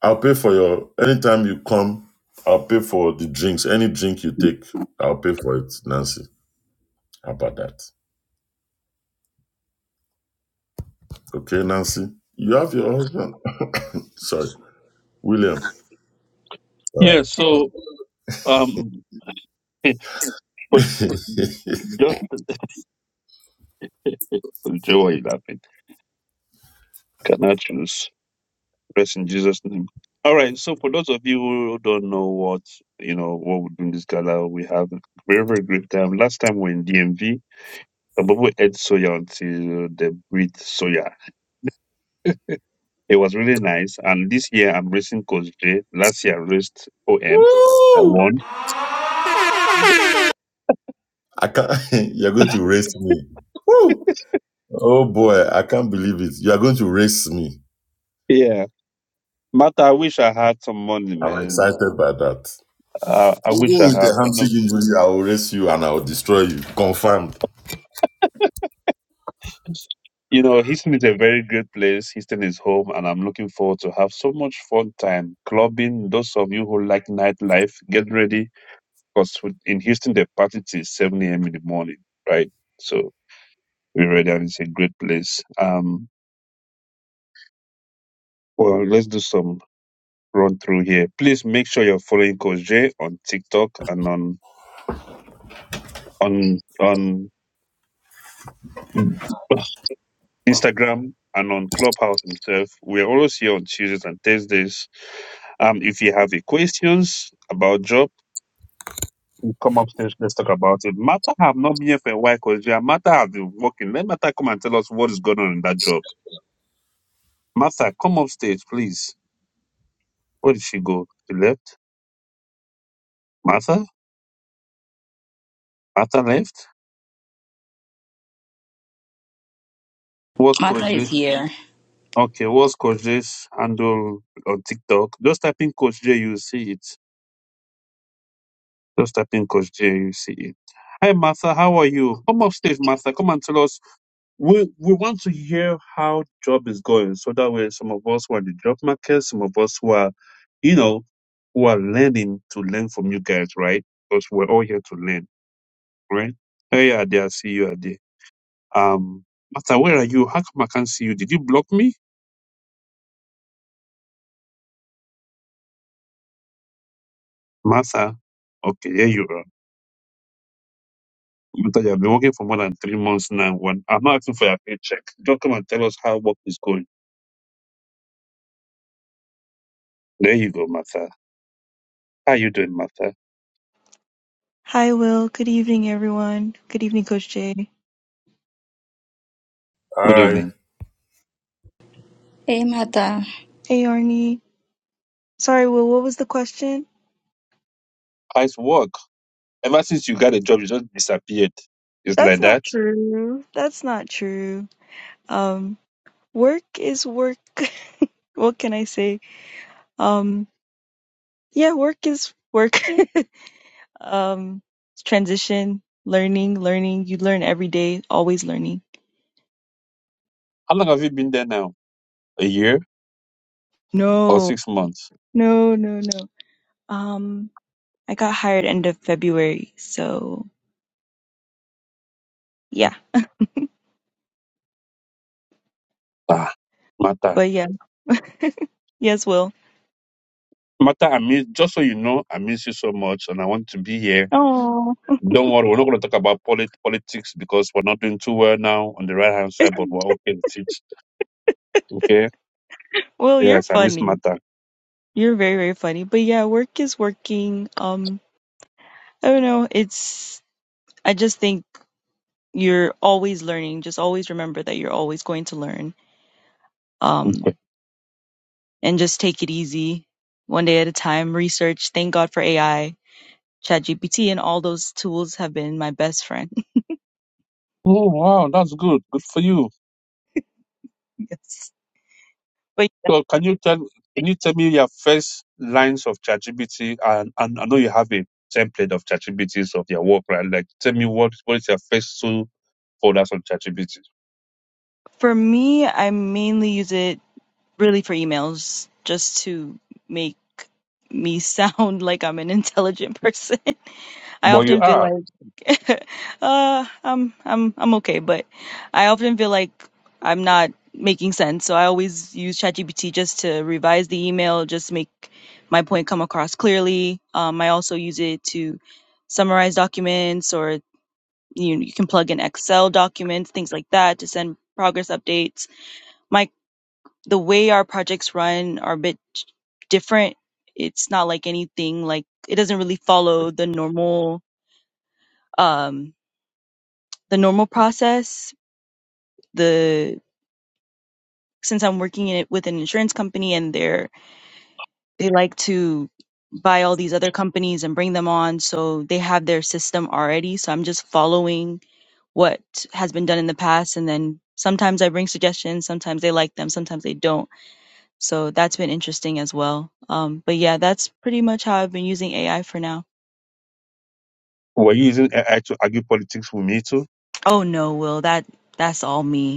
S2: I'll pay for your anytime you come, I'll pay for the drinks. Any drink you take, I'll pay for it, Nancy. How about that? Okay, Nancy. You have your husband. Sorry. William. Uh,
S3: Yeah. So um, but just Joe, why you laughing? Can I choose? Rest in Jesus' name. All right. So for those of you who don't know what you know what we do in this gala, we have a very very great time. Last time we were in DMV, Babu ate soya until they breathed soya. It was really nice. And this year I'm racing Coach J. Last year I raced OM. I
S2: Woo!
S3: won.
S2: I can't you're going to race me. Woo! Oh boy, I can't believe it. You are going to race me.
S3: Yeah. Martha, I wish I had some money,
S2: I'm
S3: man.
S2: excited by that.
S3: I, I wish
S2: Even
S3: I
S2: with
S3: had.
S2: the
S3: You know,
S2: hamstring injury, I will race you and I will destroy you. Confirmed.
S3: You know, Houston is a very great place. Houston is home, and I'm looking forward to have so much fun time clubbing. Those of you who like nightlife, get ready because in Houston the party till 7 a.m. in the morning, right? So we're ready, and it's a great place. Um, well, let's do some run through here. Please make sure you're following Coach Jay on TikTok and on on on. Instagram and on Clubhouse itself. We're always here on Tuesdays and Thursdays. Um, if you have any questions about job, you come upstairs. Let's talk about it. Martha have not been here for a while because Martha has been working. Let Martha come and tell us what is going on in that job. Martha, come upstairs, please. Where did she go? She left. Martha? Martha left. What's
S4: Martha
S3: Coach
S4: is
S3: J?
S4: here.
S3: Okay, what's Coach J's handle on TikTok? Just type in Coach J, you see it. Just type in Coach J, you see it. Hi, Martha. How are you? Come up stage, Martha. Come and tell us. We we want to hear how job is going, so that way some of us who are in the job market, some of us who are, you know, who are learning to learn from you guys, right? Because we're all here to learn, right? Hey, Ade, I see you, are there. Um, Martha, where are you? How come I can't see you? Did you block me, Martha? Okay, here you are. Martha, you have been working for more than three months now. One, I'm not asking for your paycheck. Just come and tell us how work is going. There you go, Martha. How you doing, Martha?
S9: Hi, Will. Good evening, everyone. Good evening, Coach Jay.
S3: Good
S2: Aye.
S3: evening.
S4: Hey, Martha.
S9: Hey, Arnie. Sorry, Will, what was the question?
S3: How's work? Ever since you got a job, you just disappeared. It's
S9: That's
S3: like
S9: not
S3: that.
S9: true. That's not true. Um, work is work. What can I say? Um, yeah, work is work. Um, it's transition, learning, learning. You learn every day, always learning.
S3: How long have you been there now? A year or
S9: No,
S3: six months?
S9: no, no, no. Um, I got hired end of February, so yeah.
S3: Ah, Martha.
S9: But yeah, yes, Will.
S3: Martha, I miss, just so you know, I miss you so much and I want to be here.
S9: Oh.
S3: Don't worry, we're not going to talk about polit- politics because we're not doing too well now on the right hand side, but we're okay with it. Okay?
S9: Well, you're
S3: Yes, I miss
S9: funny.
S3: Martha.
S9: You're very, very funny. But yeah, work is working. Um, I don't know. It's, I just think you're always learning. Just always remember that you're always going to learn.
S3: Okay.
S9: Um, and just take it easy one day at a time. Research. Thank God for AI, ChatGPT, and all those tools have been my best friend.
S3: Oh, wow, that's good. Good for you.
S9: Yes. But yeah,
S3: So can you tell can you tell me your first lines of ChatGPT and, and I know you have a template of ChatGPTs of your work, right? Like tell me what what is your first two folders on ChatGPT?
S9: for me, I mainly use it really for emails just to make me sound like I'm an intelligent person. I
S3: But you
S9: often feel
S3: are.
S9: like uh I'm I'm I'm okay, but I often feel like I'm not making sense. So I always use ChatGPT just to revise the email, just make my point come across clearly. Um, I also use it to summarize documents or you you can plug in Excel documents, things like that to send progress updates. My the way our projects run are a bit different. It's not like anything like it doesn't really follow the normal um the normal process. The since I'm working in it with an insurance company and they're they like to buy all these other companies and bring them on, so they have their system already. So I'm just following what has been done in the past and then sometimes I bring suggestions, sometimes they like them, sometimes they don't. So that's been interesting as well. Um but yeah, that's pretty much how I've been using AI for now.
S3: Were you using AI to argue politics with me too?
S9: Oh no, Will, that that's all me.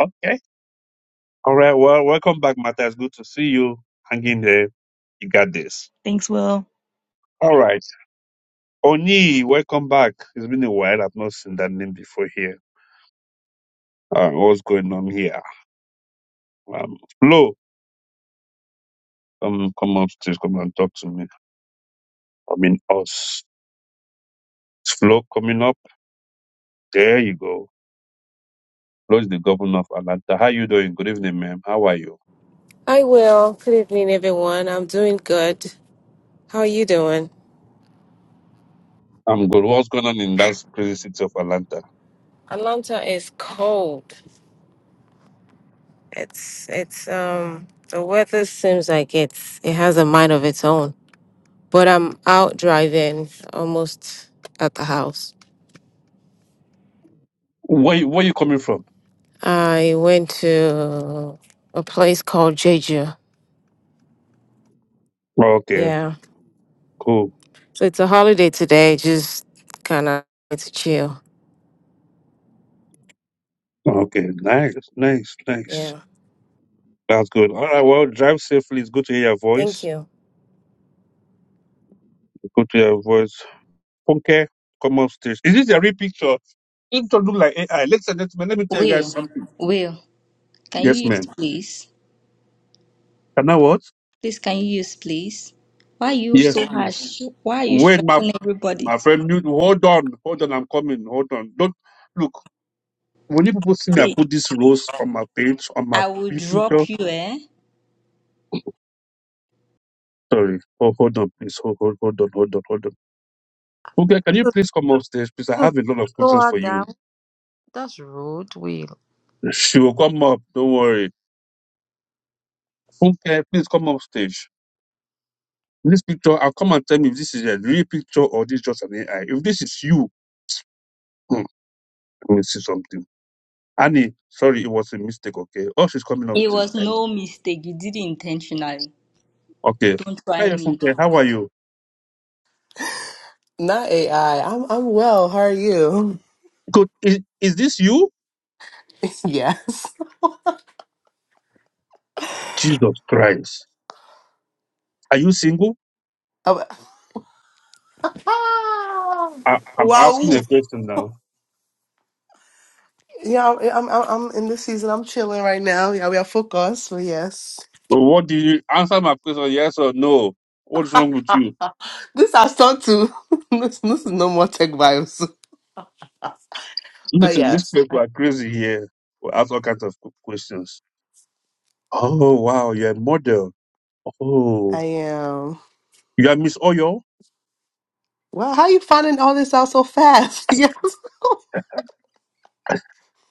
S3: Okay. All right. Well, welcome back, Matthias. Good to see you. Hang in there. You got this.
S9: Thanks, Will.
S3: All right. Oni, welcome back. It's been a while. I've not seen that name before here. Uh, what's going on here? Um, Flo, um, come upstairs, come and talk to me. I mean us. flow coming up. There you go. Flo is the governor of Atlanta. How you doing? Good evening, ma'am. How are you?
S10: I will. Good evening, everyone. I'm doing good. How are you doing?
S3: I'm good. What's going on in that crazy city of Atlanta?
S10: Atlanta is cold. It's it's um the weather seems like it's it has a mind of its own. But I'm out driving almost at the house.
S3: Where you- where you coming from?
S10: I went to a place called Jeju.
S3: Okay,
S10: Yeah.
S3: cool.
S10: So it's a holiday today, just kinda to chill.
S3: Okay, nice, nice, nice.
S10: Yeah.
S3: That's good. All right, well, drive safely. It's good to hear your
S10: Thank
S3: voice.
S10: you.
S3: It's good to hear your voice. Okay, come up stage. Is this a real picture? It don't look like AI. Ladies and gentlemen, let me tell you guys
S4: Will,
S3: something.
S4: Will, can you
S3: Yes, ma'am.
S4: use please?
S3: Can I what?
S4: Please, can you use please? Why are you
S3: Yes,
S4: so
S3: please.
S4: harsh? Why are you
S3: Wait, my
S4: stressing everybody?
S3: My friend, mute. Hold on, hold on. I'm coming. Hold on. Don't look. When you people see me, I
S4: See,
S3: put this rose on my page on my
S4: I will
S3: picture.
S4: drop you, eh?
S3: Sorry. Oh, hold on, please. Hold, hold, hold on, hold on, hold on. Okay, can you
S7: Rude,
S3: please come upstairs, please? I have a lot of
S7: slow
S3: questions
S7: her
S3: for you.
S7: down. That's rude, Will.
S3: She will come up. Don't worry. Okay, please come upstage. This picture, I'll come and tell me if this is a real picture or this is just an AI. If this is you, hmm, let me see something. Annie, sorry, it was a mistake. Okay. Oh, she's coming
S4: It
S3: upstairs.
S4: was
S3: Thank
S4: no mistake. You did it intentionally.
S3: you. Okay.
S4: Don't try
S3: Hi,
S4: me.
S3: Funke. How are you?
S11: Not AI. I'm I'm well. How are you?
S3: Could, is, is this you?
S11: Yes.
S3: Jesus Christ. Are you single?
S11: Um,
S3: I, I'm
S11: Wow.
S3: asking a question now.
S11: Yeah, I'm, I'm I'm in this season. I'm chilling right now. Yeah, we are focused. But yes,
S3: But what do you answer my question? Yes or no? What's wrong with you?
S11: this I start to. this, this is no more tech vibes. But
S3: Listen, these
S11: yes,
S3: people
S11: I
S3: are crazy here. We ask all kinds of qu- questions. Oh, wow. You're a model. Oh,
S11: I am.
S3: you are Miss Oyo?
S11: Wow. how you finding all this out so fast? Yes.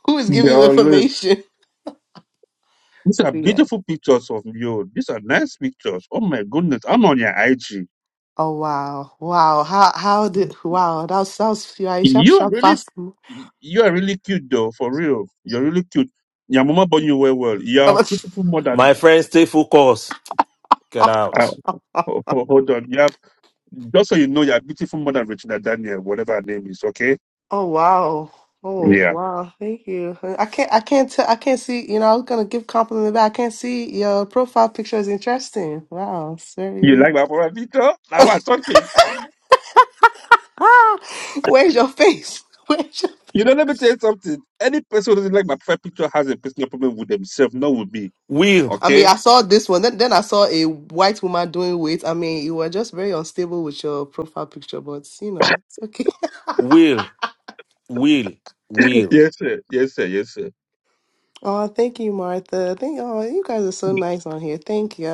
S11: Who is
S3: They
S11: giving you information?
S3: These are
S11: Yeah.
S3: beautiful pictures of you. These are nice pictures. Oh my goodness, I'm on your IG.
S11: Oh wow, wow. How how did wow? That was that was yeah, sharp
S3: You are
S11: sharp
S3: really,
S11: fast.
S3: you are really cute though, for real. You're really cute. Your mama born you well, well. You're beautiful more than.
S8: my friend stay focused
S11: Oh,
S8: get
S3: Uh,
S8: out
S3: ho- ho- hold on. Yeah, just so you know, you're beautiful more than Regina Daniel, whatever her name is. Okay.
S11: Oh wow. Oh
S3: Yeah.
S11: wow. Thank you. I can't I can't tell I can't see, you know, I was gonna give compliment back. I can't see your profile picture is interesting. Wow,
S3: You
S11: sorry.
S3: like my profile picture? Now we're talking.
S11: Ah where's your face? Where's your
S3: You know, let me tell you something. Any person who doesn't like my profile picture has a personal problem with themselves, not with me.
S8: will
S11: I mean
S3: Okay.
S11: I saw this one, then then I saw a white woman doing weight. I mean you were just very unstable with your profile picture, but you know, it's okay.
S8: will will will
S3: Yes, sir. Yes, sir. Yes, sir.
S11: Oh, thank you, Martha. Thank oh you guys are so nice on here. Thank you, I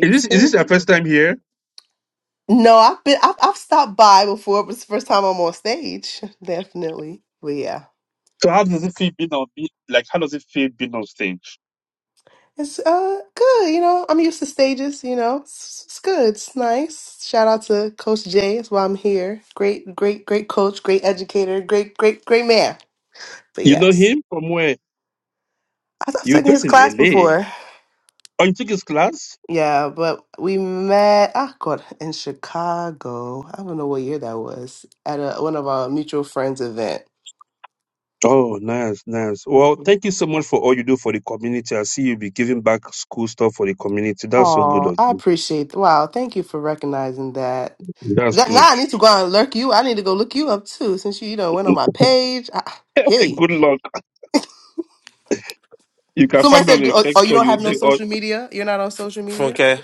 S3: Is this is this your first time here?
S11: No, I've been I've, I've stopped by before, but it's the first time I'm on stage, definitely. But yeah,
S3: So how does it feel being on? being Like how does it feel being on stage?
S11: it's uh good. You know, I'm used to stages. You know, it's, it's good. It's nice. Shout out to Coach Jay. That's why I'm here. Great, great, great coach. Great educator. Great, great, great man. But
S3: You know
S11: yes,
S3: him from where?
S11: I- I've
S3: You're
S11: taken his
S3: based in
S11: class
S3: LA.
S11: before.
S3: Oh, you took his class?
S11: Yeah, but we met. Oh God, in Chicago. I don't know what year that was at a, one of our mutual friends event.
S3: Oh, nice, nice. Well,
S11: Mm-hmm.
S3: thank you so much for all you do for the community. I see you be giving back school stuff for the community. That's so good
S11: Oh,
S3: of
S11: I
S3: you.
S11: appreciate. Wow, thank you for recognizing that.
S3: That's
S11: That now
S3: good.
S11: I need to go out and lurk you. I need to go look you up too, since you you know went on my page. I, hey,
S3: good luck. You can
S11: somebody
S3: find me on
S11: said,
S3: the
S11: oh, oh,
S3: text
S11: you
S3: or
S11: don't
S3: you
S11: have no
S3: see
S8: D-
S3: all
S11: social media. You're not on
S8: F-
S11: social media.
S8: Funke,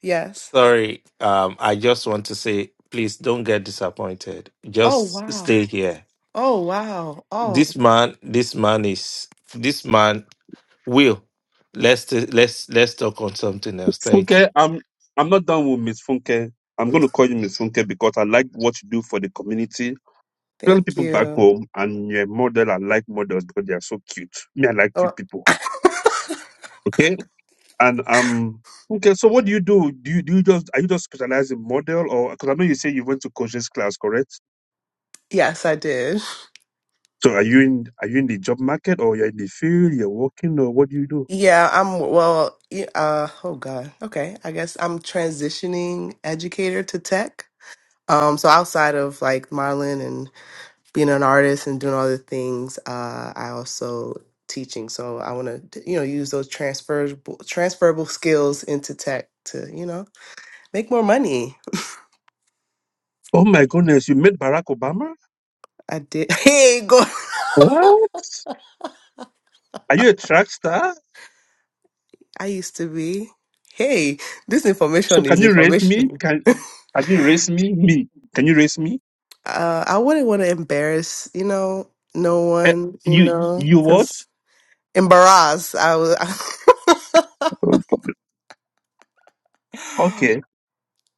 S11: Yes.
S8: sorry. Um, I just want to say, please don't get disappointed.
S11: Oh
S8: Just
S11: wow.
S8: stay here.
S11: Oh wow. Oh,
S8: This man, this man is this man will. Let's let's let's talk on something else. Thank you,
S3: Funke, I'm I'm not done with Miss Funke. I'm gonna call you Miss Funke because I like what you do for the community. Tell
S11: thank
S3: people back
S11: you.
S3: home and your model, I like models because they are so cute. Me, I like
S11: Oh,
S3: cute people. Okay? And um, okay. So what do you do? Do you, do you just are you just specialized in model, or because I know you say you went to coaches class, correct?
S11: Yes, I did.
S3: So are you in are you in the job market, or you're in the field, you're working, or what do you do?
S11: Yeah, I'm well, y- uh oh God. Okay. I guess I'm transitioning educator to tech. Um so outside of like Marlin being an artist and doing all the things uh, i also teaching so i want to you know use those transferable transferable skills into tech to you know make more money
S3: Oh my goodness, you met Barack Obama.
S11: i did hey go
S3: What? Are you a track star?
S11: i used to be hey this
S3: So
S11: information is
S3: can you rate me?
S11: information
S3: Can can you race me? Me? Can you race me?
S11: uh, i wouldn't want to embarrass you know no
S3: Eh,
S11: one you
S3: you
S11: know
S3: you what?
S11: 'cause embarrass i was but
S3: Okay.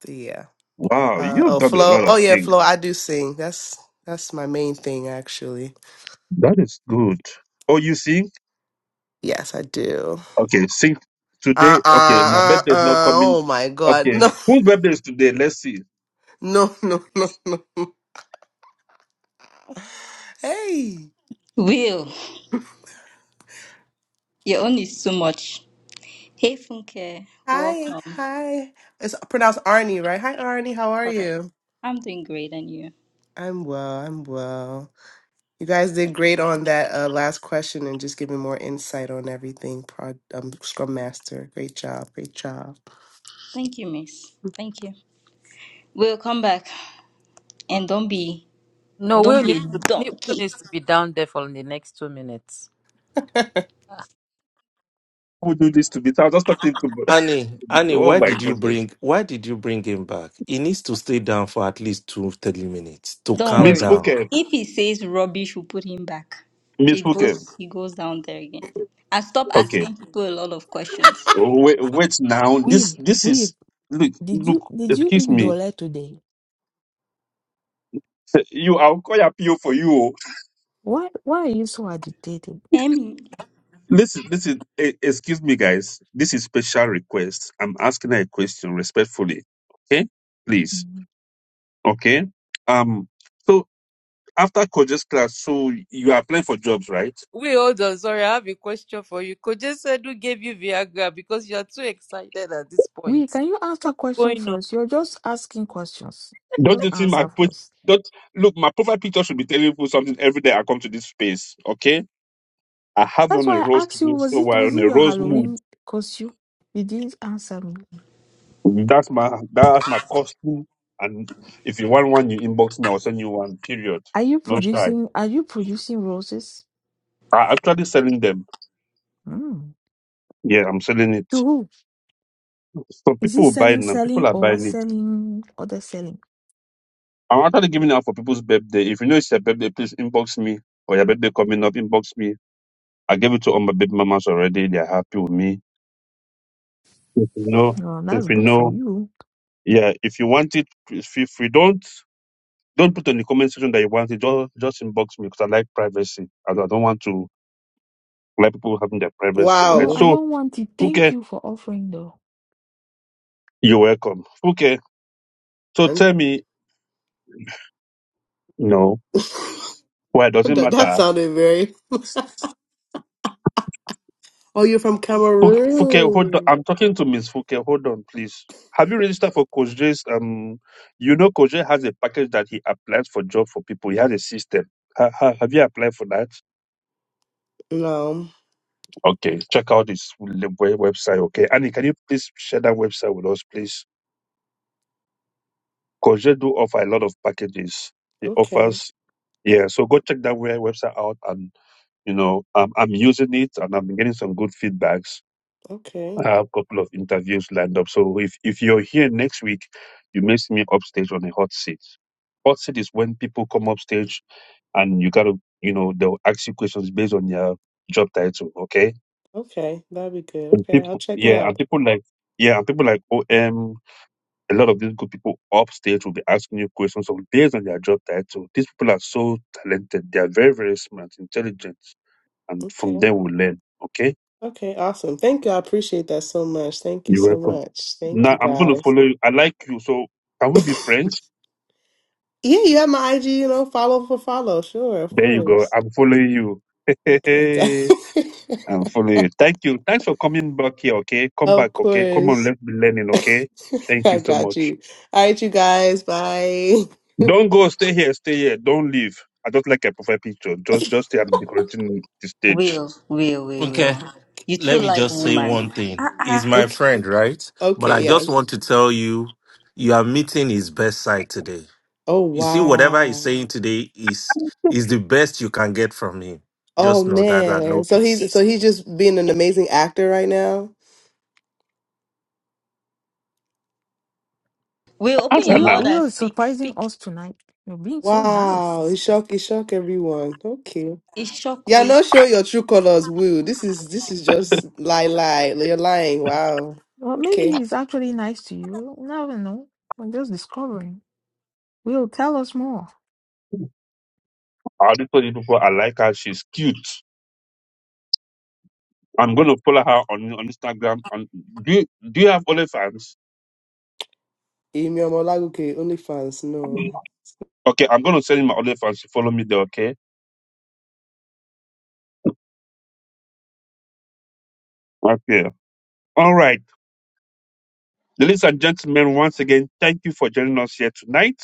S11: yeah
S3: Wow,
S11: uh,
S3: you've
S11: oh
S3: done a
S11: flow.
S3: lot
S11: oh
S3: of
S11: yeah
S3: things.
S11: flow. i do sing that's that's my main thing actually
S3: That is good. Oh, you sing?
S11: Yes, I do.
S3: Okay, sing
S11: Uh
S3: today. Okay, my
S11: uh uh
S3: birthday is not
S11: uh.
S3: coming.
S11: Oh my God.
S3: Okay, whose birthday is today? Let's see.
S11: No, no, no, no, no. Hey.
S4: Will. Your own is too much. Hey, Funke,
S11: Hi,
S4: welcome.
S11: hi. It's pronounced Arnie, right? Hi, Arnie. How are
S4: Correct.
S11: you?
S4: I'm doing great, and you?
S11: I'm well. I'm well. You guys did great on that uh, last question and just giving more insight on everything. Pro- um, Scrum Master. Great job. Great job.
S4: Thank you, Miss. Thank you. We'll come back, and don't be,
S7: No,
S4: don't
S7: Will
S4: be a
S7: needs to, Will
S4: donkey.
S7: needs to be down there for the next two minutes.
S3: Who do this to me? I was just talking to.
S8: Annie. Annie,
S3: oh
S8: why
S3: my
S8: did you
S3: goodness,
S8: bring why did you bring him back? He needs to stay down for at least two thirty minutes to
S4: Don't
S8: calm
S3: Miss
S4: worry.
S8: down.
S3: Fuke,
S4: If he says rubbish, we'll put him back.
S3: Miss
S4: He
S3: Fuke.
S4: goes, he goes down there again, and stop
S3: Okay,
S4: asking people a lot of questions.
S3: wait, wait now. This,
S6: Will,
S3: this
S6: Will,
S3: is look,
S6: did
S3: look.
S6: you did you
S3: Excuse
S6: eat
S3: me.
S6: dollar today?
S3: You, I'll call appeal for you. oh.
S6: Why why are you so agitated?
S4: Emmy,
S3: Listen, listen. eh, Excuse me, guys. This is special request. I'm asking her a question respectfully. Okay, please. Okay. Um. So. after coaches class, so you are applying for jobs, right?
S7: Wait, hold on. Sorry, I have a question for you. Koje said who gave you Viagra because you are too excited at this
S6: Will,
S7: point.
S6: can you answer
S7: What's
S6: question
S7: going on?
S6: first? You're just asking questions.
S3: Don't
S6: Just
S3: you think my
S6: answer
S3: post?
S6: first.
S3: Don't look. My profile picture should be telling people something every day. I come to this space, okay? I have
S6: That's
S3: on a
S6: why I
S3: rose
S6: asked you,
S3: today,
S6: was
S3: so
S6: it
S3: we're
S6: was
S3: on
S6: it
S3: a
S6: your
S3: rose mood.
S6: Halloween costume? You didn't answer me.
S3: That's my that's my costume. And if you want one, you inbox me. I'll send you one. Period.
S6: Are you
S3: No shy.
S6: producing are you producing roses?
S3: I'm actually selling them.
S6: Mm.
S3: Yeah, I'm selling
S6: To
S3: it.
S6: who?
S3: So
S6: Is
S3: people
S6: it
S3: will buy it
S6: selling
S3: now. People
S6: selling
S3: are
S6: or
S3: buying it.
S6: selling other selling?
S3: I'm actually giving it out for people's birthday. If you know it's your birthday, please inbox me. Or your birthday coming up, inbox me I gave it to all my baby mamas already. They're happy with me. If you know,
S6: Oh, that's
S3: if you
S6: good for
S3: know,
S6: you.
S3: yeah. If you want it, if you, if you don't, don't put in the comment section that you want it. Just just inbox me because I like privacy. and I don't want to like people having their privacy, right?
S6: No, I
S11: Wow.
S3: So,
S6: don't want it. Thank
S3: Fuke,
S6: you for offering though.
S3: you're welcome. Fuke, so
S11: Man.
S3: tell me, no, why does it
S11: that,
S3: matter?
S11: that sounded very. Oh, you're from
S3: Fuke, Fuke, hold on.
S11: Cameroon.
S3: I'm talking to Miss Fuke. Hold on, please. Have you registered for Coach J's? Um, you know, Coach J has a package that he applies for job for people. He has a system. Ha, ha, have you applied for that?
S11: No.
S3: Okay, check out his le- we- website. Okay, Annie, can you please share that website with us, please? Coach J do offer a lot of packages. He
S11: Okay.
S3: offers, yeah. So go check that we- website out, and you know, um, I'm using it, and I'm getting some good feedbacks.
S11: Okay.
S3: I have a couple of interviews lined up. So if, if you're here next week, you may see me upstage on a hot seat. Hot seat is when people come upstage and you gotta, you know, they'll ask you questions based on your job title, okay?
S11: Okay. That'd be good.
S3: And
S11: Okay. I'll
S3: people,
S11: check it
S3: yeah, and
S11: out.
S3: people like, yeah, and people like OM, a lot of these good people upstage will be asking you questions of based on their job title. These people are so talented. They are very, very smart, intelligent, and from
S11: Okay.
S3: them we learn, okay?
S11: Okay. Awesome. Thank you. I appreciate that so much. Thank you
S3: You're
S11: so
S3: welcome.
S11: much. Thank
S3: Now
S11: you
S3: I'm gonna
S11: guys.
S3: follow you. I like you, so can we be friends?
S11: Yeah, you have my IG, you know, follow for follow. Sure, of
S3: There you go.
S11: course.
S3: I'm following you.
S11: Okay, got-
S3: I'm following you. Thank you. Thanks for coming back here. Okay, come back.
S11: of
S3: Okay, come on.
S11: course.
S3: Let's be learning. Okay. Thank you
S11: I
S3: so
S11: got
S3: much.
S11: you. All right, you guys, bye.
S3: Don't go. Stay here. Stay here. Don't leave. I don't like a perfect picture. Just, just stay. I'm decorating the stage.
S4: will, will, will,
S8: Okay,
S4: will. You too
S8: let me
S4: like
S8: just say
S4: woman.
S8: one thing.
S4: Ah
S8: He's
S4: ah.
S8: my
S11: Okay,
S8: friend, right? But
S11: okay,
S8: I just
S11: yes.
S8: want to tell you, you are meeting his best side today.
S11: Oh
S8: You see, whatever he's
S11: wow.
S8: saying today is is the best you can get from him.
S11: Oh
S8: Just know that at
S11: man.
S8: no
S11: So
S8: peace.
S11: he's so he's just being an amazing actor right now.
S4: Will, open your
S3: Answer
S6: Will
S3: now.
S4: mouth and
S6: Will is
S4: speak,
S6: surprising
S4: speak.
S6: us tonight. You're being so
S11: Wow. He
S6: nice.
S11: shock he shock everyone. Okay.
S4: It's shock
S11: Yeah, not show your true colors, Will. This is this is just lie lie. You're lying. Wow.
S6: Well maybe
S11: Okay.
S6: he's actually nice to you. You never know. We're just discovering. Will tell us more.
S3: I already told you before. I like her. She's cute. I'm gonna follow her on on Instagram. And do you, do you have OnlyFans?
S11: Imiamolagoke, OnlyFans, no.
S3: Okay, I'm gonna send you my OnlyFans. You follow me there. Okay. Okay. All right. Ladies and gentlemen, once again, thank you for joining us here tonight.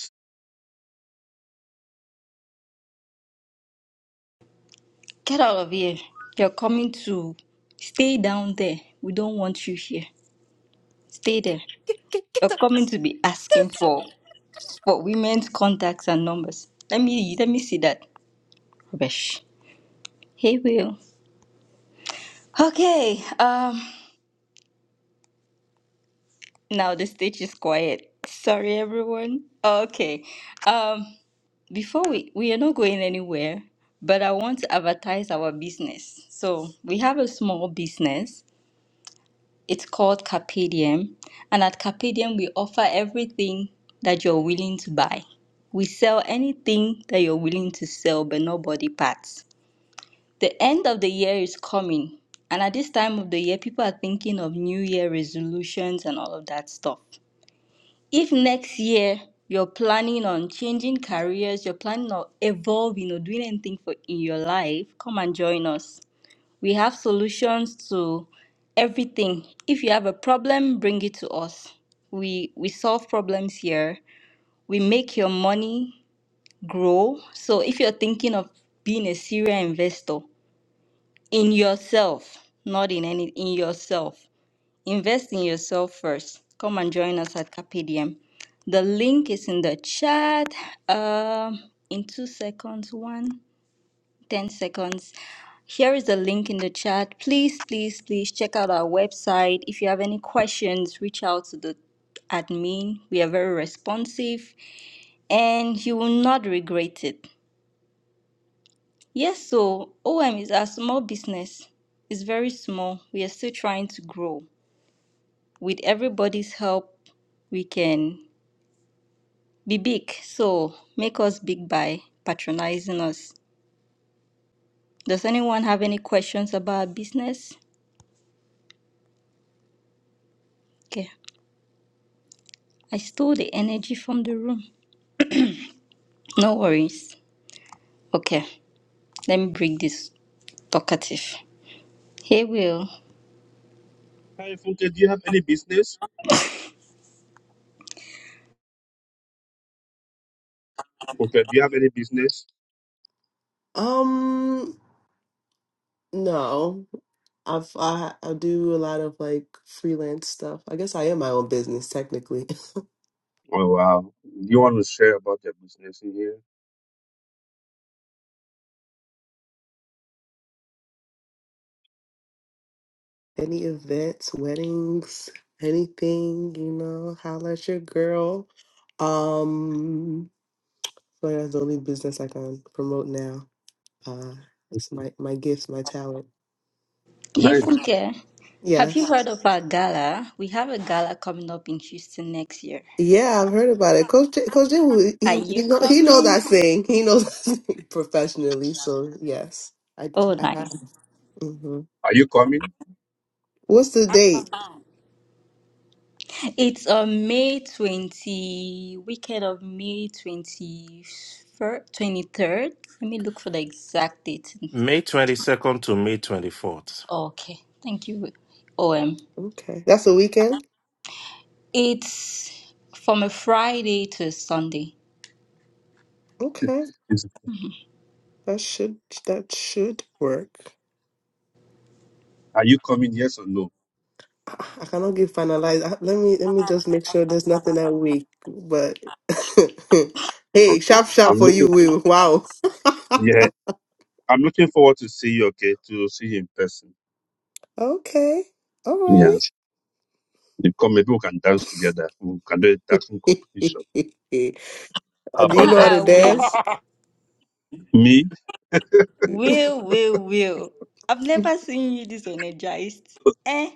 S4: Get out of here. You're coming to stay down there. We don't want you here. Stay there.
S7: Get, get, get
S4: You're
S7: up.
S4: coming to be asking for for women's contacts and numbers. Let me let me see that. Rubbish. Hey Will. Okay. Um now the stage is quiet. Sorry everyone. Okay. Um before we we are not going anywhere, but I want to advertise our business. So we have a small business It's called Carpedium, and at Carpedium, we offer everything that you're willing to buy. We sell anything that you're willing to sell, but not body parts. The end of the year is coming, and at this time of the year, people are thinking of New Year resolutions and all of that stuff. If next year you're planning on changing careers, you're planning on evolving or doing anything for in your life, come and join us. We have solutions to everything. If you have a problem, bring it to us. We we solve problems here. We make your money grow. So if you're thinking of being a serial investor in yourself, not in any in yourself, invest in yourself first. Come and join us at Capedium. The link is in the chat. Um, in two seconds, one, ten seconds. Here is the link in the chat. Please, please, please check out our website. If you have any questions, reach out to the admin. We are very responsive and you will not regret it. Yes, so OM is a small business. It's very small. We are still trying to grow. With everybody's help, we can be big. So make us big by patronizing us. Does anyone have any questions about business? Okay. I stole the energy from the room. No worries. Okay, let me bring this talkative. Hey, Will.
S3: Hi, Funke, do you have any business? Funke, do you have any business?
S11: Um, no. I've I, I do a lot of like freelance stuff. I guess I am my own business technically.
S3: Oh, wow. You want to share about your business in here?
S11: Any events, weddings, anything, you know, holla at your girl. Um, so that's the only business I can promote now. Uh, it's my my gift, my talent.
S4: Hey,
S3: Nice.
S4: Funke. Have you
S11: Yes.
S4: heard of our gala? We have a gala coming up in Houston next year.
S11: Yeah, I've heard about it. Coach Coach J,
S4: Are
S11: he he
S4: you
S11: know he knows
S4: coming?
S11: that thing. He knows that thing professionally. So yes, I
S4: Oh,
S11: I have.
S4: nice.
S11: hmm
S3: Are you coming?
S11: What's the date?
S4: It's on May 20, weekend of May 20, 23rd. Let me look for the exact date.
S8: May 22nd to May 24th.
S4: Okay, thank you, OM.
S11: Okay, that's the weekend.
S4: It's from a Friday to a Sunday.
S11: Okay,
S3: Is-
S11: that should that should work.
S3: Are you coming? Yes or no?
S11: I, I cannot get finalized. I- let me let me just make sure there's nothing that week. But hey,
S3: Okay.
S11: sharp sharp
S3: I'm
S11: for
S3: looking.
S11: you, Will. Wow.
S3: Yeah. I'm looking forward to see you, okay, to see you in person.
S11: Okay. All right.
S3: Yes. You come, maybe we can dance together. We can do a
S11: Do
S3: dancing competition. How
S11: you
S3: about
S11: know how
S3: that?
S4: I, I
S11: to
S4: will.
S11: dance?
S3: Me?
S4: Will, will, will. I've never seen you this energized. Eh?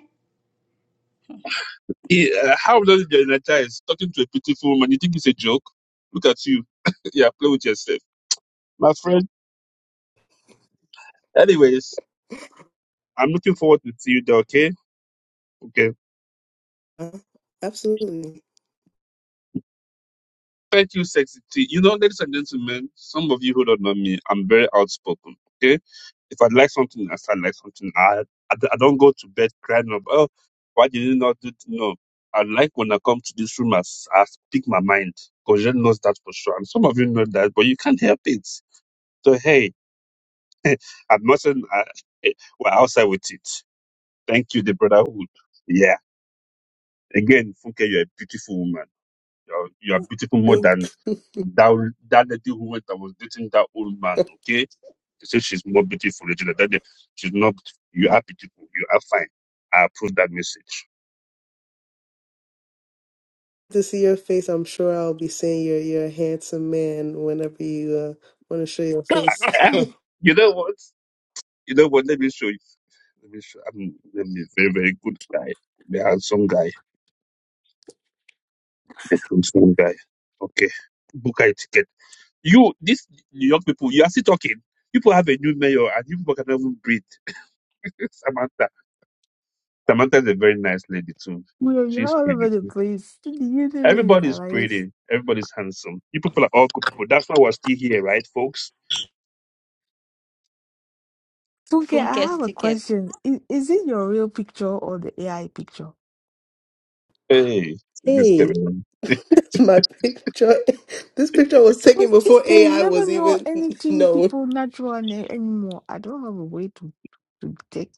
S3: He, uh, how does it genetize? Talking to a beautiful woman, you think it's a joke? Look at you. yeah, play with yourself. My friend. Anyways, I'm looking forward to see you there, okay? Okay.
S11: Uh, Absolutely.
S3: Thank you, sexy T. You know, ladies and gentlemen, some of you who don't know me, I'm very outspoken, okay? If I like something, I start like something. I, I, I don't go to bed crying up, oh, why did you not do it? No. I like when I come to this room, I, s- I speak my mind. Kojen knows that for sure. And some of you know that, but you can't help it. So, hey, As much as I, eh, we're outside with it. Thank you, the brotherhood. Yeah. Again, Funke, you're a beautiful woman. You're, you're beautiful more
S11: Thank
S3: than that, that lady who went and was dating that old man. Okay. They say she's more beautiful. Regina. That day, She's not. You are beautiful. You are fine. I approve that message.
S11: to see your face. I'm sure I'll be saying you're you're a handsome man whenever you uh, want to show your face.
S3: Yeah. You know what? You know what? Let me show you. Let me show. I'm, I'm a very, very good guy. The handsome guy. The handsome guy. Okay. Book a ticket You, these young people, you are still talking. People have a new mayor and you people cannot even breathe. Samantha. Samantha is a very nice lady too.
S6: Will, you're
S3: She's
S6: all over
S3: pretty
S6: the
S3: too.
S6: place. Do you didn't even
S3: Everybody's
S6: realize?
S3: pretty. Everybody's handsome. You people are all good people. That's why we're still here, right, folks?
S6: Funke, I
S4: Funke's
S6: have a
S4: ticket.
S6: question. Is, is it your real picture or the AI picture?
S3: Hey, this
S11: Hey,
S3: Kevin.
S11: that's my picture. This picture was taken
S6: Because this
S11: before
S6: day you
S11: AI was
S6: never know
S11: even
S6: anything
S11: known.
S6: people natural any- anymore. I don't have a way to to take.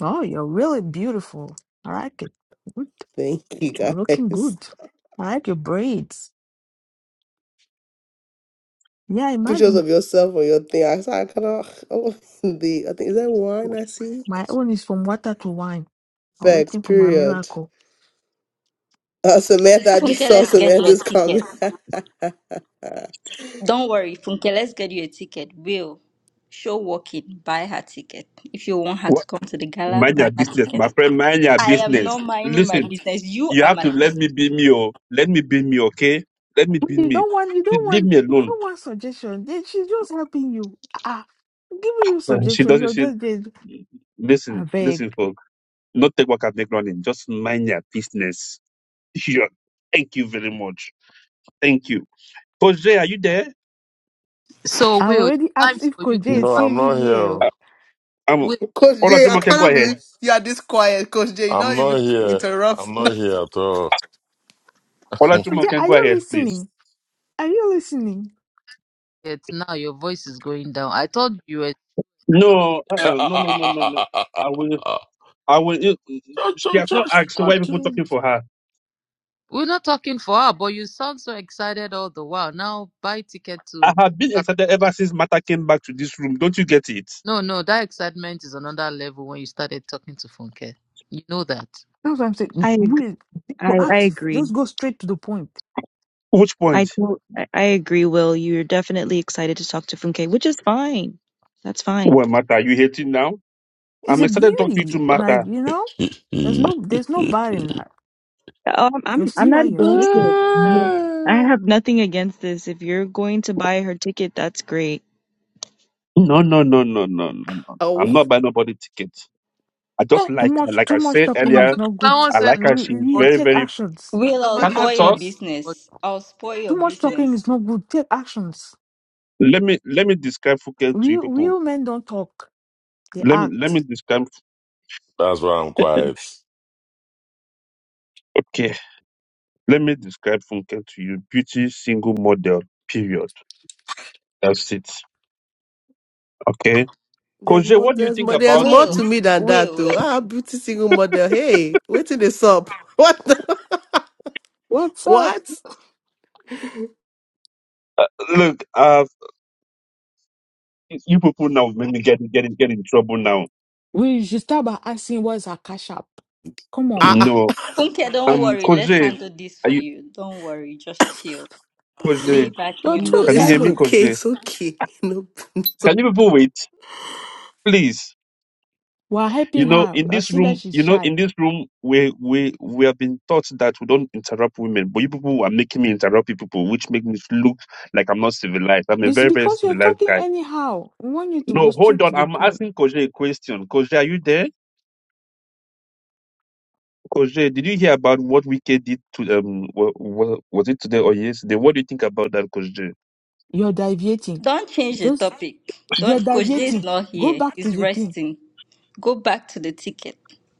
S6: Oh, you're really beautiful. I like it. Good.
S11: Thank you
S6: You're looking
S11: guys.
S6: good. I like your braids. Yeah,
S11: Pictures
S6: imagine
S11: of yourself or your thing. I saw I kind of oh, the I think is that wine I see.
S6: my own is from water to wine. I'm
S11: Facts.
S6: waiting for my
S11: Period.
S6: miracle.
S11: Uh, Samantha, I
S4: Funke,
S11: just saw
S4: let's get you a
S11: Samantha's
S4: ticket.
S11: comment.
S4: Don't worry, Funke, let's get you a ticket. Will, show walking, buy her ticket. If you want her
S3: What?
S4: to come to the gala,
S3: Mind
S4: buy
S3: your
S4: her
S3: business,
S4: ticket.
S3: my friend. Mind your
S4: I am
S3: business.
S4: not minding my
S3: Listen,
S4: business. You
S3: you
S4: are
S3: have
S4: my
S3: to let me
S4: business.
S3: be me, oh. Let me be me, okay? Let me be
S6: You
S3: me.
S6: don't want. You don't
S3: Leave
S6: want.
S3: me
S6: You
S3: alone.
S6: don't want suggestion. They- She's just helping you. Ah, giving you
S3: Uh, She
S6: suggestion.
S3: doesn't.
S6: You're
S3: She
S6: just there. I
S3: listen.
S6: beg.
S3: Listen, folks. Not take work and make running. Just mind your business. Yeah. Thank you very much. Thank you. Coach Jay, are you there?
S7: So,
S6: I
S7: Will, it's
S6: already
S7: time
S6: asked if
S7: for you
S6: Koje
S7: to
S2: No,
S6: is
S7: buy.
S2: I'm
S6: even
S2: not
S6: here.
S2: here.
S3: Uh,
S6: oh.
S3: I'm,
S7: Will,
S11: Coach Jay, I
S3: Olajumo can go
S11: cannot
S3: ahead.
S11: believe you are this quiet, Coach Jay,
S2: I'm
S11: Not
S2: not
S11: even
S2: here.
S11: interrupt
S2: I'm not
S11: now.
S2: here at all.
S6: Koje,
S3: Olajumo can
S6: are
S3: go
S6: you
S3: ahead, please.
S6: listening? Are you listening?
S7: it now your voice is going down. I told you were,
S3: No, uh, no, no, no, no, no. I will, I will. you-
S2: choo
S3: She
S2: choo,
S3: has not
S2: church,
S3: asked, so why people talking
S2: Watkins.
S3: for her?
S7: we're not talking for her, but you sound so excited all the while. Now buy ticket
S3: I
S7: to.
S3: have been excited ever since Mata came back to this room. Don't you get it?
S7: No, no, that excitement is another level when you started talking to Funke. You know that.
S6: That's what I'm saying.
S9: I ag-
S6: We people
S9: I, I
S6: active.
S9: agree.
S6: Just go straight to the point.
S3: Which
S9: I,
S3: point?
S9: to- I I agree, Will. You're definitely excited to talk to Funke, which is fine. That's fine.
S3: Well, Mata, you hating now?
S6: It's
S3: I'm
S6: a
S3: excited to talk to you
S6: beauty.
S3: to
S6: Like,
S3: Mata.
S6: you know, there's no there's no bad in that.
S9: Um, I'm
S6: You
S9: I'm
S6: see why
S9: not
S6: you're
S9: against it.
S6: shaking.
S3: No,
S9: I have nothing against this. If you're going to buy her ticket, that's great.
S3: no, no, no, no, no, no. I'm not buying nobody ticket. I just
S6: Too
S3: like her.
S6: much
S3: like I
S6: too much
S3: said
S6: talking is
S3: earlier,
S6: not good.
S7: Someone
S3: I
S7: said,
S3: like her.
S6: Really,
S3: She's
S6: really
S7: but
S3: very,
S6: take
S3: very
S6: actions.
S4: Will, I'll
S6: Take
S3: can
S7: somebody
S3: I
S4: spoil
S7: said,
S4: your
S3: talk?
S6: actions.
S7: but,
S4: business. I'll spoil your
S6: Too much
S4: business.
S6: talking is not good. Take actions.
S3: Let me let me describe Funke to you
S6: Real
S3: people.
S6: real men don't talk. They
S3: Let me let me
S6: act.
S3: describe
S2: That's why I'm quiet.
S3: okay. Let me describe Funke to you. Beauty single model. Period. That's it. Okay.
S11: There's
S3: Koje,
S11: more.
S3: what do you
S11: There's
S3: think
S11: more. There's
S3: about
S11: more
S4: Will,
S11: to
S3: this?
S11: me than that,
S4: will,
S11: though.
S4: will.
S11: Ah, beauty single model. Hey, wait till this up. What? The,
S6: What's up?
S11: what?
S3: Look, uh you people now make me get get get in trouble now.
S6: We should start by asking what's our cash app. Come on.
S11: Ah.
S3: No.
S11: ah.
S4: Funke, don't
S3: Um
S4: worry. Let's
S3: Koje,
S4: handle this
S3: are
S4: for
S3: you
S4: you. Don't worry. Just chill. Lay
S3: Koje?
S4: back in
S6: You're
S4: your
S6: too
S11: No,
S3: Can you
S11: it's
S4: knee
S3: hear me,
S6: excited.
S11: okay.
S3: Koje?
S11: It's okay. No. it's
S3: Can you people wait? Please.
S6: We're
S3: You
S6: helping
S3: know,
S6: her.
S3: in
S6: I
S3: this
S6: see that
S3: room,
S6: she's
S3: you know,
S6: shy.
S3: in this room, we we we have been taught that we don't interrupt women, but you people are making me interrupt you people, which make me look like I'm not civilized. I'm a
S6: It's
S3: very very
S6: because you're
S3: civilized
S6: talking
S3: guy.
S6: anyhow. We want you to go
S3: No, hold
S6: straight to
S3: on.
S6: the
S3: I'm
S6: point.
S3: asking Koje a question. Koje, are you there? Koje, did you hear about what Wiki did to um? wa- wa- was it today or yesterday? What do you think about that, Koje?
S6: You're deviating.
S4: Don't change the
S6: Just
S4: topic.
S6: you're
S4: Don't Coach Jay is
S6: deviating.
S4: not
S6: Go
S4: here.
S6: back to
S4: He's
S6: the thing.
S4: resting. Go back to the ticket.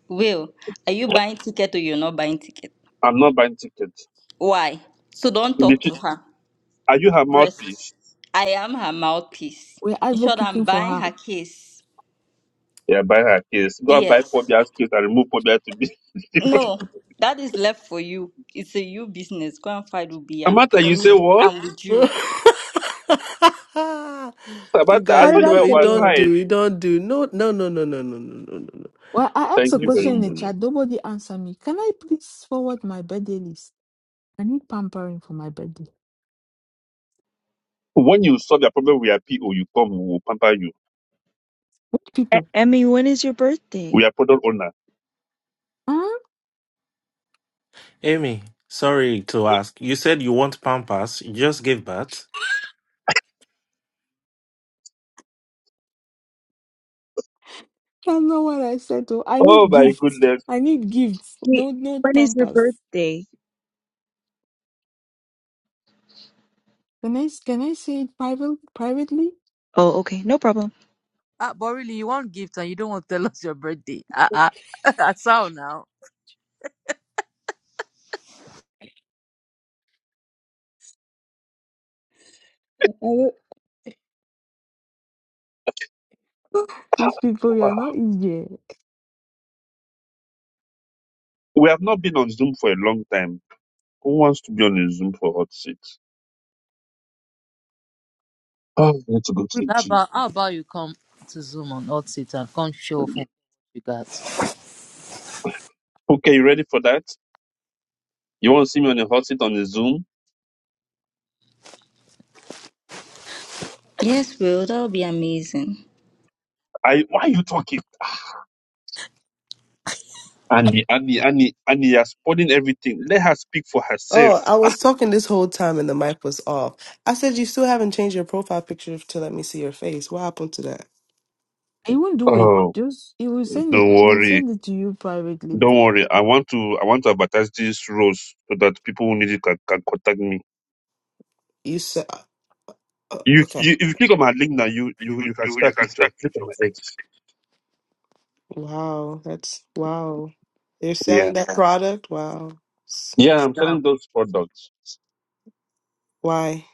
S4: Will, are you buying ticket or you're not buying ticket?
S3: I'm not buying tickets.
S4: Why? So don't
S3: Did
S4: talk
S3: you-
S4: to her.
S3: Are you her
S4: Rest.
S3: mouthpiece?
S4: I am her mouthpiece.
S6: We're
S4: In short,
S6: advocating
S4: I'm
S6: for
S4: buying
S6: her.
S4: her case.
S3: Yeah, buy her case. Go and buy
S4: Yes.
S3: Pobia's case and remove Pobia to be.
S4: No, that is left for you. It's a you business. Go and find Ubia.
S3: Amata,
S4: For
S3: you say
S4: me,
S3: what?
S4: I'm with you.
S11: you
S3: About that, I
S9: How
S11: guys,
S3: thought
S9: did
S3: you
S9: I
S11: no,
S3: were on
S11: you
S9: get
S3: my
S11: don't
S9: in?
S3: side.
S11: do. You don't do. No, no, no, no, no, no, no, no,
S6: Well, I asked
S3: Thank
S6: a
S11: no.
S3: you very
S6: question in the
S3: much.
S11: no.
S6: chat. Nobody answered me. Can I please forward my birthday list? I need pampering for my birthday.
S3: When you solve your problem with your PO, you come, we will pamper you.
S6: What
S9: E-
S6: people?
S9: Emmy, when is your birthday?
S3: We are product owner.
S6: Huh?
S8: Amy, sorry to ask. You said you want Pampas. You just gave birth.
S6: I know what I said. Oh, I
S3: Oh
S6: need
S3: my
S6: gifts.
S3: goodness.
S6: I need gifts.
S9: Wait,
S6: No, no
S9: when is your
S6: pampers.
S9: birthday?
S6: Can I can I say it private privately?
S9: Oh, okay, no problem.
S7: ah, but really, you want gifts and you don't want to tell us your birthday. Ah, ah. That's how now.
S6: These people, you
S3: Wow.
S6: are not easy.
S3: We have not been on Zoom for a long time. Who wants to be on a Zoom for hot seat? Oh, I need to go to the
S7: How about, how about you come to Zoom on Hot Seat and come show Funke
S3: gym.
S7: what you got?
S3: Okay, you ready for that? You want to see me on a hot seat on the Zoom?
S4: Yes, Will, that would be amazing.
S3: I why are you talking? Annie, Annie, Annie, Annie, you're spoiling everything. Let her speak for herself.
S11: Oh, I was talking this whole time and the mic was off. I said you still haven't changed your profile picture to let me see your face. What happened to that?
S6: He won't do it.
S3: Oh,
S6: Just he will send it.
S3: don't
S6: He will
S3: worry.
S6: send it to you privately.
S3: Don't worry. I want to I want to advertise these roles so that people who need it can, can contact me.
S11: You said, uh, uh,
S3: You,
S11: okay.
S3: you if you click on my link now, you you you can see a picture. Click on my X.
S11: Wow, that's wow. They're selling
S3: Yeah.
S11: that product. Wow. It's
S3: Yeah,
S11: int-
S3: I'm selling those products.
S11: Why?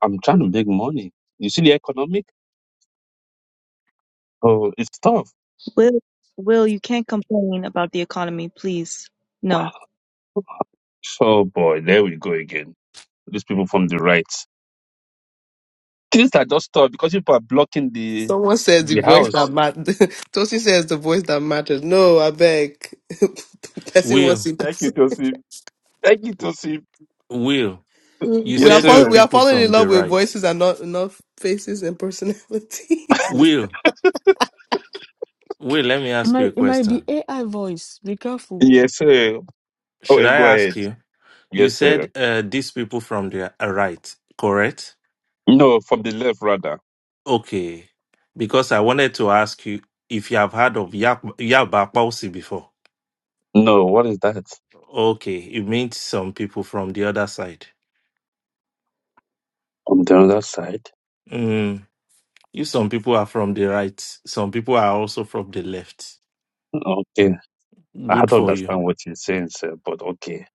S3: I'm trying to make money. You see the economic? Oh, it's tough.
S9: Will, Will, you can't complain about the economy, please. No.
S3: Oh boy, there we go again. These people from the right. Things are just tough because people are blocking the
S11: Someone says the
S3: the
S11: voice that
S3: house.
S11: matters. Tosi says the voice that matters. No, I beg. person wants
S8: Will,
S11: to see
S3: Thank you,
S11: person.
S3: Joseph. Thank you, Joseph.
S8: Will, you
S11: We
S3: Yes,
S11: are
S8: said you
S11: falling.
S3: sir.
S11: We are
S8: people
S11: falling in
S8: from
S11: love
S8: the
S11: with
S8: right.
S11: voices and not not faces and personalities.
S8: Will, Will, let me
S6: It
S8: ask you a
S6: might. It might be
S8: question.
S6: AI voice. Be careful.
S3: Yes, sir. Oh,
S8: Should
S3: eh,
S8: I
S3: go ahead.
S8: ask you? You
S3: Yes, sir.
S8: said uh, these people from the uh, right, correct?
S3: No, from the left rather.
S8: Okay. Because I wanted to ask you if you have heard of Yap Yaba Pausi before.
S3: No, what is that?
S8: Okay, it means some people from the other side.
S3: On the other side?
S8: Mm. You some people are from the right, some people are also from the left.
S3: Okay. I don't
S8: Good for you.
S3: understand what you're saying, sir, but okay.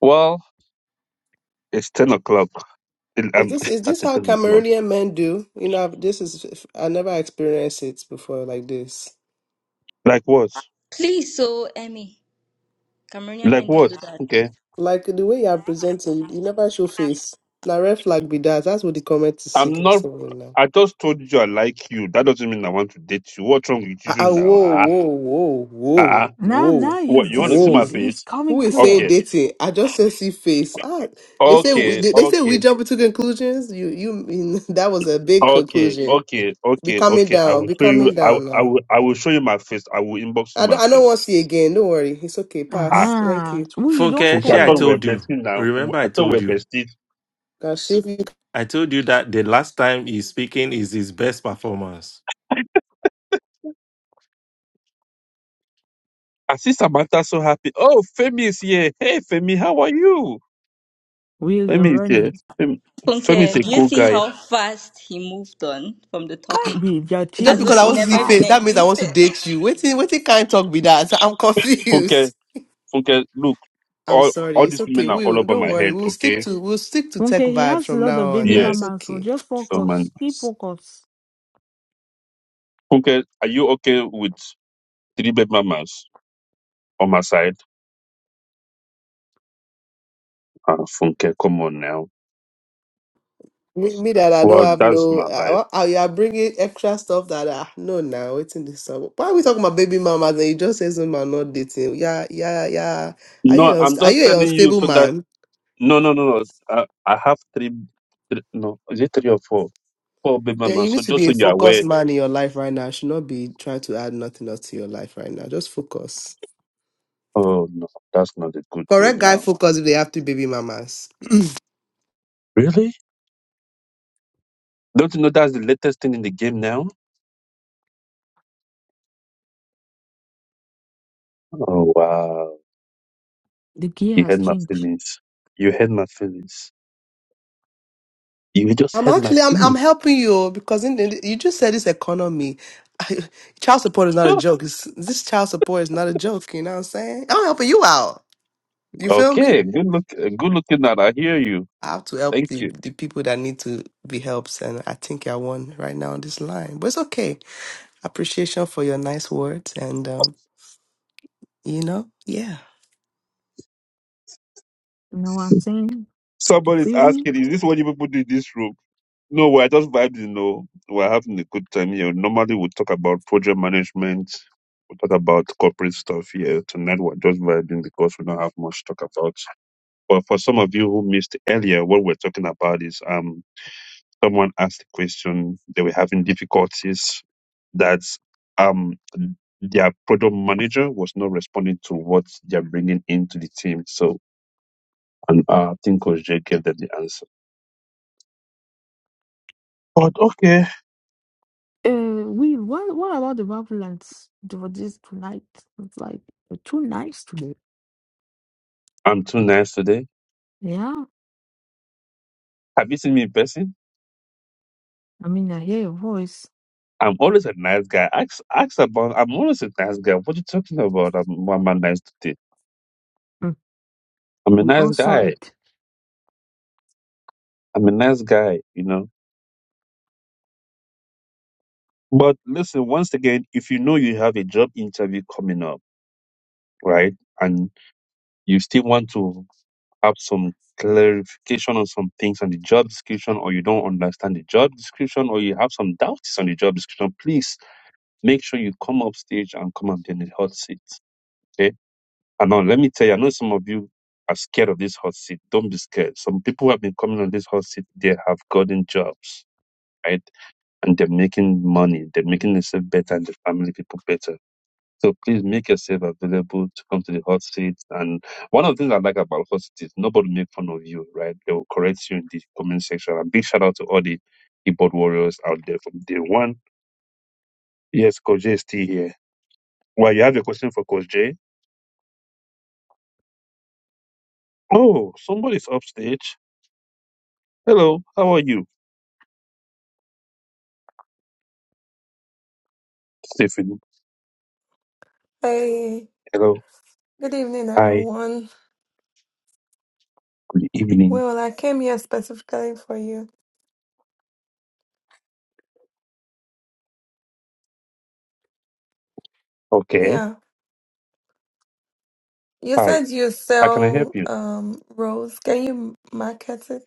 S3: Well, it's 10 o'clock.
S11: Is
S3: I'm
S11: this is
S3: at
S11: this how
S3: 10 o'clock.
S11: Cameroonian men do? You know, I've, this is I never experienced it before like this.
S3: Like what?
S4: Please, so Emmy, Cameroonian
S3: Like
S4: men don't
S3: what?
S4: do that.
S3: Okay.
S11: Like the way you are presenting, you never show face. Now red flag be that. That's what the comment is
S3: I'm
S11: saying
S3: not.
S11: saying now.
S3: I just told you I like you. That doesn't mean I want to date you. What's wrong with
S11: Ah,
S3: you
S11: ah,
S3: now?
S11: whoa,
S3: Ah,
S11: whoa, whoa,
S3: ah,
S11: whoa,
S3: ah.
S6: Now,
S11: whoa,
S6: now
S3: What?
S6: he's
S3: You want to
S6: this.
S3: see my
S6: He's
S11: whoa.
S6: he's
S3: face?
S6: coming
S11: Who is
S6: clear.
S11: saying
S3: Okay.
S11: dating? I just said see face. Ah, they say we,
S3: Okay.
S11: they, they say we
S3: Okay.
S11: jump to conclusions. You you mean that was a big
S3: Okay,
S11: conclusion.
S3: okay,
S11: Be
S3: okay,
S11: calming
S3: okay. I
S11: down.
S3: will
S11: Be
S3: show
S11: calming
S3: you. I, will-
S11: down
S3: I
S11: now.
S3: will. I will show you my face. I will inbox
S11: I
S3: you
S11: don't
S3: my
S11: I don't want to
S3: face.
S11: see again. Don't worry. It's okay.
S6: Uh
S3: Ah.
S11: Pass. Thank
S6: huh.
S11: you.
S6: Will you don't
S8: Funke,
S3: Okay, I
S8: she
S6: spoil
S8: I
S3: thought
S6: oh.
S3: we were
S8: told you.
S3: besties now.
S8: Remember
S3: I
S8: I
S3: thought we
S8: told
S3: were
S8: you.
S3: besties.
S11: Cause see if you
S8: I told you that the last time he's speaking is his best performance.
S3: I see Samantha so happy. Oh, Femi is here. Hey, Femi, how are you?
S6: Will you're
S3: Femi is here.
S6: running.
S3: Femi, Femi is
S4: Funke,
S3: a
S4: do you
S3: cool
S4: see
S3: guy.
S4: how fast he moved on from the topic?
S6: What Will you're
S11: Just
S4: As though
S6: changing
S11: because I
S4: it
S11: want
S6: so
S11: to
S4: never
S11: see
S4: even
S11: face,
S6: fast.
S11: that means I want to
S4: existed.
S11: date you. Wait till, wait till can't talk with that. I'm
S3: Funke,
S11: confused.
S3: Funke, look,
S11: I'm
S3: all all
S11: sorry. It's
S3: these
S11: okay.
S3: women are
S11: We
S3: all
S11: will
S3: over
S11: don't
S3: my
S11: worry.
S3: head.
S11: We'll stick
S3: Okay,
S11: to we'll stick to tech
S6: Okay, he
S11: vibe
S6: has a
S11: from
S6: lot of
S11: now on.
S6: baby
S11: Now it's
S3: yes,
S6: mama. so
S11: okay.
S6: just
S3: oh man.
S6: focus. Keep focus.
S3: Funke, are you okay with three bed mamas on my side? Ah, Funke, come on now.
S11: me, me that I don't
S3: Well,
S11: have
S3: that's
S11: no,
S3: my life.
S11: uh, uh, you are bringing extra stuff that I no now waiting this summer. Why are we talking about baby mamas and you just say some man not dating? Yeah, yeah, yeah. Are you
S3: No, I'm
S11: unst- are
S3: just
S11: you a
S3: telling you
S11: unstable
S3: so that
S11: man?
S3: no, no, no, no. I, I have three, three. No, is it three or four? Poor baby
S11: Then
S3: mama.
S11: you
S3: So
S11: need to
S3: just
S11: be
S3: so
S11: a
S3: you're
S11: focused
S3: aware.
S11: man in your life right now. You should not be trying to add nothing else to your life right now. Just focus.
S3: Oh no, that's not a good way
S11: Correct guy
S3: now.
S11: focus if they have two baby mamas.
S3: Really? Don't you know that's the latest thing in the game now? Oh wow.
S6: The gear
S3: You
S6: has
S3: had my
S6: changed.
S3: feelings. You had my feelings. You just
S11: I'm
S3: had my
S11: actually I'm I'm
S3: feelings.
S11: helping you oh, because in the, you just said this economy. I, child support is not a joke. It's, this child support is not a joke. You know what I'm saying? I'm helping you out. You feel me?
S3: okay, good look uh, good looking at I hear you.
S11: I have to help
S3: Thank
S11: the,
S3: you.
S11: the people that need to be helped, and I think I won right now on this line. But it's okay. Appreciation for your nice words, and um, you know, yeah.
S6: You know what I'm saying? You
S3: Somebody's
S6: feel me?
S3: asking, is this what you people do in this room? No, we're just vibing, you know. We're having a good time here. Normally we talk about project management. We talk about corporate stuff here. Tonight we're just vibing because we don't have much to talk about. But for some of you who missed earlier, what we're talking about is um, someone asked the question they were having difficulties that um, their product manager was not responding to what they're bringing into the team. So, and uh, I think Coach Jay gave them the answer. But okay,
S6: Uh, we what what about the Babylons for this tonight? It's like uh, two nights today.
S3: I'm too nice today.
S6: Yeah,
S3: Have you seen me in person?
S6: I mean, I hear your voice.
S3: I'm always a nice guy. Ask, ask about. I'm always a nice guy. What are you talking about? I'm, I'm a nice today.
S6: Mm,
S3: I'm a
S6: We
S3: nice
S6: all saw
S3: guy.
S6: it.
S3: I'm a nice guy. You know. But listen, once again, if you know you have a job interview coming up, right, and you still want to have some clarification on some things on the job description, or you don't understand the job description, or you have some doubts on the job description, please make sure you come up stage and come up in the hot seat. Okay. And now let me tell you, I know some of you are scared of this hot seat. Don't be scared. Some people who have been coming on this hot seat, they have gotten jobs, right? And they're making money, they're making themselves better and the family people better So please make yourself available to come to the hot seat. And one of the things I like about hot seat is nobody make fun of you, right? They will correct you in the comment section. And big shout out to all the keyboard warriors out there from day one. Yes, Coach J is still here. Well, you have a question for Coach J. Oh, somebody's upstage. Hello, how are you? Stephen.
S12: Hey,
S3: Hello.
S12: good evening,
S3: Hi.
S12: everyone.
S3: Good evening.
S12: Well, I came here specifically for you.
S3: Okay.
S12: Yeah, you
S3: Hi.
S12: said you
S3: How can I help
S12: sell
S3: you?
S12: um rose. Can you market it?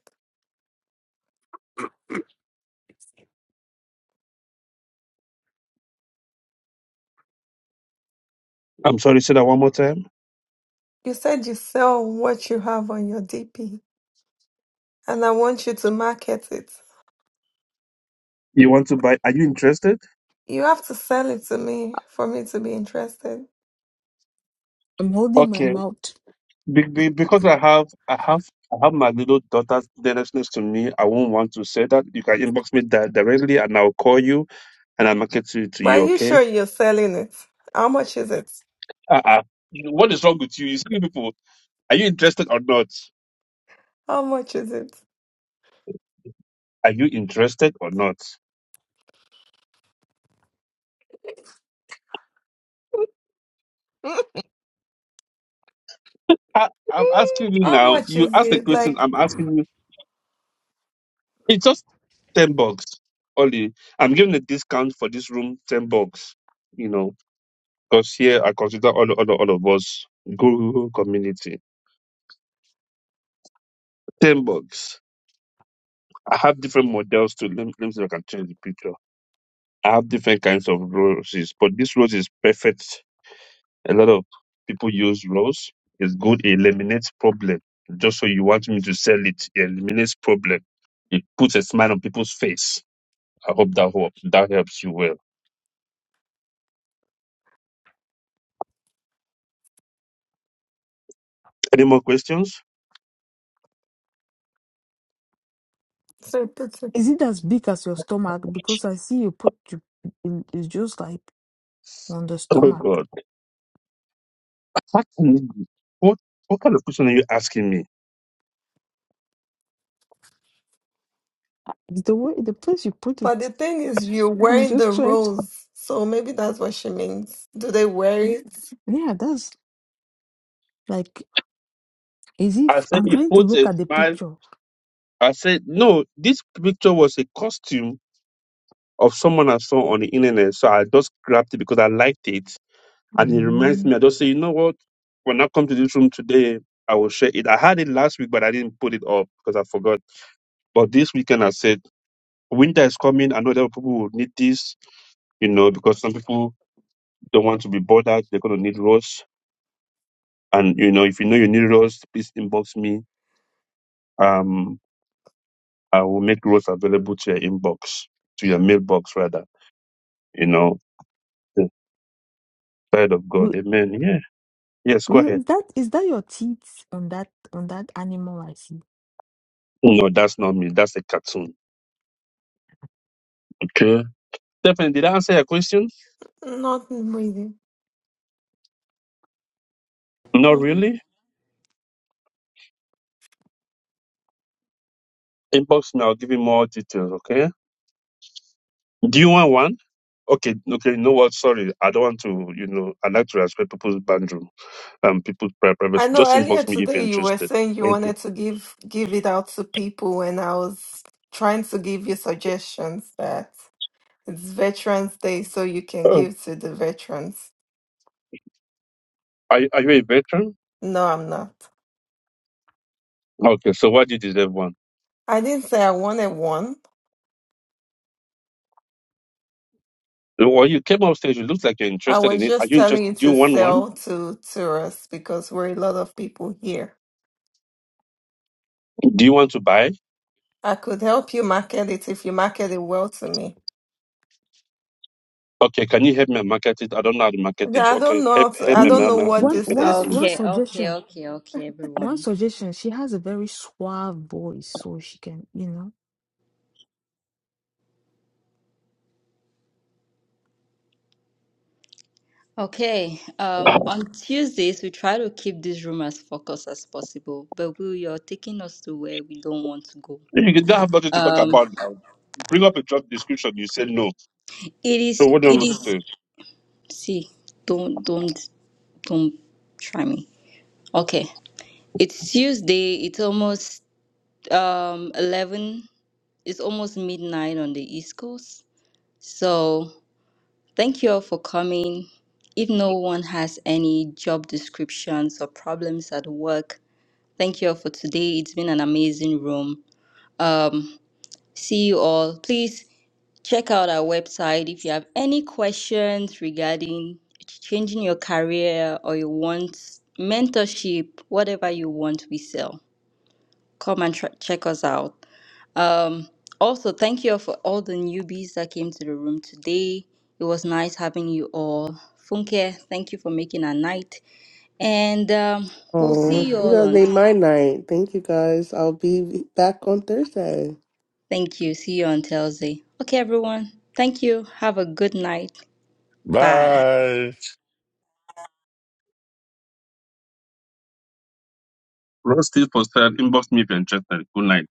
S3: I'm sorry, say that one more time.
S12: You said you sell what you have on your DP, and I want you to market it.
S3: You want to buy? Are you interested?
S12: You have to sell it to me for me to be interested.
S6: I'm holding my
S3: Okay.
S6: mouth.
S3: Be- be- because I have I have I have my little daughter's next next to me. I won't want to say that. You can inbox me di- directly, and I'll call you, and I'll market to to you.
S12: But are you
S3: Okay?
S12: sure you're selling it? How much is it?
S3: Uh-uh. What is wrong with you? You see people. Are you interested or not?
S12: How much is it?
S3: Are you interested or not? I, I'm asking you
S12: How
S3: now.
S12: much
S3: You
S12: is
S3: ask a
S12: it?
S3: question.
S12: Like,
S3: I'm asking you. It's just ten bucks, only. I'm giving a discount for this room, ten bucks. You know, because here I consider all all all of us Google community, ten bucks. I have different models to let me, let me see if I can change the picture. I have different kinds of roses, but this rose is perfect. A lot of people use rose. It's good. It eliminates problem. Just so you want me to sell it, it eliminates problem. It puts a smile on people's face. I hope that hope that helps you well. Any more questions?
S6: Is it as big as your stomach? Because I see you put you, in- it's just like on the
S3: Oh
S6: stomach.
S3: God, What can you do? What what kind of question are you asking me?
S6: Uh, The way the place you put
S12: But the
S6: it,
S12: thing is, you're
S6: I'm
S12: wearing
S6: just
S12: the
S6: trying to.
S12: rose, so maybe that's what she means. Do they wear it?
S6: Yeah, that's like as
S3: I
S6: if
S3: said
S6: I'm
S3: it
S6: trying to
S3: puts
S6: look
S3: a
S6: at the
S3: smile.
S6: picture.
S3: I said no. This picture was a costume of someone I saw on the internet. So I just grabbed it because I liked it. And it reminds
S6: Mm.
S3: me, I just say, you know what? When I come to this room today, I will share it. I had it last week, but I didn't put it up because I forgot. But this weekend I said, winter is coming. I know that people will need this, you know, because some people don't want to be bothered. They're going to need roast. And, you know, if you know you need roast, please inbox me. Um, I will make roast available to your inbox, to your mailbox rather, you know, the side of God.
S6: Will,
S3: Amen. Yeah. Yes, go ahead.
S6: will, is that is that your teeth on that on that animal I see?
S3: Oh, No, that's not me. That's a cartoon. Okay. Stephen, did I answer your question?
S12: Not really.
S3: Not
S12: hmm
S3: really. Inbox me. I'll give you more details. Okay. Do you want one? Okay. Okay. You know what? Sorry, I don't want to. You know, I like to respect people's boundary and people's pri-
S12: I
S3: privacy.
S12: know
S3: Just
S12: earlier
S3: inbox me if you're
S12: today you were
S3: interested.
S12: saying you
S3: Thank you.
S12: wanted to give give it out to people, and I was trying to give you suggestions that it's Veterans Day, so you can
S3: Oh,
S12: give to the veterans.
S3: are you- Are you a veteran?
S12: No, I'm not.
S3: Okay. So why do you deserve one?
S12: I didn't say I wanted one.
S3: Well, you came up stage. It looks like you're
S12: I
S3: interested in
S12: was
S3: it. Are
S12: just
S3: you
S12: telling you
S3: interested? Do you
S12: to
S3: want one?
S12: sell to tourists because we're a lot of people here.
S3: Do you want to buy?
S12: I could help you market it if you market it well to me.
S3: Okay, can you help me market it? I don't know how to market
S12: I
S3: it. Okay,
S12: don't
S3: help
S12: know how to,
S3: help
S12: I
S3: me
S6: We
S12: don't
S3: ma-
S12: know
S3: ma-
S12: what
S6: one
S12: this
S3: market
S6: once
S3: it.
S12: is.
S6: one
S4: Okay, okay,
S6: suggestion.
S4: okay, okay,
S6: One
S4: everyone.
S6: suggestion. She has a very suave voice, so she can you know.
S4: Okay, um, on Tuesdays, we try to keep this room as focused as possible, but we are taking us to where we don't want to go.
S3: You didn't have nothing to talk
S4: Um,
S3: about now. Bring up a job description. You say no.
S4: it
S3: So
S4: is,
S3: what do you
S4: it
S3: want
S4: is,
S3: to do?
S4: see, don't, don't, don't try me. Okay, it's Tuesday, it's almost um 11, it's almost midnight on the East Coast. So, thank you all for coming. If no one has any job descriptions or problems at work, thank you all for today. It's been an amazing room. Um, see you all. Please check out our website if you have any questions regarding changing your career or you want mentorship, whatever you want, we sell. Come and tr- check us out. Um, also, thank you for all the newbies that came to the room today. It was nice having you all. Funke, thank you for making our night. And um, we'll see
S11: Oh,
S4: you
S11: you
S4: all
S11: guys
S4: on.
S11: made my night. Thank you guys. I'll be back on Thursday.
S4: Thank you. See you on Thursday. Okay, everyone. Thank you. Have a good night. Bye.
S2: Bye.
S3: Ross Steve posted, inbox me if you're interested. Good night.